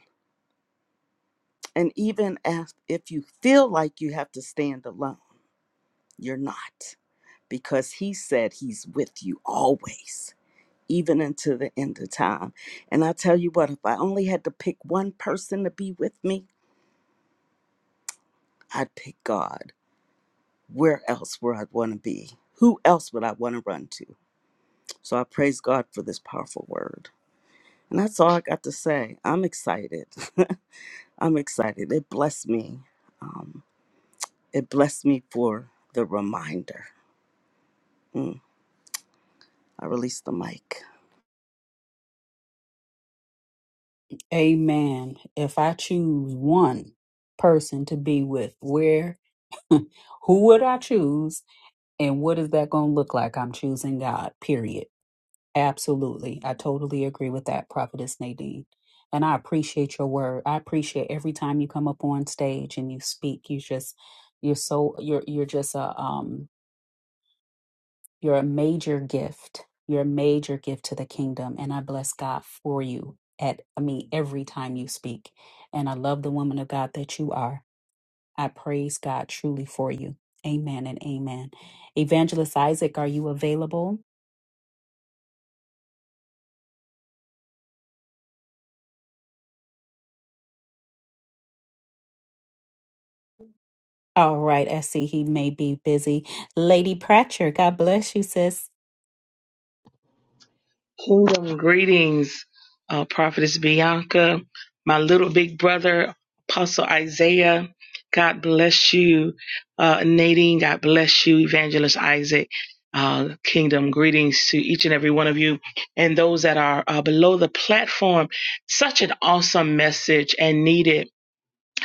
Speaker 3: And even as if you feel like you have to stand alone, you're not because he said he's with you always even into the end of time. And I tell you what, if I only had to pick one person to be with me, I'd pick God. Where else would I want to be? Who else would I want to run to? So I praise God for this powerful word. And that's all I got to say. I'm excited. I'm excited. It blessed me. It blessed me for the reminder. Mm, I released the mic.
Speaker 1: Amen. If I choose one person to be with, where, who would I choose? And what is that going to look like? I'm choosing God, period. Absolutely. I totally agree with that, Prophetess Nadine. And I appreciate your word. I appreciate every time you come up on stage and you speak. You just, you're so, you're, you're just a, um, You're a major gift. You're a major gift to the kingdom. And I bless God for you at, I mean, every time you speak. And I love the woman of God that you are. I praise God truly for you. Amen and amen. Evangelist Isaac, are you available? All right, I see he may be busy. Lady Pratcher, God bless you, sis.
Speaker 6: Kingdom greetings, uh, Prophetess Bianca, my little big brother, Apostle Isaiah. God bless you, uh, Nadine. God bless you, Evangelist Isaac. Uh, kingdom greetings to each and every one of you and those that are uh, below the platform. Such an awesome message and needed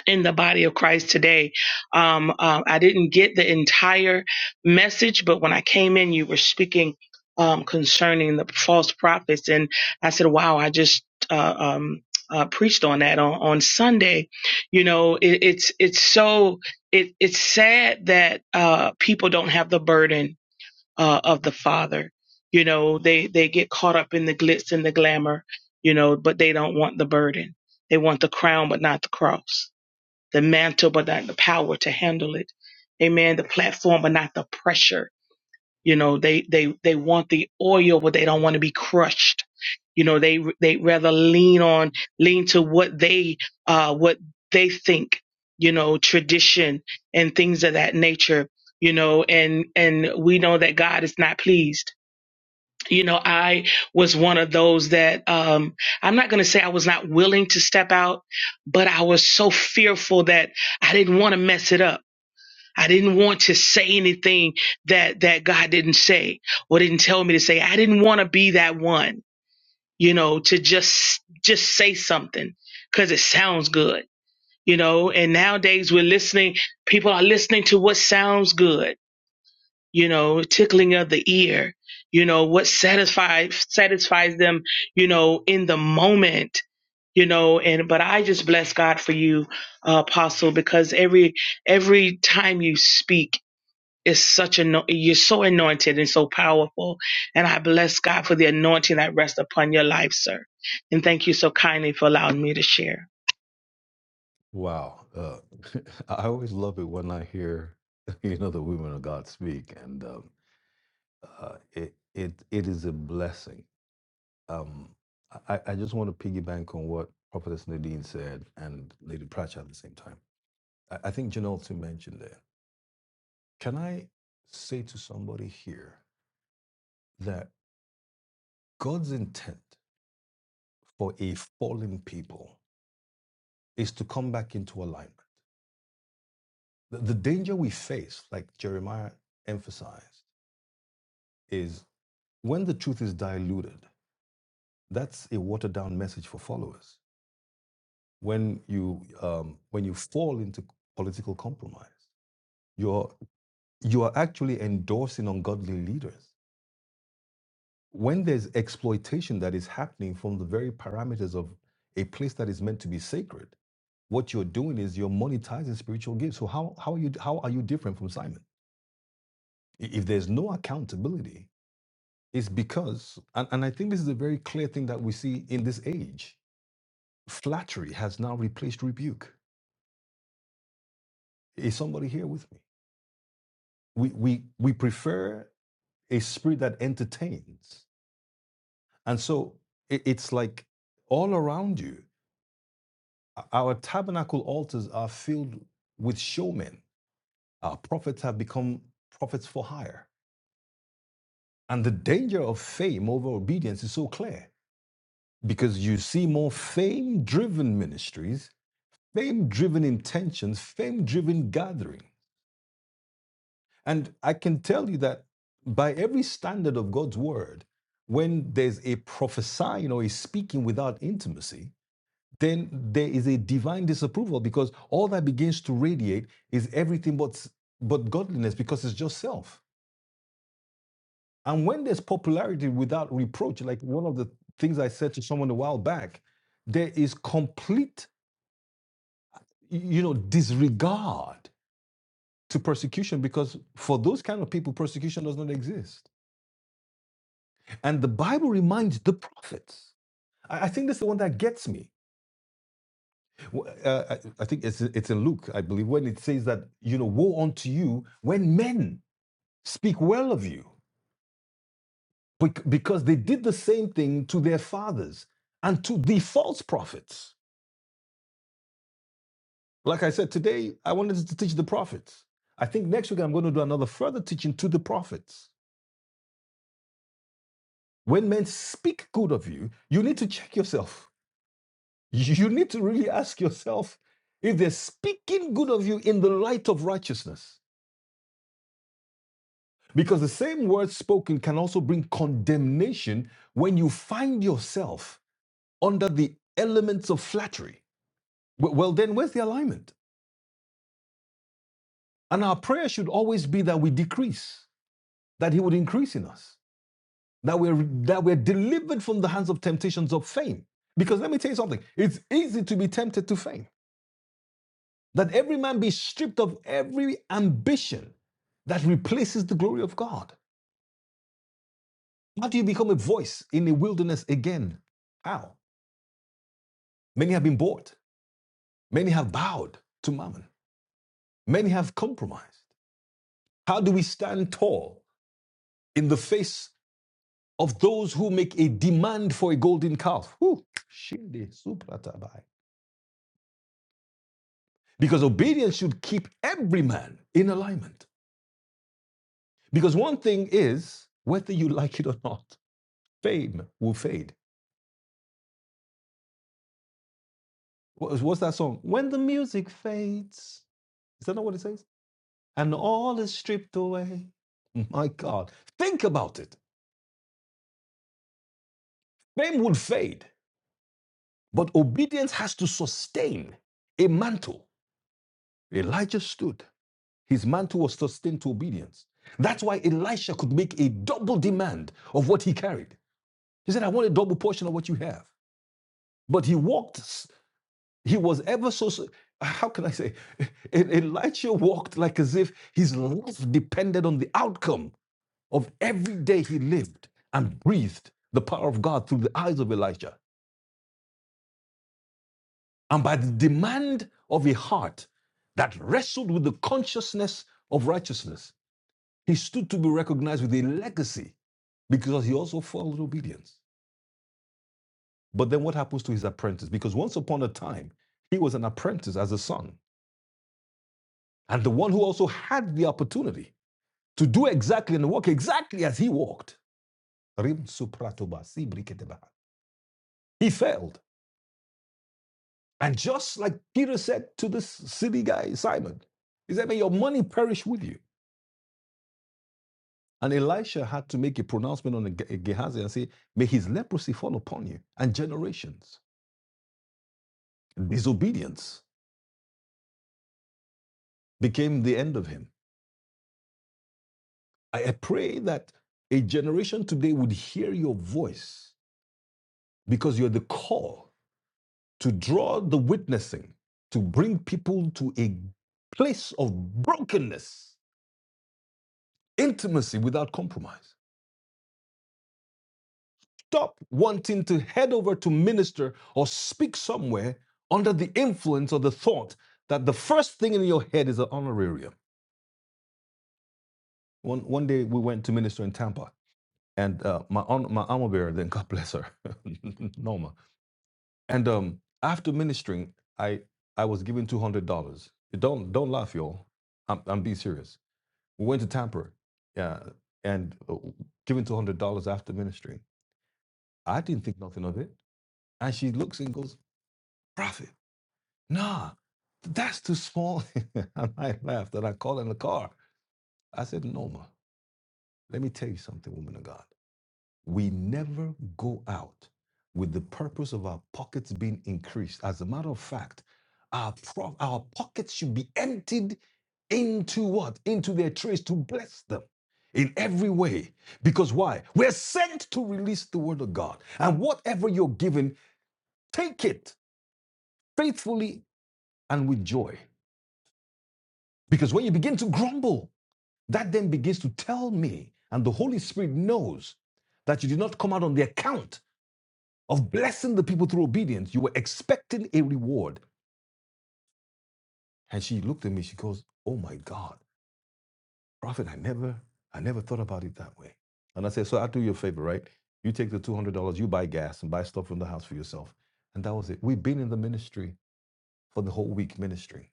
Speaker 6: in the body of Christ today. Um, uh, I didn't get the entire message, but when I came in, you were speaking um, concerning the false prophets, and I said, "Wow, I just." Uh, um, uh, preached on that on, on Sunday, you know it, it's it's so it it's sad that uh, people don't have the burden uh, of the Father, you know they they get caught up in the glitz and the glamour, you know, but they don't want the burden. They want the crown, but not the cross the mantle, but not the power to handle it. Amen. The platform, but not the pressure. You know, they they they want the oil, but they don't want to be crushed. You know, they they rather lean on lean to what they uh what they think. You know, tradition and things of that nature. You know, and and we know that God is not pleased you know i was one of those that um i'm not going to say i was not willing to step out but i was so fearful that i didn't want to mess it up i didn't want to say anything that that god didn't say or didn't tell me to say i didn't want to be that one you know to just just say something because it sounds good you know and nowadays we're listening people are listening to what sounds good you know, tickling of the ear, you know, what satisfies satisfies them, you know, in the moment, you know, and but I just bless God for you, uh, apostle, because every every time you speak is such a no, you're so anointed and so powerful, and I bless God for the anointing that rests upon your life, sir. And thank you so kindly for allowing me to share.
Speaker 2: Wow. Uh, I always love it when I hear, you know, the women of God speak. and. um, uh, it it it is a blessing. Um, I, I just want to piggyback on what Prophetess Nadine said and Lady Pratchett at the same time. I, I think Janelle too mentioned there. Can I say to somebody here that God's intent for a fallen people is to come back into alignment? The, the danger we face, like Jeremiah emphasized, is when the truth is diluted. That's a watered down message for followers when you um, when you fall into political compromise. You're you are actually endorsing ungodly leaders. When there's exploitation that is happening from the very parameters of a place that is meant to be sacred, what you're doing is you're monetizing spiritual gifts. So how how are you how are you different from Simon? If there's no accountability, it's because and, and I think this is a very clear thing that we see in this age. Flattery has now replaced rebuke. Is somebody here with me? we we we prefer a spirit that entertains, and so it, it's like all around you. Our tabernacle altars are filled with showmen. Our prophets have become prophets for hire, and the danger of fame over obedience is so clear because you see more fame-driven ministries, fame-driven intentions, fame-driven gatherings And I can tell you that by every standard of God's word, when there's a prophesying or a speaking without intimacy, then there is a divine disapproval because all that begins to radiate is everything but, but godliness because it's just self. And when there's popularity without reproach, like one of the things I said to someone a while back, there is complete, you know, disregard to persecution because for those kind of people, persecution does not exist. And the Bible reminds the prophets. I, I think that's the one that gets me. W- uh, I, I think it's it's in Luke, I believe, when it says that you know, woe unto you when men speak well of you, bec- because they did the same thing to their fathers and to the false prophets. Like I said today, I wanted to teach the prophets. I think next week I'm going to do another further teaching to the prophets. When men speak good of you, you need to check yourself You need to really ask yourself if they're speaking good of you in the light of righteousness. Because the same words spoken can also bring condemnation when you find yourself under the elements of flattery. Well, then, where's the alignment? And our prayer should always be that we decrease, that He would increase in us, that we're, that we're delivered from the hands of temptations of fame. Because let me tell you something it's easy to be tempted to fame. that every man be stripped of every ambition that replaces the glory of God. How do you become a voice in the wilderness again? How? Many have been bought, many have bowed to mammon, many have compromised. How do we stand tall in the face of those who make a demand for a golden calf? Whew. Because obedience should keep every man in alignment. Because one thing is, whether you like it or not, fame will fade. What, what's that song? When the music fades. Is that not what it says? And all is stripped away. My God. Think about it. Fame would fade, but obedience has to sustain a mantle. Elijah stood. His mantle was sustained to obedience. That's why Elisha could make a double demand of what he carried. He said, I want a double portion of what you have. But he walked He was ever so, so how can I say? E- Elijah walked like as if his life depended on the outcome of every day he lived and breathed the power of God through the eyes of Elijah. And by the demand of a heart that wrestled with the consciousness of righteousness, he stood to be recognized with a legacy because he also followed obedience. But then what happens to his apprentice? Because once upon a time, he was an apprentice as a son and the one who also had the opportunity to do exactly and walk exactly as he walked. si He failed. And just like Peter said to this silly guy, Simon, he said, May your money perish with you. And Elisha had to make a pronouncement on Gehazi and say, May his leprosy fall upon you and generations. Disobedience became the end of him. I pray that a generation today would hear your voice because you're the call to draw the witnessing, to bring people to a place of brokenness, intimacy without compromise. Stop wanting to head over to minister or speak somewhere under the influence or the thought that the first thing in your head is an honorarium. One, one day we went to minister in Tampa, and uh, my, my armor bearer, then God bless her, Norma. And um, after ministering, I, I was given $200. Don't, don't laugh, y'all. I'm, I'm being serious. We went to Tampa yeah, and uh, given $200 after ministry. I didn't think nothing of it. And she looks and goes, Prophet, nah, that's too small. and I laughed and I called in the car. I said, No, ma, let me tell you something, woman of God. We never go out with the purpose of our pockets being increased. As a matter of fact, our, pro- our pockets should be emptied into what? Into their trays to bless them in every way. Because why? We're sent to release the word of God. And whatever you're given, take it faithfully and with joy. Because when you begin to grumble, that then begins to tell me, and the Holy Spirit knows that you did not come out on the account of blessing the people through obedience. You were expecting a reward. And she looked at me, she goes, Oh my God, Prophet, I never, I never thought about it that way. And I said, So I'll do you a favor, right? You take the $200, you buy gas and buy stuff from the house for yourself. And that was it. We've been in the ministry for the whole week ministering.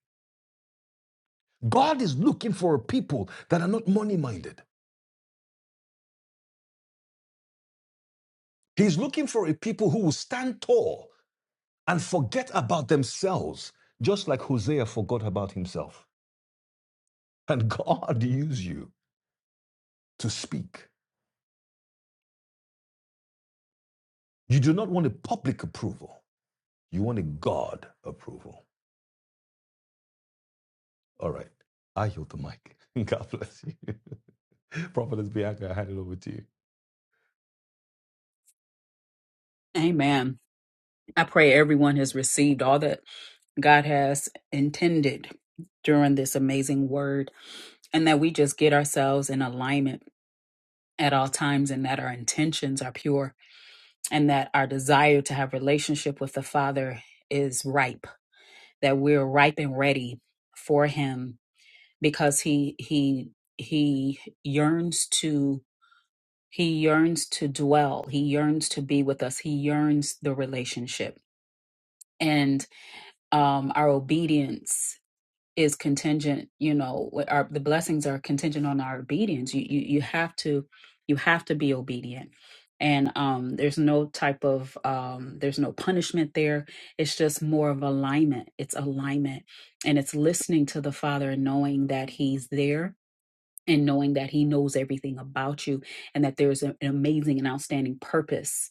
Speaker 2: God is looking for a people that are not money minded. He's looking for a people who will stand tall and forget about themselves, just like Hosea forgot about himself. And God use you to speak. You do not want a public approval. You want a God approval. All right. I yield the mic. God bless you. Prophetess Bianca, I hand it over to you.
Speaker 1: Amen. I pray everyone has received all that God has intended during this amazing word, and that we just get ourselves in alignment at all times, and that our intentions are pure, and that our desire to have relationship with the Father is ripe, that we're ripe and ready for Him because He He He yearns to He yearns to dwell, He yearns to be with us, He yearns the relationship, and um, our obedience. is contingent you know what our the blessings are contingent on our obedience you you you have to you have to be obedient and um there's no type of um there's no punishment there it's just more of alignment it's alignment and it's listening to the father and knowing that he's there and knowing that he knows everything about you and that there's an amazing and outstanding purpose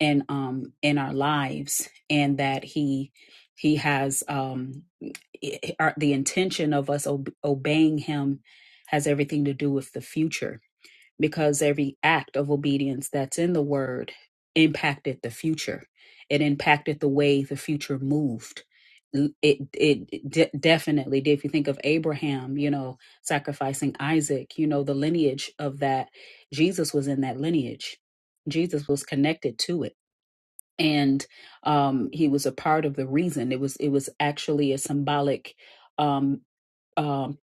Speaker 1: in um in our lives and that he he has um it- our, the intention of us ob- obeying him has everything to do with the future because every act of obedience that's in the word impacted the future it impacted the way the future moved L- it it de- definitely did if you think of Abraham you know sacrificing Isaac you know the lineage of that Jesus was in that lineage Jesus was connected to it and um, he was a part of the reason. It was it was actually a symbolic, um, um,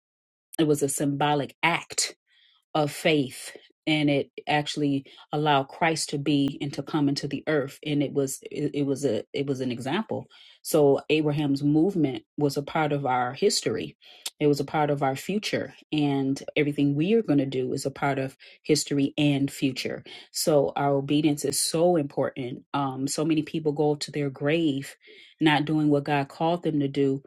Speaker 1: it was a symbolic act of faith and it actually allowed Christ to be and to come into the earth and it was it, it was a it was an example so Abraham's movement was a part of our history it was a part of our future and everything we are going to do is a part of history and future so our obedience is so important um so many people go to their grave not doing what God called them to do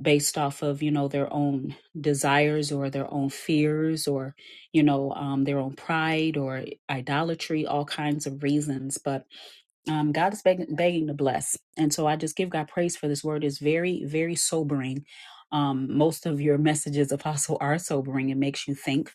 Speaker 1: based off of you know their own desires or their own fears or you know, um, their own pride or idolatry, all kinds of reasons. But um, God is begging, begging to bless. And so I just give God praise for this word. It's very, very sobering. Um, most of your messages, Apostle, are sobering. It makes you think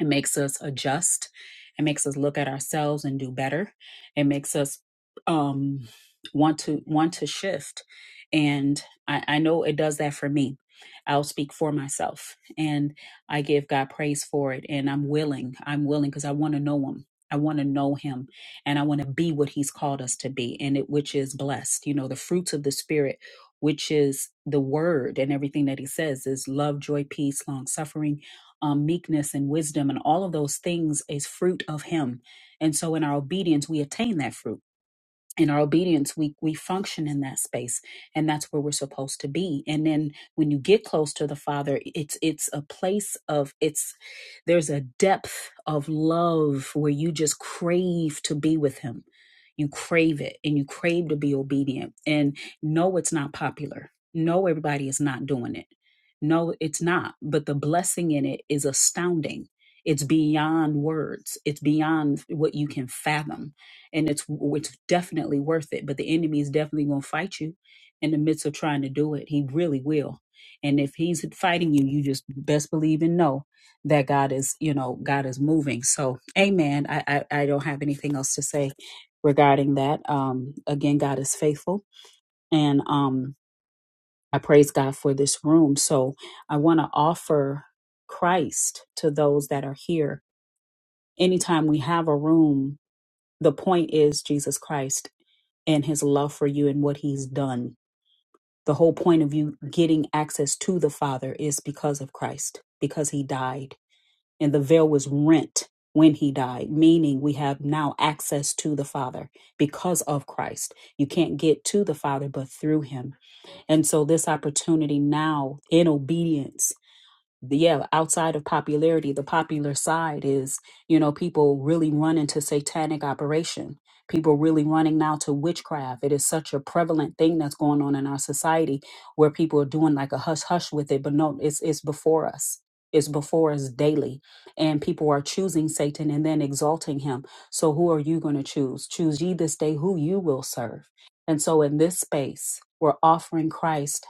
Speaker 1: it makes us adjust. It makes us look at ourselves and do better. It makes us um, want to want to shift. And I, I know it does that for me. I'll speak for myself, and I give God praise for it. And I'm willing. I'm willing because I want to know Him. I want to know Him, and I want to be what He's called us to be, and it which is blessed. You know, the fruits of the Spirit. Which is the word and everything that he says is love, joy, peace, long suffering, um, meekness and wisdom and all of those things is fruit of him and so in our obedience we attain that fruit in our obedience we we function in that space and that's where we're supposed to be and then when you get close to the father it's it's a place of it's there's a depth of love where you just crave to be with him you crave it and you crave to be obedient and no it's not popular no everybody is not doing it no it's not but the blessing in it is astounding it's beyond words it's beyond what you can fathom and it's it's definitely worth it. But the enemy is definitely going to fight you in the midst of trying to do it. He really will. And if he's fighting you, you just best believe and know that God is, you know, God is moving. So, Amen. I I, I don't have anything else to say regarding that. Um, again, God is faithful, and um, I praise God for this room. So, I want to offer Christ to those that are here. Anytime we have a room, the point is Jesus Christ and his love for you and what he's done. The whole point of you getting access to the Father is because of Christ, because he died. And the veil was rent when he died, meaning we have now access to the Father because of Christ. You can't get to the Father but through him. And so, this opportunity now in obedience the- yeah, outside of popularity, the popular side is, you know, people really run into satanic operation. People really running now to witchcraft. It is such a prevalent thing that's going on in our society where people are doing like a hush hush with it, but no, it's it's before us. It's before us daily. And people are choosing Satan and then exalting him. So who are you going to choose? Choose ye this day who you will serve. And so in this space, we're offering Christ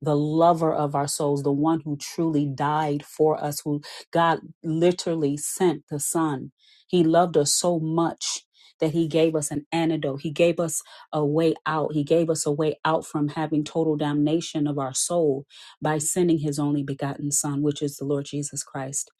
Speaker 1: the lover of our souls, the one who truly died for us, who God literally sent the Son. He loved us so much that He gave us an antidote. He gave us a way out. He gave us a way out from having total damnation of our soul by sending His only begotten Son, which is the Lord Jesus Christ.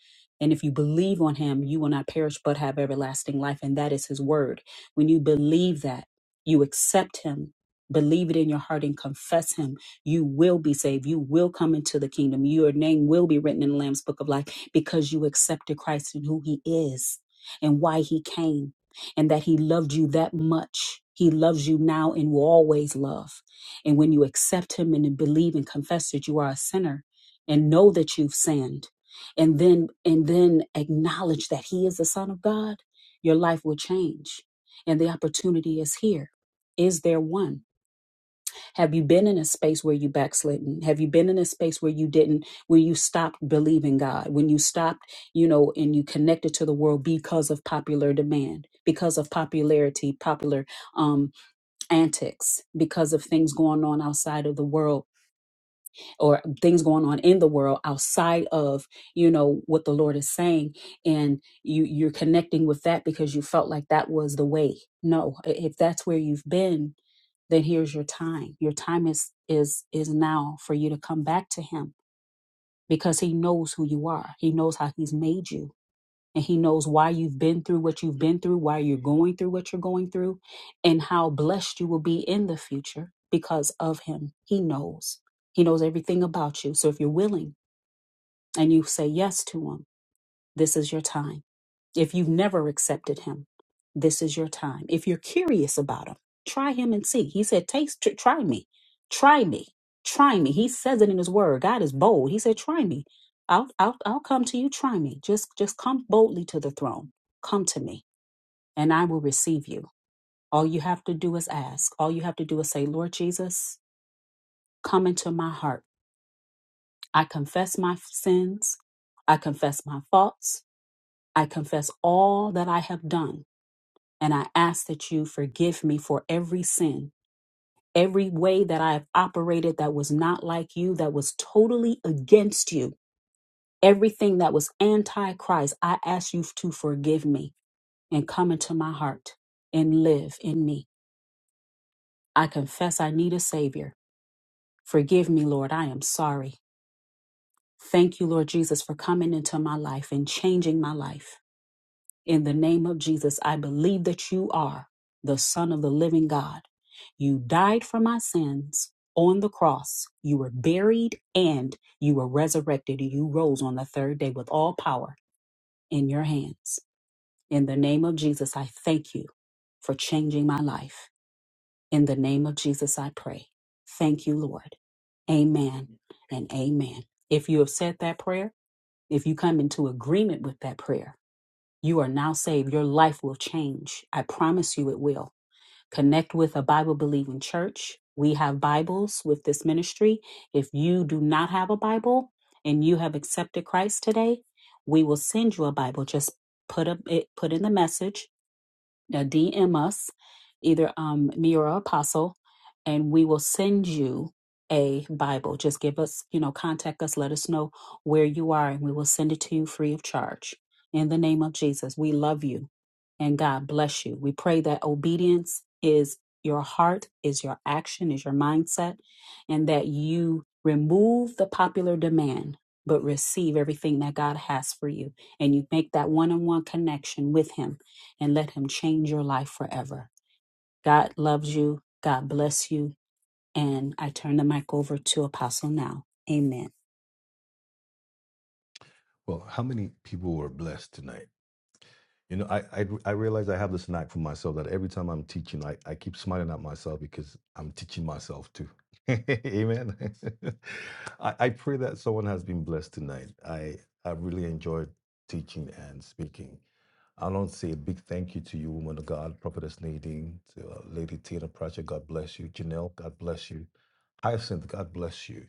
Speaker 1: And if you believe on Him, you will not perish but have everlasting life. And that is His word. When you believe that, you accept Him. Believe it in your heart and confess him you will be saved. You will come into the kingdom. Your name will be written in the Lamb's book of life because you accepted Christ and who he is and why he came and that he loved you that much. He loves you now and will always love. And when you accept him and believe and confess that you are a sinner and know that you've sinned and then and then acknowledge that he is the son of God, your life will change. And the opportunity is here. Is there one? Have you been in a space where you backslidden? Have you been in a space where you didn't, where you stopped believing God, when you stopped, you know, and you connected to the world because of popular demand, because of popularity, popular um, antics, because of things going on outside of the world? or things going on in the world outside of you know what the lord is saying and you you're connecting with that because you felt like that was the way no i- if that's where you've been then here's your time your time is is is now for you to come back to him because he knows who you are he knows how he's made you and he knows why you've been through what you've been through, why you're going through what you're going through, and how blessed you will be in the future because of him. He knows. He knows everything about you. So if you're willing and you say yes to him, this is your time if you've never accepted him, this is your time. If you're curious about him, try him and see. He said, Taste, tr- try me, try me, try me. He says it in his word. God is bold. He said, Try me. I'll, I'll, I'll come to you. Try me. Just, just come boldly to the throne. Come to me, and I will receive you. All you have to do is ask. All you have to do is say, Lord Jesus, come into my heart. I confess my sins. I confess my faults. I confess all that I have done. And I ask that you forgive me for every sin, every way that I have operated that was not like you, that was totally against you, everything that was anti Christ. I ask you to forgive me and come into my heart and live in me. I confess I need a Savior. Forgive me, Lord. I am sorry. Thank you, Lord Jesus, for coming into my life and changing my life. In the name of Jesus, I believe that you are the Son of the living God. You died for my sins on the cross. You were buried and you were resurrected. And you rose on the third day with all power in your hands. In the name of Jesus, I thank you for changing my life. In the name of Jesus, I pray. Thank you, Lord. Amen and amen. If you have said that prayer, if you come into agreement with that prayer, you are now saved. Your life will change. I promise you it will. Connect with a Bible believing church. We have Bibles with this ministry. If you do not have a Bible and you have accepted Christ today, we will send you a Bible. Just put up it put in the message now DM us, either um, me or Apostle, and we will send you a Bible. Just give us, you know, contact us, let us know where you are, and we will send it to you free of charge. In the name of Jesus, we love you and God bless you. We pray that obedience is your heart, is your action, is your mindset, and that you remove the popular demand, but receive everything that God has for you. And you make that one on one connection with Him and let Him change your life forever. God loves you. God bless you. And I turn the mic over to Apostle now. Amen.
Speaker 2: Well, how many people were blessed tonight? You know, I, I I realize I have this knack for myself that every time I'm teaching, I, I keep smiling at myself because I'm teaching myself too. Amen. I, I pray that someone has been blessed tonight. I I really enjoyed teaching and speaking. I want to say a big thank you to you, woman of God, Prophetess Nadine, to uh, Lady Tina Pratchett, God bless you. Janelle, God bless you. Hyacinth, God bless you.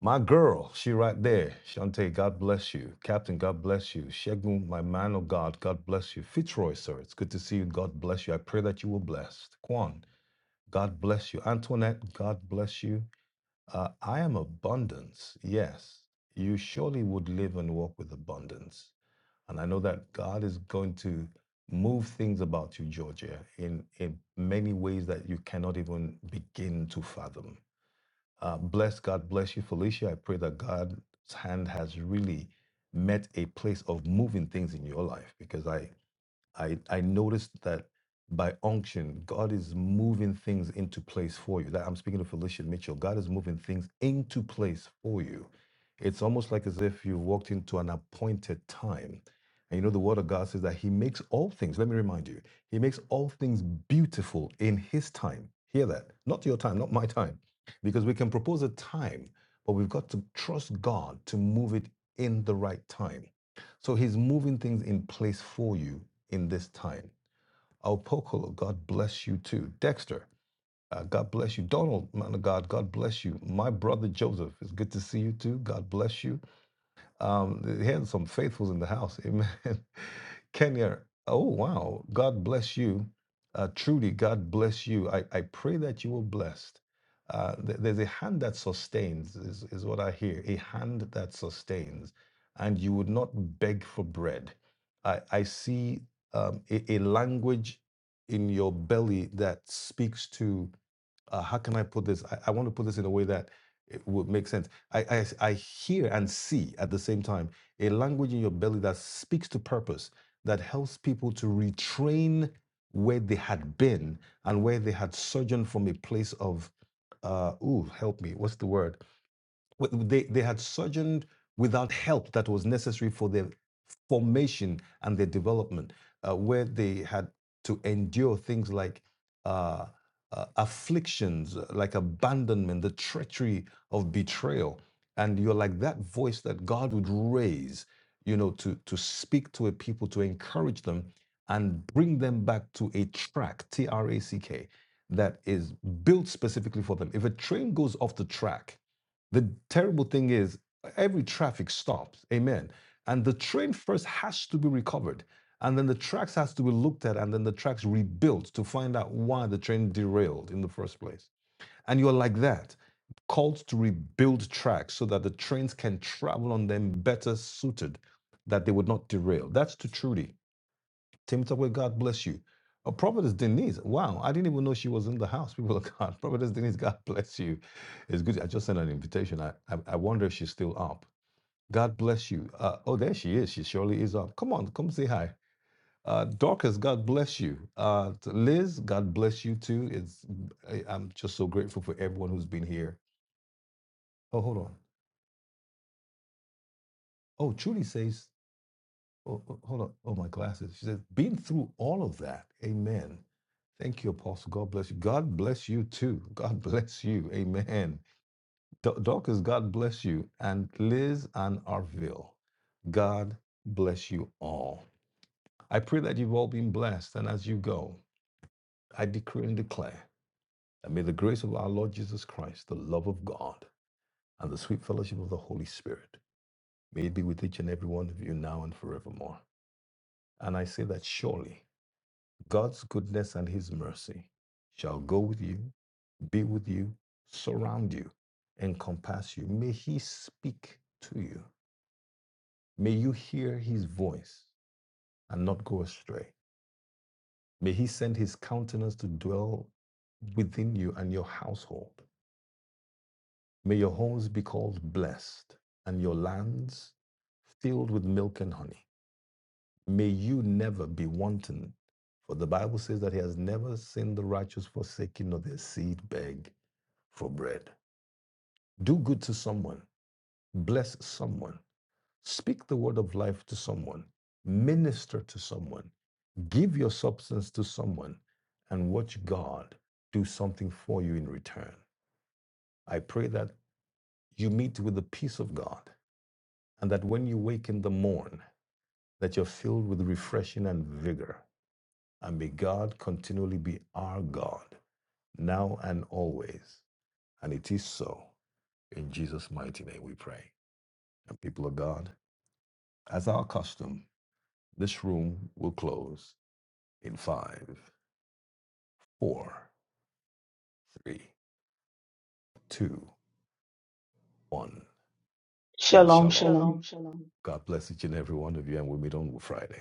Speaker 2: My girl, she right there. Shante, God bless you. Captain, God bless you. Shegun, my man of God, God bless you. Fitzroy, sir, it's good to see you. God bless you. I pray that you were blessed. Kwan, God bless you. Antoinette, God bless you. Uh, I am abundance. Yes, you surely would live and walk with abundance. And I know that God is going to move things about you, Georgia, in, in many ways that you cannot even begin to fathom. Uh, bless God, bless you, Felicia. I pray that God's hand has really met a place of moving things in your life because I I, I noticed that by unction, God is moving things into place for you. That I'm speaking to Felicia Mitchell. God is moving things into place for you. It's almost like as if you've walked into an appointed time. And you know, the word of God says that He makes all things, let me remind you, He makes all things beautiful in His time. Hear that. Not your time, not my time. Because we can propose a time, but we've got to trust God to move it in the right time. So he's moving things in place for you in this time. Alpokolo, God bless you too. Dexter, uh, God bless you. Donald, man of God, God bless you. My brother Joseph, it's good to see you too. God bless you. Um, they had some faithfuls in the house. Amen. Kenya, oh, wow. God bless you. Uh, Trudy, God bless you. I, I pray that you were blessed. Uh, th- there's a hand that sustains, is, is what I hear. A hand that sustains. And you would not beg for bread. I, I see um, a, a language in your belly that speaks to uh, how can I put this? I, I want to put this in a way that it would make sense. I, I, I hear and see at the same time a language in your belly that speaks to purpose, that helps people to retrain where they had been and where they had sojourned from a place of, uh, ooh, help me, what's the word? they, they had surgeoned without help that was necessary for their formation and their development, uh, where they had to endure things like uh, uh, afflictions, uh, like abandonment, the treachery of betrayal. And you're like that voice that God would raise, you know, to, to speak to a people, to encourage them and bring them back to a track, T R A C K, that is built specifically for them. If a train goes off the track, the terrible thing is, every traffic stops. Amen. And the train first has to be recovered. And then the tracks has to be looked at and then the tracks rebuilt to find out why the train derailed in the first place. And you're like that, called to rebuild tracks so that the trains can travel on them better suited, that they would not derail. That's to Trudy. Tim Tokwe, God bless you. A prophetess Denise. Wow, I didn't even know she was in the house. People of God, prophetess Denise, God bless you. It's good. I just sent an invitation. I, I, I wonder if she's still up. God bless you. Uh, oh, there she is. She surely is up. Come on, come say hi. Uh, Dorcas, God bless you. Uh, Liz, God bless you too. It's I, I'm just so grateful for everyone who's been here. Oh, hold on. Oh, Trudy says oh, oh, hold on. Oh, my glasses. She says, been through all of that. Amen. Thank you, Apostle. God bless you. God bless you too. God bless you. Amen. Do- Dorcas, God bless you. And Liz and Arville, God bless you all. I pray that you've all been blessed. And as you go, I decree and declare that may the grace of our Lord Jesus Christ, the love of God, and the sweet fellowship of the Holy Spirit may it be with each and every one of you now and forevermore. And I say that surely God's goodness and his mercy shall go with you, be with you, surround you, encompass you. May he speak to you. May you hear his voice and not go astray. May he send his countenance to dwell within you and your household. May your homes be called blessed and your lands filled with milk and honey. May you never be wanting, for the Bible says that he has never seen the righteous forsaken nor their seed beg for bread. Do good to someone. Bless someone. Speak the word of life to someone. Minister to someone. Give your substance to someone and watch God do something for you in return. I pray that you meet with the peace of God and that when you wake in the morn, that you're filled with refreshing and vigor. And may God continually be our God, now and always. And it is so. In Jesus' mighty name we pray. And people of God, As our custom, this room will close in five, four, three, two, one, and
Speaker 6: Shalom,
Speaker 2: shalom.
Speaker 6: shalom.
Speaker 2: God bless each and every one of you, and we'll meet on Friday.